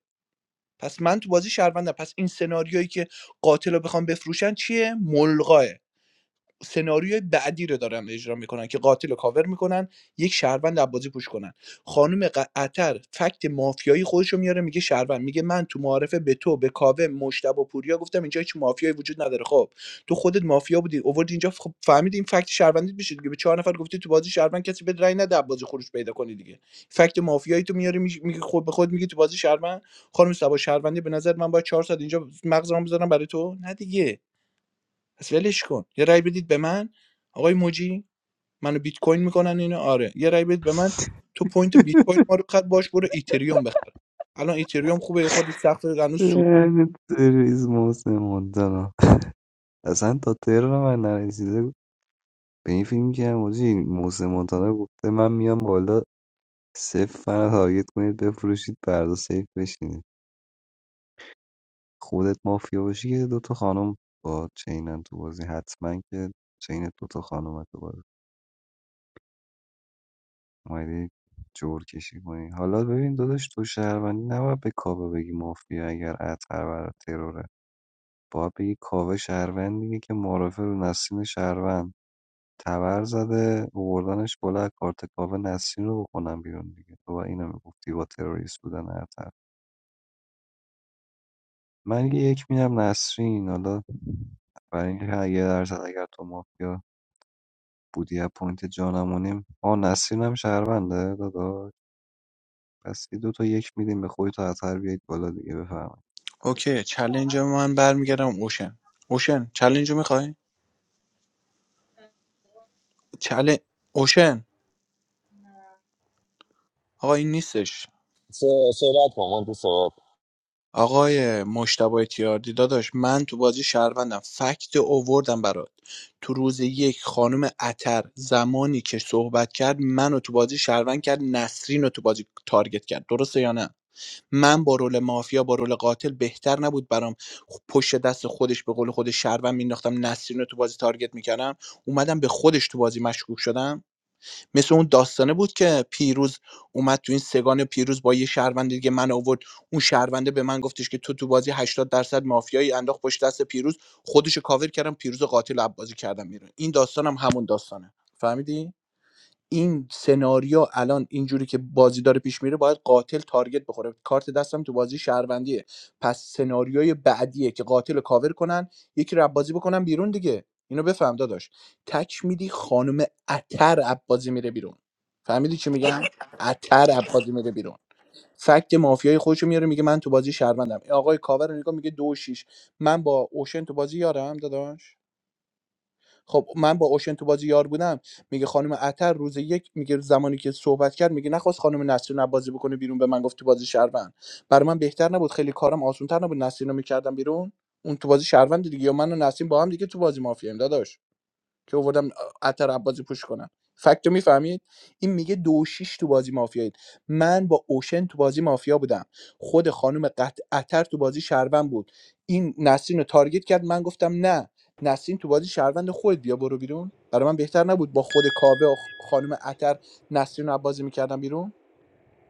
پس من تو بازی شهروندم پس این سناریویی که قاتل رو بخوام بفروشن چیه ملغاه سناریوی بعدی رو دارن اجرا میکنن که قاتل رو کاور میکنن یک شهروند از بازی پوش کنن خانم ق- عطر فکت مافیایی خودش رو میاره میگه شهروند میگه من تو معارفه به تو به کاوه مشتبه و پوریا گفتم اینجا هیچ مافیایی وجود نداره خب تو خودت مافیا بودی اوورد اینجا خب فهمیدی این فکت شهروندی میشه دیگه به چهار نفر گفتی تو بازی شهروند کسی به رای نده از بازی خروج پیدا کنی دیگه فکت مافیایی تو میاری میگی میگی خود به خود میگی تو بازی شهروند خانم سبا شهروندی به نظر من باید چهار ساعت اینجا مغزمو بذارم برای تو نه دیگه پس ولش کن یه رای بدید به من آقای موجی منو بیت کوین میکنن اینو آره یه رای بدید به من تو پوینت بیت کوین ما رو خط باش برو ایتریوم بخر الان ایتریوم خوبه یه خورده سخت هنوز سود
تروریسم محسن مونتانا اصلا تا تهران من نرسیده به این فکر میکردم حاجی محسن مونتانا گفته من میام بالا صفر منو تارگت کنید بفروشید فردا سیف بشینید خودت مافیا باشی که دوتا خانم با چینن تو بازی حتما که چینت دوتا خانم تو بازی اومدی جور کشی کنی حالا ببین داداش تو شهروندی نباید به کاوه بگی مافیا اگر اطهر برات تروره باید بگی کاوه شهروندیه که معرفه رو نسیم شهروند تبر زده آوردنش بالا از کارت کاوه نسرین رو بکنم بیرون دیگه تو و اینو میگفتی با تروریست بودن هر طرف من یه یک میدم نسرین حالا برای اینکه یه درصد اگر تو مافیا بودی از پوینت جانمونیم آ نسرین هم شهرونده داداش پس یه دو تا یک میدیم به خودی تا اثر بیایید بالا دیگه بفهم
اوکی چلنج من برمیگردم اوشن اوشن چلنج میخوای چل اوشن آقا این نیستش
صحبت کن مونتی، صحبت
آقای مجتبی تیاردی داداش من تو بازی شهروندم فکت اووردم برات تو روز یک خانم اتر زمانی که صحبت کرد منو تو بازی شهروند کرد نسرین رو تو بازی تارگت کرد درسته یا نه من با رول مافیا با رول قاتل بهتر نبود برام خ- پشت دست خودش به قول خودش شهروند مینداختم نسرین رو تو بازی تارگت میکردم اومدم به خودش تو بازی مشکوک شدم مثل اون داستانه بود که پیروز اومد تو این سگان پیروز با یه شهروند دیگه من آورد اون شهرونده به من گفتش که تو تو بازی 80 درصد مافیایی انداخت پشت دست پیروز خودشو کاور کردم پیروز قاتل رو بازی کردم بیرون این داستانم همون داستانه فهمیدی این سناریو الان اینجوری که بازی داره پیش میره باید قاتل تارگت بخوره کارت دستم تو بازی شهروندیه پس سناریوی بعدیه که قاتل رو کاور کنن یکی رو بازی بکنن بیرون دیگه اینو بفهم داداش تک میدی خانم اتر بازی میره بیرون فهمیدی چی میگم اتر بازی میره بیرون فکت مافیای خودشو میاره میگه من تو بازی شهروندم این آقای کاور رو نگاه میگه دو و شیش من با اوشن تو بازی یارم داداش خب من با اوشن تو بازی یار بودم میگه خانم عطر روز یک میگه زمانی که صحبت کرد میگه نخواست خانم نسرین رو بازی بکنه بیرون به من گفت تو بازی شهروند برای من بهتر نبود خیلی کارم آسان‌تر نبود نسرین رو میکردم بیرون اون تو بازی شهروند دیگه یا من و نسیم با هم دیگه تو بازی مافیاییم داداش که آوردم عطر عباسی پوش کنم فکتو میفهمید این میگه دو و شیش تو بازی مافیایید من با اوشن تو بازی مافیا بودم خود خانم قط عطر تو بازی شهروند بود این نسرین رو تارگت کرد من گفتم نه نسرین تو بازی شهروند خود بیا برو بیرون برای من بهتر نبود با خود کاوه و خانم عطر نسرین رو عبازی میکردم بیرون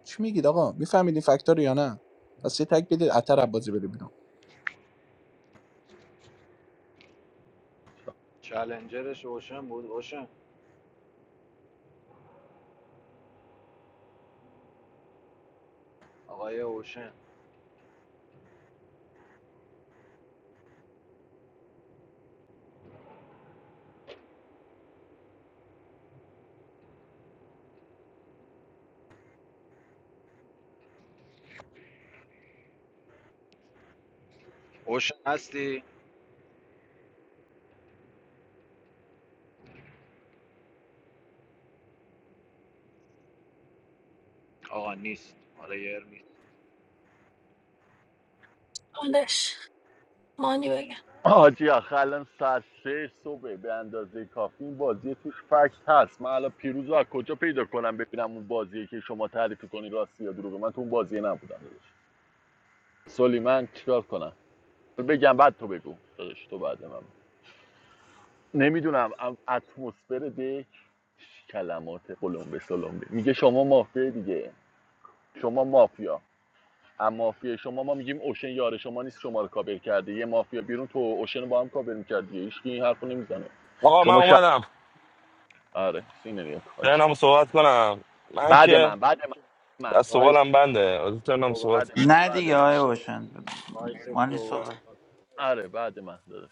چی میگید آقا میفهمید این فکت‌ها رو یا نه پس یه تک بدید عطر عبازی بره بیرون
چلنجرش اوشن بود روشن آقای اوشن اوشن هستی؟ آقا نیست حالا یه ار نیست
حالش مانی بگم
آجی آخه الان ساعت سه صبح به اندازه کافی بازی توش فکس هست من الان پیروز رو از کجا پیدا کنم ببینم اون بازیه که شما تعریف کنی راستی یا دروغه من تو اون بازی نبودم داداش سلیمان چیکار کنم بگم بعد تو بگو داداش تو بعد من نمیدونم اتمسفر دک کلمات قلمبه سلمبه میگه شما مافیا دیگه شما مافیا اما مافیا شما ما میگیم اوشن یار شما نیست شما رو کابر کرده یه مافیا بیرون تو اوشن رو با هم کابر میکردی هیچ کی این حرفو نمیزنه
آقا من
شما شب
اومدم
آره سینه نگاه کن. حاجی.
ترنم صحبت کنم من
بعد
که
من بعد من من
دست و
وایس
بالم بنده از ترنم
صحبت
صحبت
بعد
کن.
من
نه
بعد
دیگه
من
آقای اوشن
وایس
مانی
صحبت
صحبت
کن.
آره بعد من داداش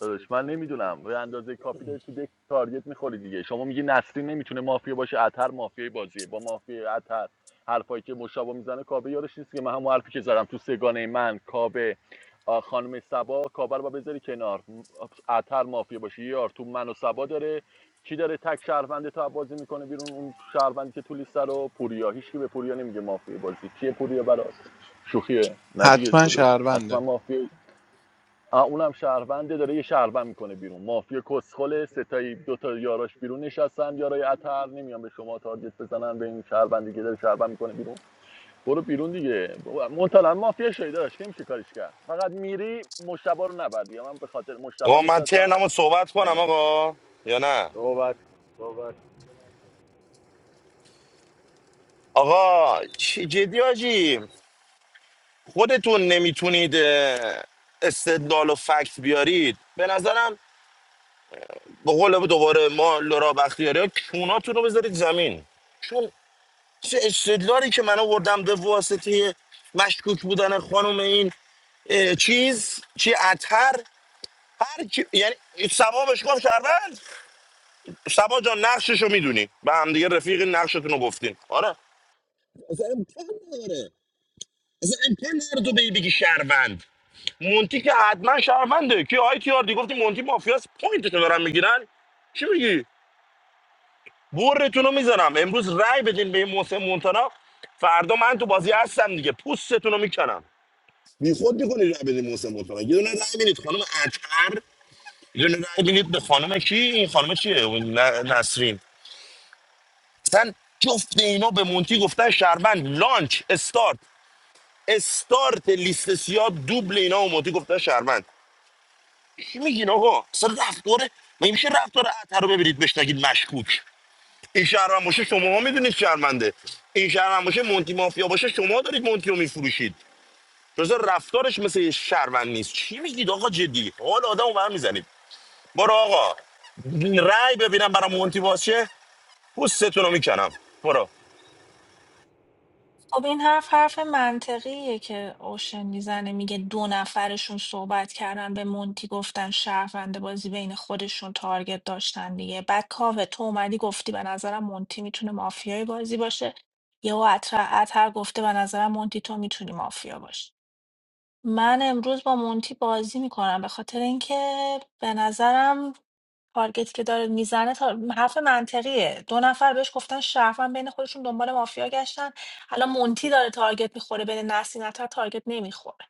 داداش من نمیدونم به اندازه کافی داری تو دک تارگت میخوری دیگه شما میگی نسلی نمیتونه مافیا باشه اتر مافیای بازیه با مافیا اتر حرفایی که مشابه میزنه کابه یارش نیست که من همون حرفی که زدم تو سگانه من کابه خانم سبا کابه رو با بذاری کنار اتر مافیا باشه یار تو من و سبا داره کی داره تک شهروند تا بازی میکنه بیرون اون شهروندی که تو لیست رو پوریا هیچکی به پوریا نمیگه مافیا بازی کیه پوریا براست شوخیه نه دیگه
حتما
داداش
شهرونده
حتما مافیا اونم شهرونده داره یه شهروند میکنه بیرون مافیا کسخله ستایی دو تا یاراش بیرون نشستن یارای اتر نمیان به شما تارگت بزنن به این شهروندی که داره شهروند میکنه بیرون برو بیرون دیگه منتلا مافیا شیدا داشت که نمیشه کاریش کرد فقط میری مشتبا رو نبردی من به خاطر مشتبا
آقا من
نشستم
ترنم صحبت کنم
آره
آقا یا نه
صحبت کن. صحبت کن.
آقا چی جدی آجی خودتون نمیتونید اه، استدلال و فکت بیارید به نظرم به قول دوباره ما لورا بختیاری ها کوناتون رو بذارید زمین چون چه استدلالی که من آوردم به واسطه مشکوک بودن خانم این اه، چیز چی اتر هر کی... یعنی سبا بهش گفت شهروند سبا جان نقششو میدونی به هم دیگه رفیق نقشتون رو گفتین آره اصلا امکان نداره اصلا امکان نداره تو بی بگی شهروند مونتی که حتما شهرونده که آی تی آر دی گفتی مونتی مافیاس پوینتتون دارن میگیرن چی میگی برتون رو میزنم امروز رای بدین به این محسن مونتانا فردا من تو بازی هستم دیگه پوستتون رو میکنم بی خود میکنی رای بدین محسن مونتانا یه دونه رای میدید خانم اطهر یه دونه رای میدید به خانم کی این خانم چیه اون ن- نسرین اصلا جفت اینا به مونتی گفتن شهروند لانچ استارت استارت لیست سیاه دوبل اینا و مونتی گفتن شهروند چی میگین آقا اصلا رفتاره مگه میشه رفتار عطر رو ببرید بهش نگید مشکوک این شهروند باشه شما میدونید شهرونده این شهروند باشه مونتی مافیا باشه شما دارید مونتی رو میفروشید جز رفتارش مثل یه شهروند نیست چی میگید آقا جدی حال آدم رو میزنید برو آقا رأی ببینم برای مونتی باشه پوستتون رو میکنم برو
خب این حرف حرف منطقیه که اوشن میزنه میگه دو نفرشون صحبت کردن به مونتی گفتن شهروند بازی بین خودشون تارگت داشتن دیگه بعد کاوه تو اومدی گفتی به نظرم مونتی میتونه مافیای بازی باشه یهو اتر اتر گفته به نظرم مونتی تو میتونی مافیا باشی من امروز با مونتی بازی میکنم به خاطر اینکه به نظرم تارگتی که داره میزنه تا... حرف منطقیه دو نفر بهش گفتن شرفن بین خودشون دنبال مافیا گشتن الان مونتی داره تارگت میخوره بین نسیم عطا تارگت نمیخوره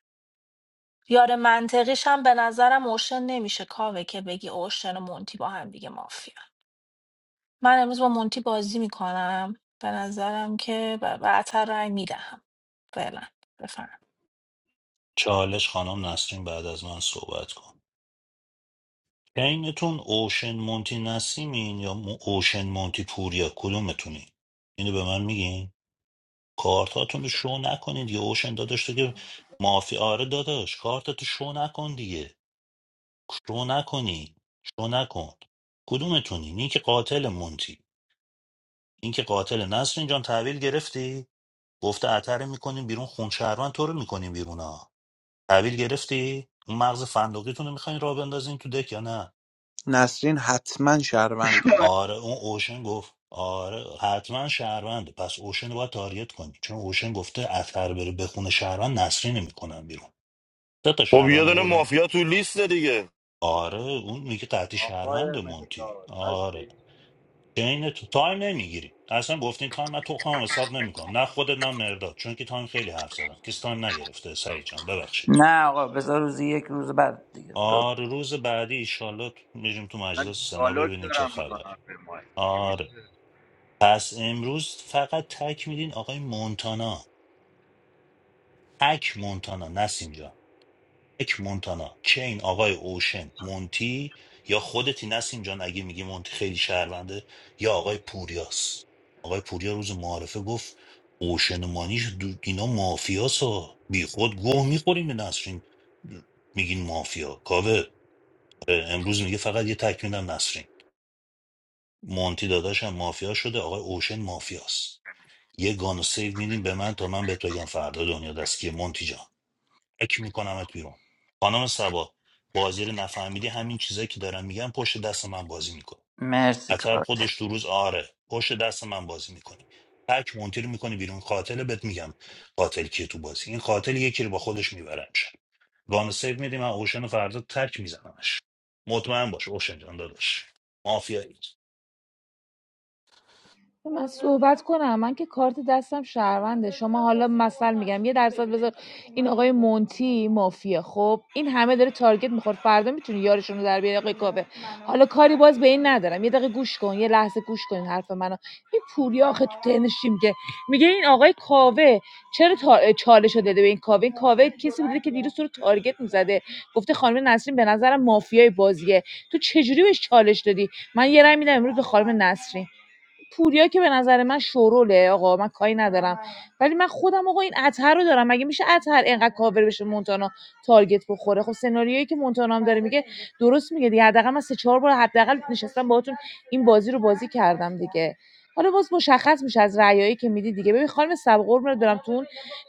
یار منطقیش هم به نظرم اوشن نمیشه کاوه که بگی اوشن و مونتی با هم دیگه مافیا من امروز با مونتی بازی میکنم به نظرم که ب- به عطر رای میدهم فعلا بفهم
چالش خانم نسرین بعد از من صحبت کن اینتون اوشن مونتی نسیمین یا م- اوشن مونتی پوریا کدومتونی اینو به من میگین کارتاتون رو شو نکنید یا اوشن داداش تو که مافیا آره داداش کارتاتو شو نکن دیگه شو نکنی شو نکن کدومتونی این که قاتل مونتی اینکه قاتل نسرین جان تحویل گرفتی گفته عطر میکنیم بیرون خون شهروند تو رو میکنیم بیرون ها تحویل گرفتی اون مغز فندقیتون رو میخواین راه بندازین تو دک یا نه
نسرین حتما
(laughs)
شهرونده
آره اون اوشن گفت آره حتما شهرونده پس اوشن رو باید تاریت کنی چون اوشن گفته اثر بره به خون شهروند نسرین نمیکنن بیرون سه تا
خب یه
شهروند
دونه
آوردن
مافیا تو لیست دیگه
آره اون میگه قطعی
آقای
شهرونده مونتی
مهداد
آره
هستی؟
چین تو تایم نمیگیری اصلا گفتین تایم من تو خواهم حساب نمیکنم نه خودت نه مرداد چون که تایم خیلی حرف زدم کسی تایم نگرفته سعید جان ببخشید
نه آقا بذار روزی یک روز بعد دیگه ب-
آره روز بعدی ایشالله میریم تو
من
مجلس سنا
دیالوگ
ببینیم چه
دارم
خبر
میکنم به مایک مگه
آره
میشه
پس امروز فقط تک میدین آقای مونتانا تک مونتانا نسیم جان یک مونتانا چه این آقای اوشن مونتی یا خودتی نسیم جان اگه میگی مونتی خیلی شهرونده یا آقای پوریاس آقای پوریا روز معارفه گفت اوشن و مانیش دو- اینا مافیاس ها بی خود گوه میخوریم به نسرین میگین مافیا کاوه آره، امروز میگه فقط یه تکمیلم نسرین مونتی داداشم مافیا شده آقای اوشن مافیاست یه گان سیو میدیم به من تا من به تو بگم فردا دنیا دست کیه مونتی جان اک میکنمت بیرون خانم سبا بازی رو نفهمیدی همین چیزایی که دارم میگم پشت دست من بازی میکنی
مرسی
اتر
کارت.
خودش تو روز آره پشت دست من بازی میکنی تک مونتی رو میکنی بیرون قاتل بهت میگم قاتل کیه تو بازی این قاتل یکی رو با خودش میبرمش گان سیو میدی من اوشن رو فردا تک میزنمش مطمئن باش اوشن جان داداش مافیایی
من صحبت کنم من که کارت دستم شهرونده شما حالا مثل میگم یه درصد بذار این آقای مونتی مافیا. خب این همه داره تارگت میخوره فردا میتونی یارشون رو در بیاری آقای کاوه حالا کاری باز به این ندارم یه دقیقه گوش کن یه لحظه گوش کن حرف منو این پوریا آخه تو تنشیم که میگه این آقای کاوه چرا تا... چالش داده به این کاوه این کاوه کسی بوده که دیروز تو رو تارگت میزده گفته خانم نسرین به نظرم مافیای بازیه تو چجوری بهش چالش دادی من یه رای میدم امروز به خانم نسرین پوریا که به نظر من شروله آقا من کاری ندارم ولی من خودم آقا این عطر رو دارم مگه میشه عطر اینقدر کاور بشه مونتانا تارگت بخوره خب سناریویی که مونتانا هم داره میگه درست میگه دیگه حداقل من سه چهار بار حداقل نشستم باهاتون این بازی رو بازی کردم دیگه حالا باز مشخص میشه از رأیایی که میدی دیگه ببین خانم سبقور رو دارم تو اون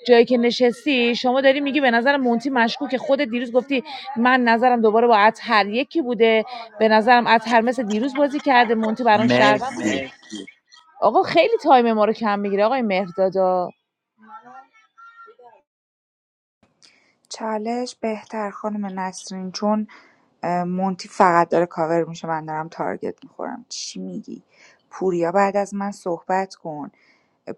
جایی که نشستی شما داری میگی به نظر مونتی مشکوکه خود دیروز گفتی من نظرم دوباره با عطر یکی بوده به نظرم عطر مثل دیروز بازی کرده مونتی برام شهروند بوده
مرسی
آقا خیلی تایم ما رو کم می‌گیره آقای مهرداد
چالش بهتر خانم نسرین چون مونتی فقط داره کاور میشه من دارم تارگت میخورم چی میگی پوریا بعد از من صحبت کن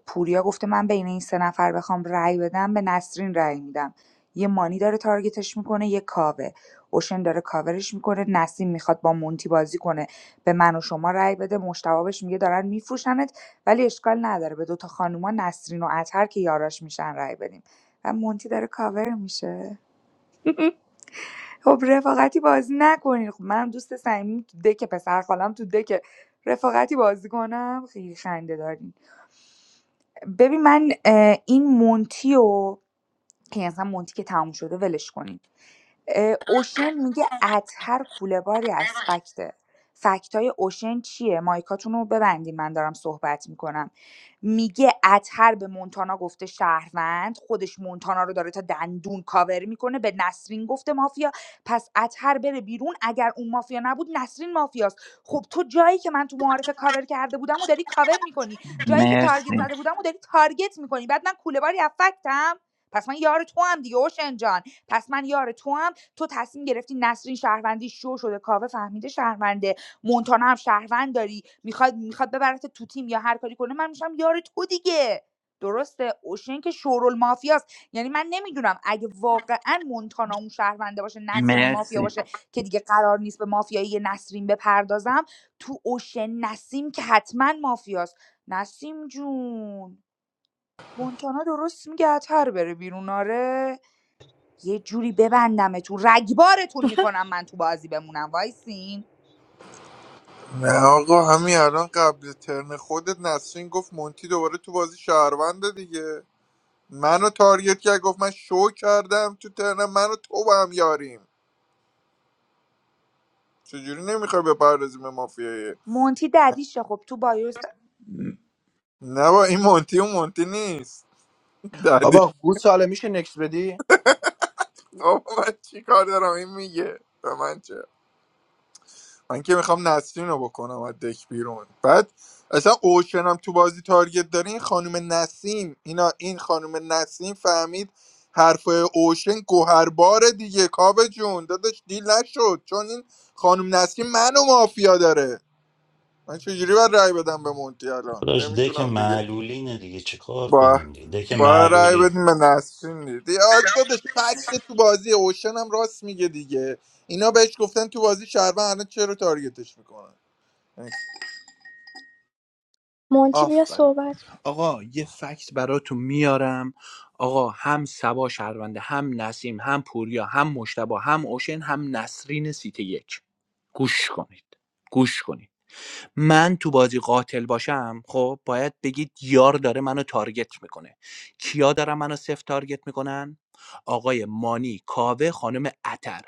پوریا گفته من بین این سه نفر بخوام رأی بدم به نسرین رأی میدم یه مانی داره تارگتش میکنه یه کاوه اوشن داره کاورش میکنه نسیم میخواد با مونتی بازی کنه به من و شما رأی بده مشتبابش میگه دارن میفروشنت ولی اشکال نداره به دوتا خانوما نسرین و اطهر که یاراش میشن رأی بدیم و مونتی داره کاور میشه خب رفاقتی بازی نکنین خب منم دوست صمیمی تو دک پسر خالم تو دک رفاقتی بازی کنم خیلی خنده دارین ببین من این مونتی و که اصلا مونتی که تموم شده ولش کنین اه، اوشن میگه اطهر کوله باری از فکته فکت های اوشن چیه مایکاتون رو ببندین من دارم صحبت میکنم میگه اطهر به مونتانا گفته شهروند خودش مونتانا رو داره تا دندون کاور میکنه به نسرین گفته مافیا پس اطهر بره بیرون اگر اون مافیا نبود نسرین مافیاست خب تو جایی که من تو معارفه کاور کرده بودم و داری کاور میکنی جایی که تارگت
مرسی
زده بودم و داری تارگت میکنی بعد من کوله باری از فکتم پس من یار تو هم دیگه اوشن جان پس من یار تو هم تو تصمیم گرفتی نسرین شهروندی شو شده کاوه فهمیده شهرونده مونتانا هم شهروند داری میخواد میخواد ببرت تو تیم یا هر کاری کنه من میشم یار تو دیگه درسته اوشن که شورول مافیاست یعنی من نمیدونم اگه واقعا مونتانا اون شهرونده باشه نسرین مافیا
مرسی
باشه که دیگه قرار نیست به مافیایی نسرین بپردازم تو اوشن نسیم که حتما مافیاست نسیم جون مونتانا درست میگه اتر بره بیرون آره یه جوری ببندمتون رگبارتون میکنم من تو بازی بمونم وایسین
نه آقا همین الان قبل ترن خودت نسرین گفت مونتی دوباره تو بازی شهرونده دیگه منو تارگت کرد گفت من شو کردم تو ترن منو تو با هم یاریم چجوری نمیخوای بپردازیم به مافیای
مونتی ددیشه خب تو بایوس
نه با این مونتی و مونتی نیست (laughs) دادی
بابا گوساله میشه نکس بدی
بابا من چی کار دارم این میگه به من چه من که میخوام نسرین رو بکنم از دک بیرون بعد اصلا اوشن هم تو بازی تارگت داره این خانم نسیم اینا این خانم نسیم فهمید حرف اوشن گوهرباره دیگه کاوه جون داداش دیل نشد چون این خانم نسیم منو مافیا داره من چجوری باید رأی بدم به مونتی الان
داداش دک
نمیتونم دیگه
معلولینه دیگه چه کار
با
کنیم دیگه دک
با رأی
معلولین
بدیم به نسرین دیگه آره داداش فکت تو بازی اوشن هم راست میگه دیگه اینا بهش گفتن تو بازی شهروند الان چرا تارگتش میکنن
مونتی بیا
آفرین
صحبت کن
آقا یه فکت براتون میارم آقا هم سبا شهرونده هم نسیم هم پوریا هم مشتبا هم اوشن هم نسرین سیت یک گوش کنید گوش کنید من تو بازی قاتل باشم خب باید بگید یار داره منو تارگت میکنه کیا دارن منو سفت تارگت میکنن آقای مانی کاوه خانم اتر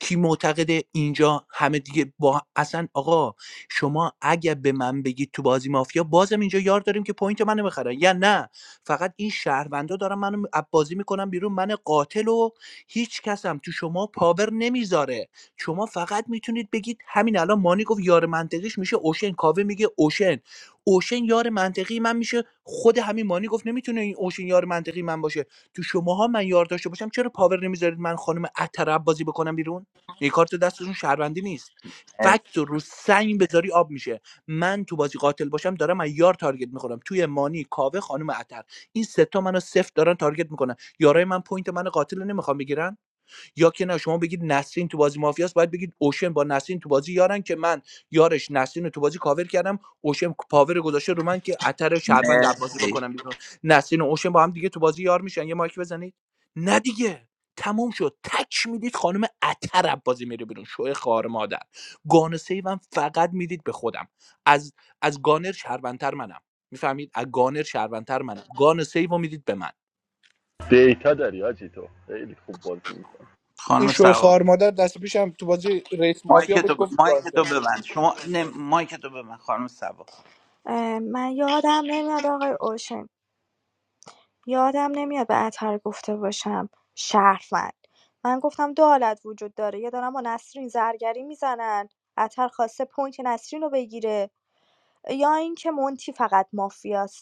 کی معتقده اینجا همه دیگه با اصلا آقا شما اگه به من بگید تو بازی مافیا بازم اینجا یار داریم که پوینت منو بخرن یا نه فقط این شهروندا دارن منو از بازی میکنن بیرون من قاتل و هیچ کسم تو شما پاور نمیذاره شما فقط میتونید بگید همین الان مانی گفت یار منطقیش میشه اوشن کاوه میگه اوشن اوشن یار منطقی من میشه خود همین مانی گفت نمیتونه این اوشن یار منطقی من باشه تو شماها من یار داشته باشم چرا پاور نمیذارید من خانم اتر بازی بکنم بیرون یه کارت دستشون شهروندی نیست فکت رو رو سنگ بذاری آب میشه من تو بازی قاتل باشم دارم از یار تارگت میخورم توی مانی کاوه خانم عطر این سه تا منو سفت دارن تارگت میکنن یارای من پوینت من قاتل رو نمیخوام بگیرن یا که نه شما بگید نسرین تو بازی مافیاست باید بگید اوشن با نسرین تو بازی یارن که من یارش نسرین رو تو بازی کاور کردم اوشن پاور گذاشته رو من که اتر شهروند در بازی
مرسی
بکنم بیرون نسرین و اوشن با هم دیگه تو بازی یار میشن یه مایک بزنید نه دیگه تمام شد تک میدید خانم اتر بازی میره بیرون شوه خار مادر گانه سیوم فقط میدید به خودم از از گانر شهروندتر منم میفهمید از گانر شهروندتر منم گان سیو میدید به من
دیتا داری آجی تو خیلی خوب بازی می‌کنی.
این
خانم
شوی خار
سوا
مادر دست پیشم تو بازی رئیس
مایک
مافیا
تو
بود
ب...
گفت
مایک
کار
تو ببند شما نه مایک تو ببند خانم سوا
اه، من یادم نمیاد آقای اوشن یادم نمیاد به اطهر گفته باشم شهروند من گفتم دو حالت وجود داره یا دارن با نسرین زرگری میزنن اطهر خواسته پوینت نسرین رو بگیره یا اینکه مونتی فقط مافیاست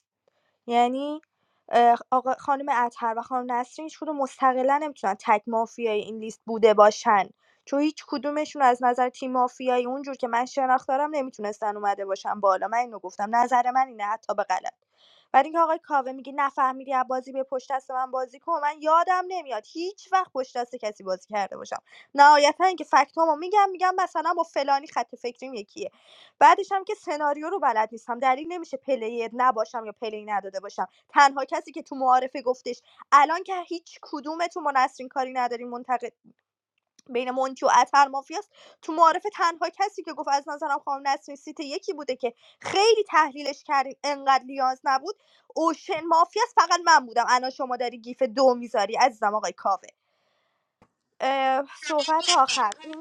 یعنی اه، آقا خانم اطهر و خانم نسرین هیچ کدوم مستقلا نمیتونن تک مافیای این لیست بوده باشن چون هیچ کدومشون از نظر تیم مافیایی اونجور که من شناخت دارم نمیتونستن اومده باشن بالا من اینو گفتم نظر من اینه حتی به غلط بعد اینکه آقای کاوه میگه نفهمیدی از بازی به پشت دست من بازی کن من یادم نمیاد هیچ وقت پشت دست کسی بازی کرده باشم نهایتا اینکه فکتامو میگم میگم مثلا با فلانی خط فکریم یکیه بعدش هم که سناریو رو بلد نیستم دلیل نمیشه پلیر نباشم یا پلی نداده باشم تنها کسی که تو معارفه گفتش الان که هیچ کدومتون با نسرین کاری نداریم منتقد بین مونتی و اتر مافیاست تو معارفه تنها کسی که گفت از نظرم خانم نسرین سیت یکی بوده که خیلی تحلیلش کردیم انقدر لیاز نبود اوشن مافیاست فقط من بودم الان شما داری گیف دو میذاری عزیزم آقای کاوه اه، صحبت آخر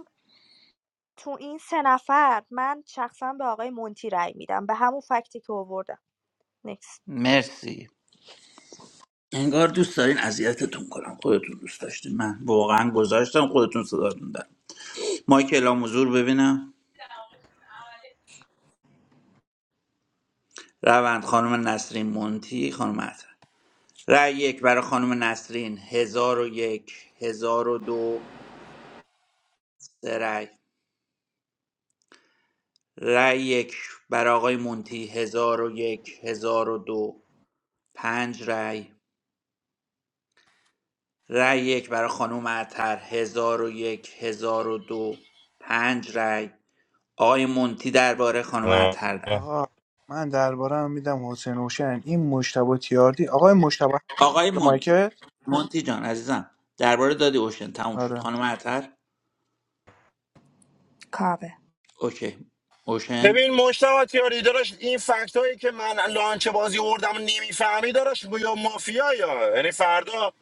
تو این سه نفر من شخصا به آقای مونتی رأی میدم به همون فکتی که آوردم نکست
مرسی انگار دوست دارین اذیتتون کنم خودتون دوست داشتین من واقعا گذاشتم خودتون صدا مایکل هم حضور ببینم روند خانم نسرین مونتی خانم عطر رأی یک برای خانم نسرین هزار و یک هزار و دو سه رأی رأی یک برای آقای مونتی هزار و یک هزار و دو پنج رأی رأی یک برای خانم عطر هزار و یک هزار و دو پنج رأی آقای مونتی درباره خانم
آه.
عطر درباره
آقا من دربارم هم میدم حسین حسین این مشتبه تیاردی آقای مشتبه
آقای مونتی
مایکل
مونتی جان عزیزم درباره دادی اوشن تموم شد
آره
خانم عطر
کاوه
اوکی اوشن
ببین مشتبه تیاری داشت این فکت هایی که من لانچ بازی اردم نمیفهمی داشت یا مافیا یا یعنی فردا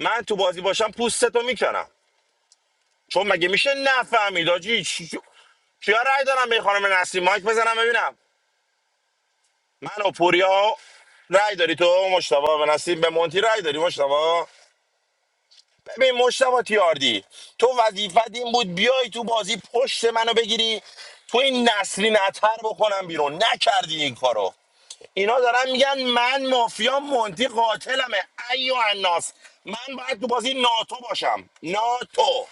من تو بازی باشم پوستتو میکنم چون مگه میشه نفهمید آجی کیا رای دارم به این خانم نسیم مایک بزنم ببینم من و پوریا رای داری تو مشتبه به نسیم به مونتی رای داری مشتبه ببین مشتبه تیاردی تو وظیفت این بود بیای تو بازی پشت منو بگیری تو این نسلی نتر بکنم بیرون نکردی این کارو اینا دارن میگن من مافیا مونتی قاتلمه ایو الناس من باید تو بازی ناتو باشم ناتو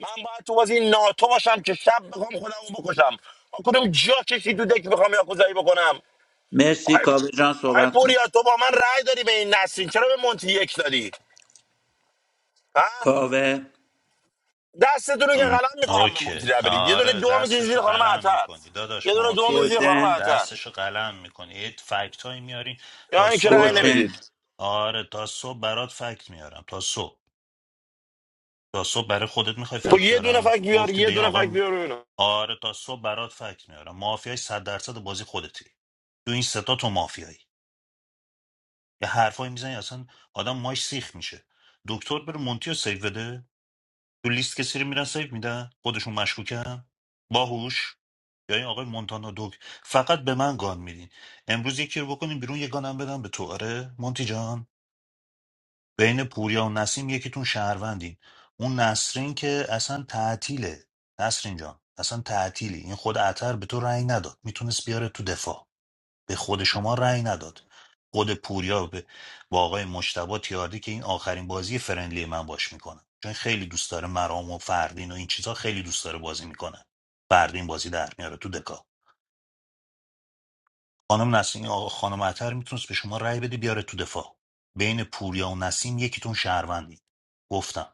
من باید تو بازی ناتو باشم که شب بخوام خودمو بکشم آ، کدوم جا کشی تو دک بخوام یاکوزایی بکنم
مرسی
آی
کاوه جان
آی
صحبت کن
پوریا تو با من رأی داری به این نسلی چرا به مونتی یک دادی ها
کاوه
دستتون رو که
ام،
قلم میکنم به
اوکی
مونتی برید یه دونه
آره
دو میکشید
دستش
زیر خانم
قلم
عطر
میکنی
یه
داداش
دونه دو میکشید زیر
مافیایی
خانم
اوشن
عطر
دستش قلم میکنی یه فکت هایی میاری
یا
تا
اینکه
صبح
رأی
برات
اوشن
نمیدید
آره تا صبح برات فکت میارم تا صبح تا صبح برای خودت میخوای
خب
فکت
یه دونه
بیارم
فک بیار
گفتی به
یه
این
دونه
آقای
فک
م-
بیار و اینا
آره تا صبح برات فکت میارم مافیای صد درصد بازی خودتی تو این ستا تو مافیایی یه حرفایی میزنی اصلا آدم ماش سیخ میشه دکتر بره مونتی رو سیو بده تو لیست کسی رو میرن سیو میدن خودشون مشکوکن باهوش یا این آقای مونتانا دوک فقط به من گان میدین امروز یکی رو بکنیم بیرون یه گانم بدم به تو آره مونتی جان بین پوریا و نسیم یکیتون شهروندین اون نسرین که اصلا تعطیله نسرین جان اصلا تعطیلی این خود عطر به تو رأی نداد میتونست بیاره تو دفاع به خود شما رأی نداد خود پوریا به با آقای مجتبی تیاردی که این آخرین بازی فرندلی من باش میکنه چون خیلی دوست داره مرام و فردین و این چیزها خیلی دوست داره بازی میکنه فردین بازی در میاره تو دکا خانم نسیم این آقا خانم عطر میتونست به شما رأی بده بیاره تو دفاع بین پوریا و نسیم یکیتون شهروندی گفتم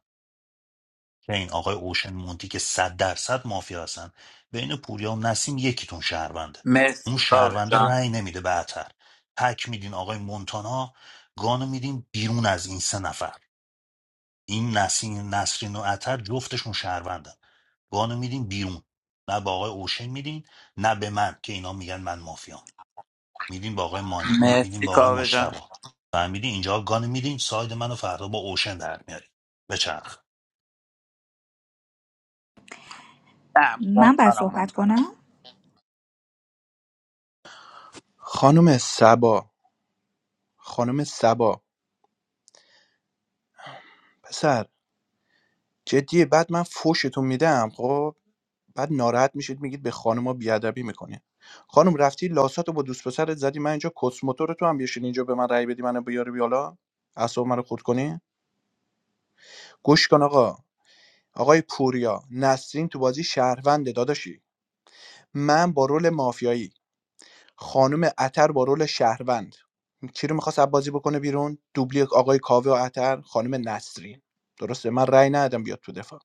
که این آقای اوشن مونتی که صد درصد مافیا هستن بین پوریا و نسیم یکیتون شهرونده اون
مرسی کاوه
شهرونده
جان
رأی نمیده به عطر تک میدین آقای مونتانا گانو میدین بیرون از این سه نفر این نسیم نسرین و عطر جفتشون شهروندن گانو میدین بیرون نه به آقای اوشن میدین نه به من که اینا میگن من مافیام میدیم به آقای مانی میدیم
مرسی
به آقای
کاوه جان
مشتبا فهمیدی اینجا گان میدیم ساید منو فردا با اوشن در میاری بچرخ
نه
من باید
مونتانا
صحبت
مونتانا
کنم
خانم سبا خانم سبا پسر جدیه بعد من فوشتون میدم خب بعد ناراحت میشید میگید به خانوما بیادبی میکنین خانم رفتی لاساتو با دوست پسرت زدی من اینجا کس موتور تو هم بیشین اینجا به من رأی بدی منو بیاری بیالا اعصاب منو خود کنی گوش کن آقا آقای پوریا نسرین تو بازی شهرونده داداشی من با رول مافیایی خانم عطر با رول شهروند کی رو میخواست بازی بکنه بیرون دوبلی آقای کاوه و عطر خانم نسرین درسته من رأی ندادم بیاد تو دفاع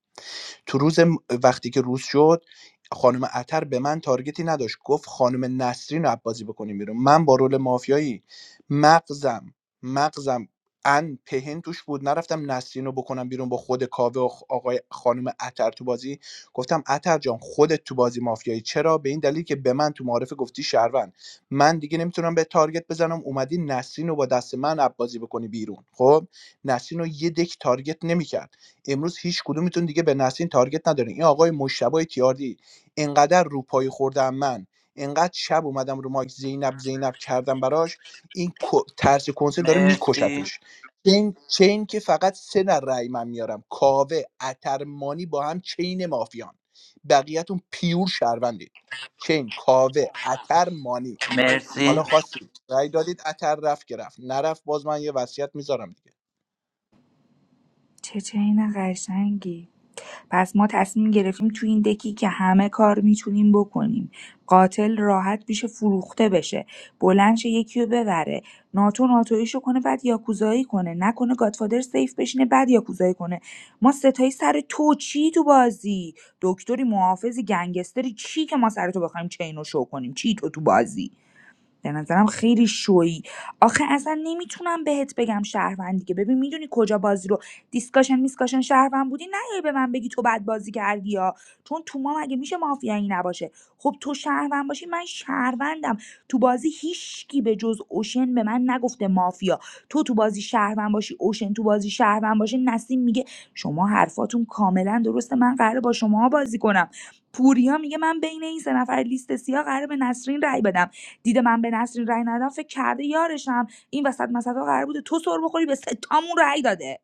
تو روز م- وقتی که روز شد خانم عطر به من تارگتی نداشت گفت خانم نسرین رو بازی بکنیم بیرون من با رول مافیایی مغزم مغزم ان پهن توش بود نرفتم نسرین رو بکنم بیرون با خود کاوه و خ- آقای خانم عطر تو بازی گفتم عطر جان خودت تو بازی مافیایی چرا به این دلیل که به من تو معارفه گفتی شهروند من دیگه نمیتونم به تارگت بزنم اومدی نسرین رو با دست من بازی بکنی بیرون خب نسرین رو یه دک تارگت نمیکرد امروز هیچ کدومتون دیگه به نسرین تارگت ندارین این آقای مشتبه تیاردی انقدر رو پای خوردم من انقدر شب اومدم رو ماک زینب زینب کردم براش این کو- ترس کنسه داره
مرسی
میکشتش چین چین که فقط سه در رأی من میارم کاوه اترمانی با هم چین مافیان بقیهتون پیور شهروندید چین کاوه اترمانی حالا
مرسی
خواستید رأی دادید اتر رفت که رفت نرفت باز من یه وصیت میذارم دیگه
چه چین قشنگی پس ما تصمیم گرفتیم تو این دکی که همه کار میتونیم بکنیم قاتل راحت بشه فروخته بشه بلند شه یکی رو ببره ناتو ناتویشو کنه بعد یاکوزایی کنه نکنه گادفادر سیف بشینه بعد یاکوزایی کنه ما ستایی سر تو چی تو بازی دکتری محافظی گنگستری چی که ما سر تو بخوایم چین رو شو کنیم چی تو تو بازی به نظرم خیلی شویی آخه اصلا نمیتونم بهت بگم شهروند دیگه ببین میدونی کجا بازی رو دیسکاشن میسکاشن شهروند بودی نه به من بگی تو بد بازی کردی یا چون تو ما مگه میشه مافیایی نباشه خب تو شهروند باشی من شهروندم تو بازی هیچکی به جز اوشن به من نگفته مافیا تو تو بازی شهروند باشی اوشن تو بازی شهروند باشه نسیم میگه شما حرفاتون کاملا درسته من قراره با شما بازی کنم پوریا میگه من بین این سه نفر لیست سیاه قراره به نسرین رای بدم دیده من به نسرین رای ندادم فکر کرده یارشم این وسط مثلا قرار بوده تو سر بخوری به ستامون رای داده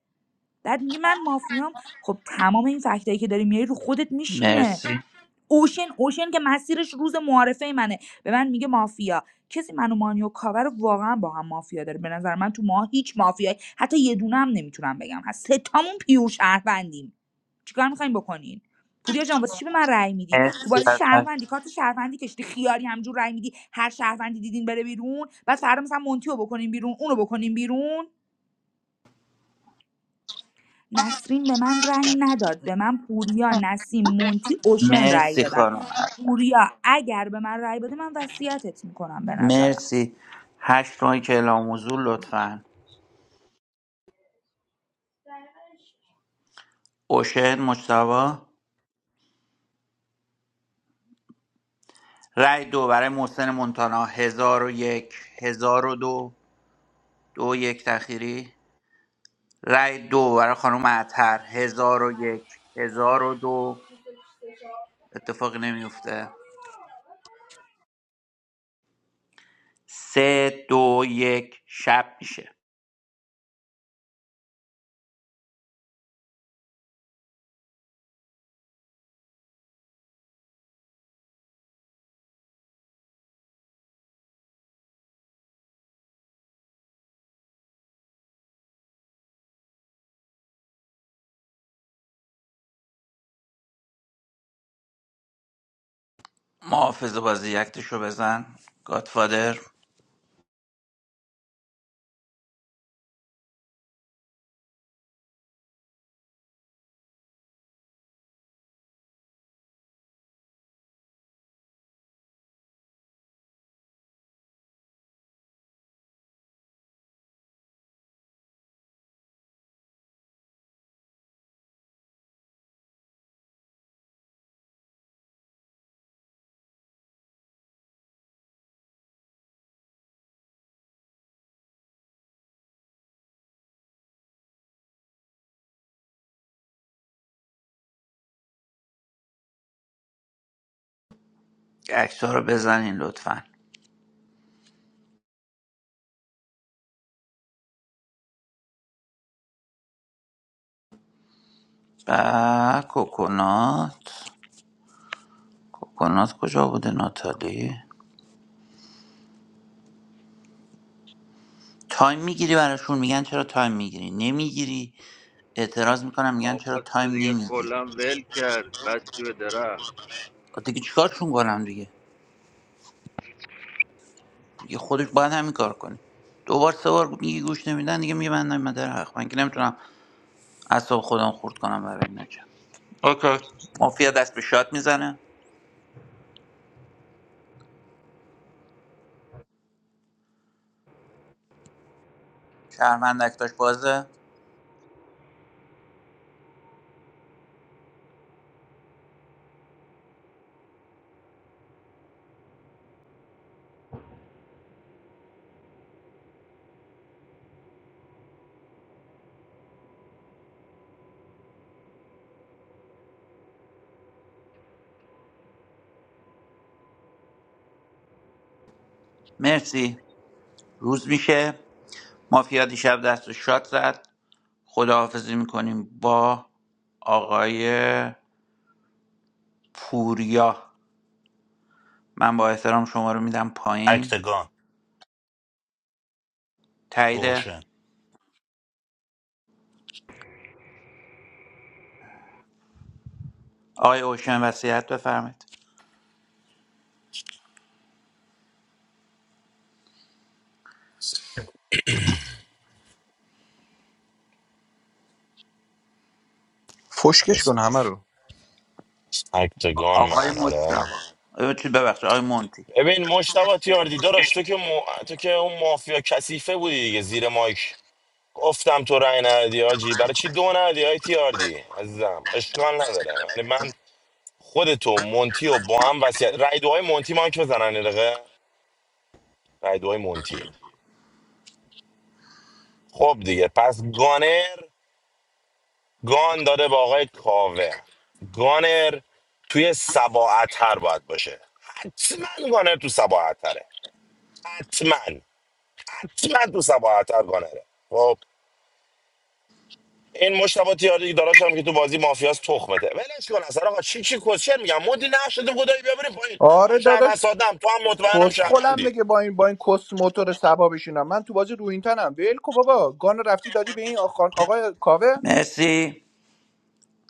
بعد میگه من مافیام خب تمام این فکتایی که داری میاری رو خودت میشینه
مرسی
اوشن اوشن که مسیرش روز معارفه منه به من میگه مافیا کسی منو مانیو کاور رو واقعا با هم مافیا داره به نظر من تو ما هیچ مافیایی حتی یه دونه هم نمیتونم بگم هست سه ستامون پیور شهروندیم چیکار میخواین بکنین پوریا جان واسه چی به من رأی میدی تو
مرسی
بازی
ازت.
شهروندی کارت شهروندی کشتی خیاری همجور رأی میدی هر شهروندی دیدین بره بیرون بعد فردا مثلا مونتیو بکنین بیرون اونو بکنین بیرون نسرین به من رأی نداد به من پوریا نسیم مونتی اوشن رأی
مرسی
دادن
خانم
پوریا اگر به من رأی بده من وصیتت میکنم به نظرم
مرسی هشت ماهی که اعلام حضور لطفا اوشن مجتبا رای دو برای محسن مونتانا هزار و یک هزار و دو دو یک تخیری رای دو برای خانم عطر هزار و یک هزار و دو اتفاقی نمیفته سه دو یک شب میشه محافظ بازی اکتش رو بزن گادفادر اکت رو بزنین لطفا و کوکونات کوکونات کجا بوده ناتالی تایم میگیری براشون میگن چرا تایم میگیری نمیگیری اعتراض میکنم میگن چرا
آقا
تایم
تو دیگه
نمیگیری
کلا ول کرد بستی به درخت
دیگه چیکارشون کنم دیگه دیگه خودش باید همین کار کنی دو بار سه بار میگی گوش نمیدن دیگه میبندم مدر حق من که نمیتونم اعصاب خودم خورد کنم برای این نکم اوکی مافیا دست به شات میزنه شهروند اکتاش بازه مرسی روز میشه مافیا دیشب دست به شات زد خداحافظی میکنیم با آقای پوریا من با احترام شما رو میدم پایین
اکتگان
تایید
اوشن
آقای اوشن وصیت بفرمایید
فشکش
بس،
کن همه رو
اکتگان
آقای
من
مجتبی
آره
اه، چی ببخشید آقای مونتی
ببین مشتبه تیاردی داداش تو که مو... تو که اون مافیا کثیفه بودی دیگه زیر مایک گفتم تو رأی ندی آجی برای چی دو ندی های تیاردی عزیزم اشکال نداره یعنی من خودتو مونتی و با هم وصیت رأی دوهای مونتی مایک بزنن یه دقیقه رأی دوهای مونتی خب دیگه پس گانر گان داده به آقای کاوه گانر توی سباعتر باید باشه حتما گانر تو سباعتره حتما حتما تو سباعتر گانره خب این مشتبه تیاری داراش هم که تو بازی مافیاس تخمته ولش کن اصلا آقا چی چی کوشر میگم مدی نشده خدایی بیا بریم پایین من
آره داداش
شهروند سادم تو هم مطمئنم
کسخلم
شهروندی
میگه با این با این کس موتور سبا بشینم من تو بازی رو این تنم ول کو بابا گان رفتی دادی به این آخان- آقای کاوه
مرسی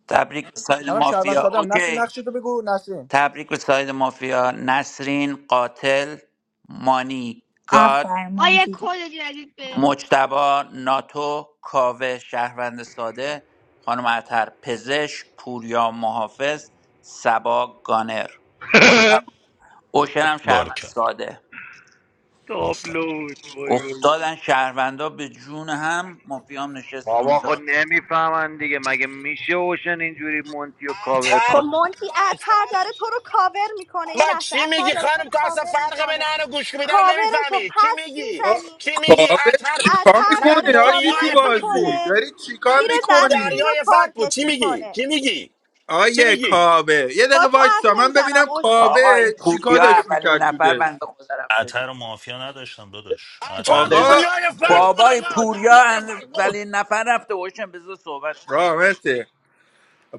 تبریک به ساید
منم شهروند
مافیا
سادم نسین
اوکی
نقشتو بگو نسین
تبریک به ساید مافیا نسرین قاتل مانی گاد
آفرین
I am
مونتی جان
calling you a
مجتبا ناتو کاوه شهروند ساده خانم عطر پزشک پوریا محافظ سبا گانر مجتبا
(laughs)
اوشن هم
بار
شهروند
کرد
ساده
تابلو
آفرین
بود وای وای
افتادن شهروندا به جون هم مافیام نشست
بابا خود
اونجا
نمیفهمن دیگه مگه میشه اوشن اینجوری مونتی رو کاور
خب
اتر
کنه
مونتی اتر
اتر
داره تو رو کاور میکنه
با
یه لحظه
چی
اتر
میگی
داره تو
خانم
رو
تو اصلا
کاور
فرق بین
میکنه
ان و گوش میده رو
کاورش رو
نمیفهمی چی
پس
میگی
آه،
میزنی
چی میگی
کاوه
اتر
چیکار
اتر
اتر
داره
میکنی آجی تو
دنیای
کاورت
فک بود
بازی
میکنه
داری چیکار
میره
اتر
دستین
میکنی
رو
دریای فک بود
تارگت
چی میگی
میکنه
چی میگی چی
آیه
میگی
کاوه یه دقیقه
با تو حرف
وایسا من ببینم
نمیزنم اوشه
آقا این
کاوه چیکار
پوریا
داشت
اولین
میکرد تو
نفر
دل
بنده خدا رفته بیرون.
عطر و مافیا نداشتم داداش عطر و
اتر
مد...
آقا
بزا
دنیای فک بود
بابای
آقا
پوریا
دریای فک
اند-
بود
ولی نفر رفته باشن بذار صحبت کنه
رامته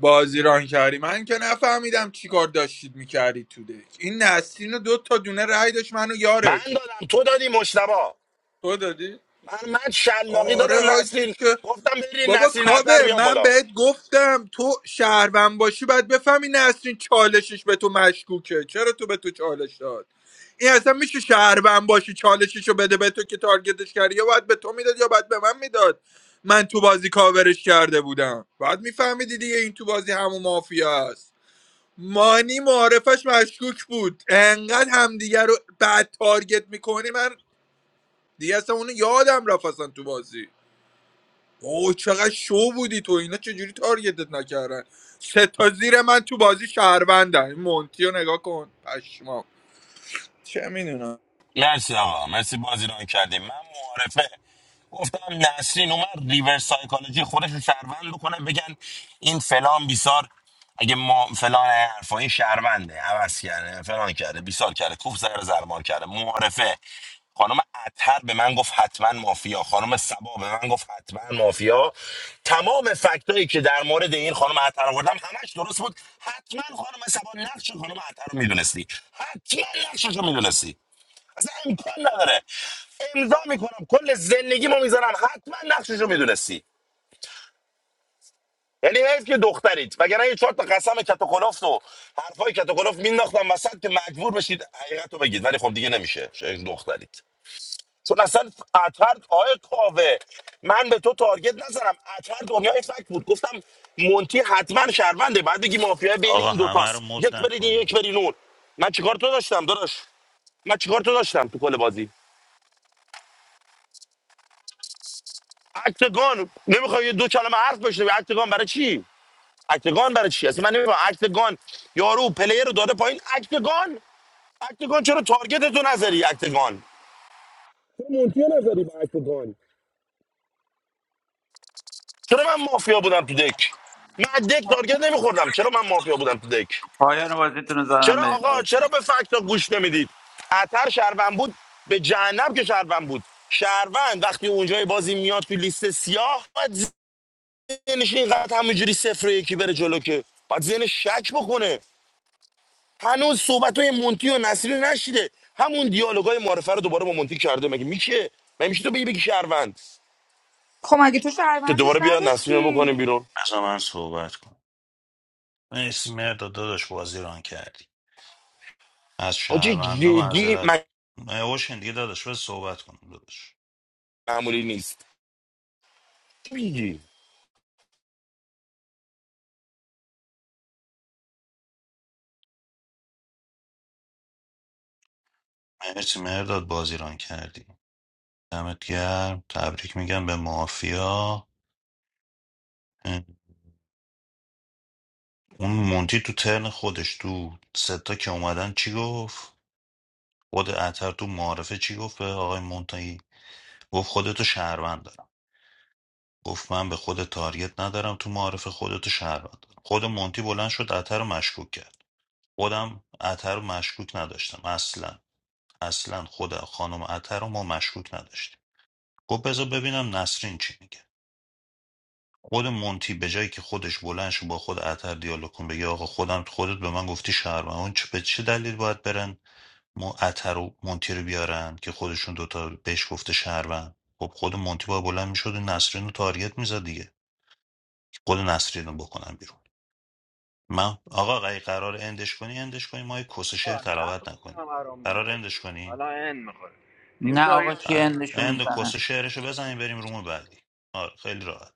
بازی ران کردی من که نفهمیدم چیکار داشتید میکردی تو دل این نسرین و دو تا دونه رای داشت منو
من
یارش
دادم تو دادی مشتبا
تو دادی
من من شلاقی
آره
دادم نسرین
آجی
گفتم برین
بابا
نسرین اتر
کاوه
بیام
من
بالا
بهت گفتم تو شهروند باشی باید بفهمی نسرین چالشش به تو مشکوکه چرا تو به تو چالش داد این اصلا میشه شهروند باشی چالششو بده به تو که تارگتش کردی یا باید به تو میداد یا باید به من میداد من تو بازی کاورش کرده بودم باید میفهمیدی دیگه این تو بازی همون مافیا است مانی معارفش مشکوک بود انقدر همدیگه رو بعد تارگت میکنی من دیگه اصلا اونو یادم رفت اصلا تو بازی اوه چقدر شو بودی تو اینا چجوری تارگتت نکردن سه تا زیر من تو بازی شهروندن این مونتی رو نگاه کن پشمام چه میدونم
مرسی آقا مرسی بازی رو کردیم من معارفه گفتم نسرین اومد ریورس سایکولوژی خودش رو شهروند بکنه بگن این فلان بیسار اگه ما فلان حرفا این شهرونده عوض کرده فلان کرده بیسار کرده کوف زر زرمار کرده معارفه خانم اتر به من گفت حتما مافیا خانم سبا به من گفت حتما مافیا تمام فکتایی که در مورد این خانم اتر آوردم همش درست بود حتما خانم سبا نقش خانم اتر رو میدونستی حتما نقشش رو میدونستی اصلا امکان نداره امضا میکنم کل زندگی ما میذارم حتما نقششو میدونستی یعنی حیف که دخترید وگرنه یه چهار تا قسم کت و کلفت و حرفای کت و کلفت مینداختم وسط که مجبور بشید حقیقت رو بگید ولی خب دیگه نمیشه چه دخترید چون اصلا اطهر آقای کاوه من به تو تارگت نزنم اطهر دنیای فکت بود گفتم مونتی حتما شهرونده بعد بگی مافیا بین
آقا
این
همه رو
دوتاست
مد
یک برید این، یک
نکنین
برید اون من چیکار تو داشتم داداش من چیکار تو داشتم تو کل بازی اکتگان نمیخوای یه دو کلمه حرف بشه اکتگان برای چی اکتگان برای چی اصلا من نمیفهم اکتگان یارو پلیر رو داده پایین اکتگان اکتگان چرا تارگت تو نظری اکتگان چرا مونتی نظری با اکتگان چرا من مافیا بودم تو دک من از دک تارگت نمیخوردم چرا من مافیا بودم تو دک
پایان بازیتون رو زدم
چرا
بریم
آقا چرا به فکتا گوش نمیدید اتر شهروند بود به جهنم که شهروند بود شهروند وقتی اونجای بازی میاد تو لیست سیاه ذهنش اینقدر همونجوری صفر و یکی بره جلو که باید ذهن شک بکنه هنوز صحبت های مونتی و نصیری رو نشیده همون دیالوگای معرفه رو دوباره با مونتی کرده مگه میشه مگه میشه تو بگی بگی شهروند
خب مگه تو
که
شهروندش
دوباره بیا نصیری رو
نداشتی
بکنیم بیرون
اصلا من صحبت کن مرسی مرداد داداش بازی ران کردی از
آجی
شهروندا
جدی
معذرت
من
نه، اوشن دیگه داداش بس صحبت کنم داداش
معمولی نیست چی میگی
مرسی مرداد بازی ران کردی دمت گرم تبریک میگم به مافیا اون مونتی تو ترن خودش تو ستا که اومدن چی گفت خود اتر تو معارفه چی گفت به آقای مونتایی گفت خودتو شهروند دارم گفت من به خود تاریت ندارم تو معارفه خودتو شهروند دارم خود مونتی بلند شد اتر رو مشکوک کرد خودم اتر رو مشکوک نداشتم اصلا اصلا خود خانم اتر رو ما مشکوک نداشتیم گفت بذار ببینم نسرین چی میگه خود مونتی به جایی که خودش بلند شه با خود اتر دیالوگ کن بگه آقا خودم خودت به من گفتی شهروند اون چه- به چه دلیل باید برن ما عطر و مونتی رو بیارن که خودشون دوتا بهش گفته شهروند خب خود مونتی با بلند میشد و نسرین رو تارگت میزد دیگه خود نسرین رو بکنن بیرون من آقا اگه قرار اندش کنی اندش کنی ما یه کس شعر
آقا
تلاوت
نتونستم
نکنی
برام
قرار
مولا
اندش کنی
حالا این میخوره تیم
نه
ساری
آقا کی
آره.
اندشون
اند و
میزنه
کس شعرشو بزنیم بریم روم بعدی آره خیلی راحت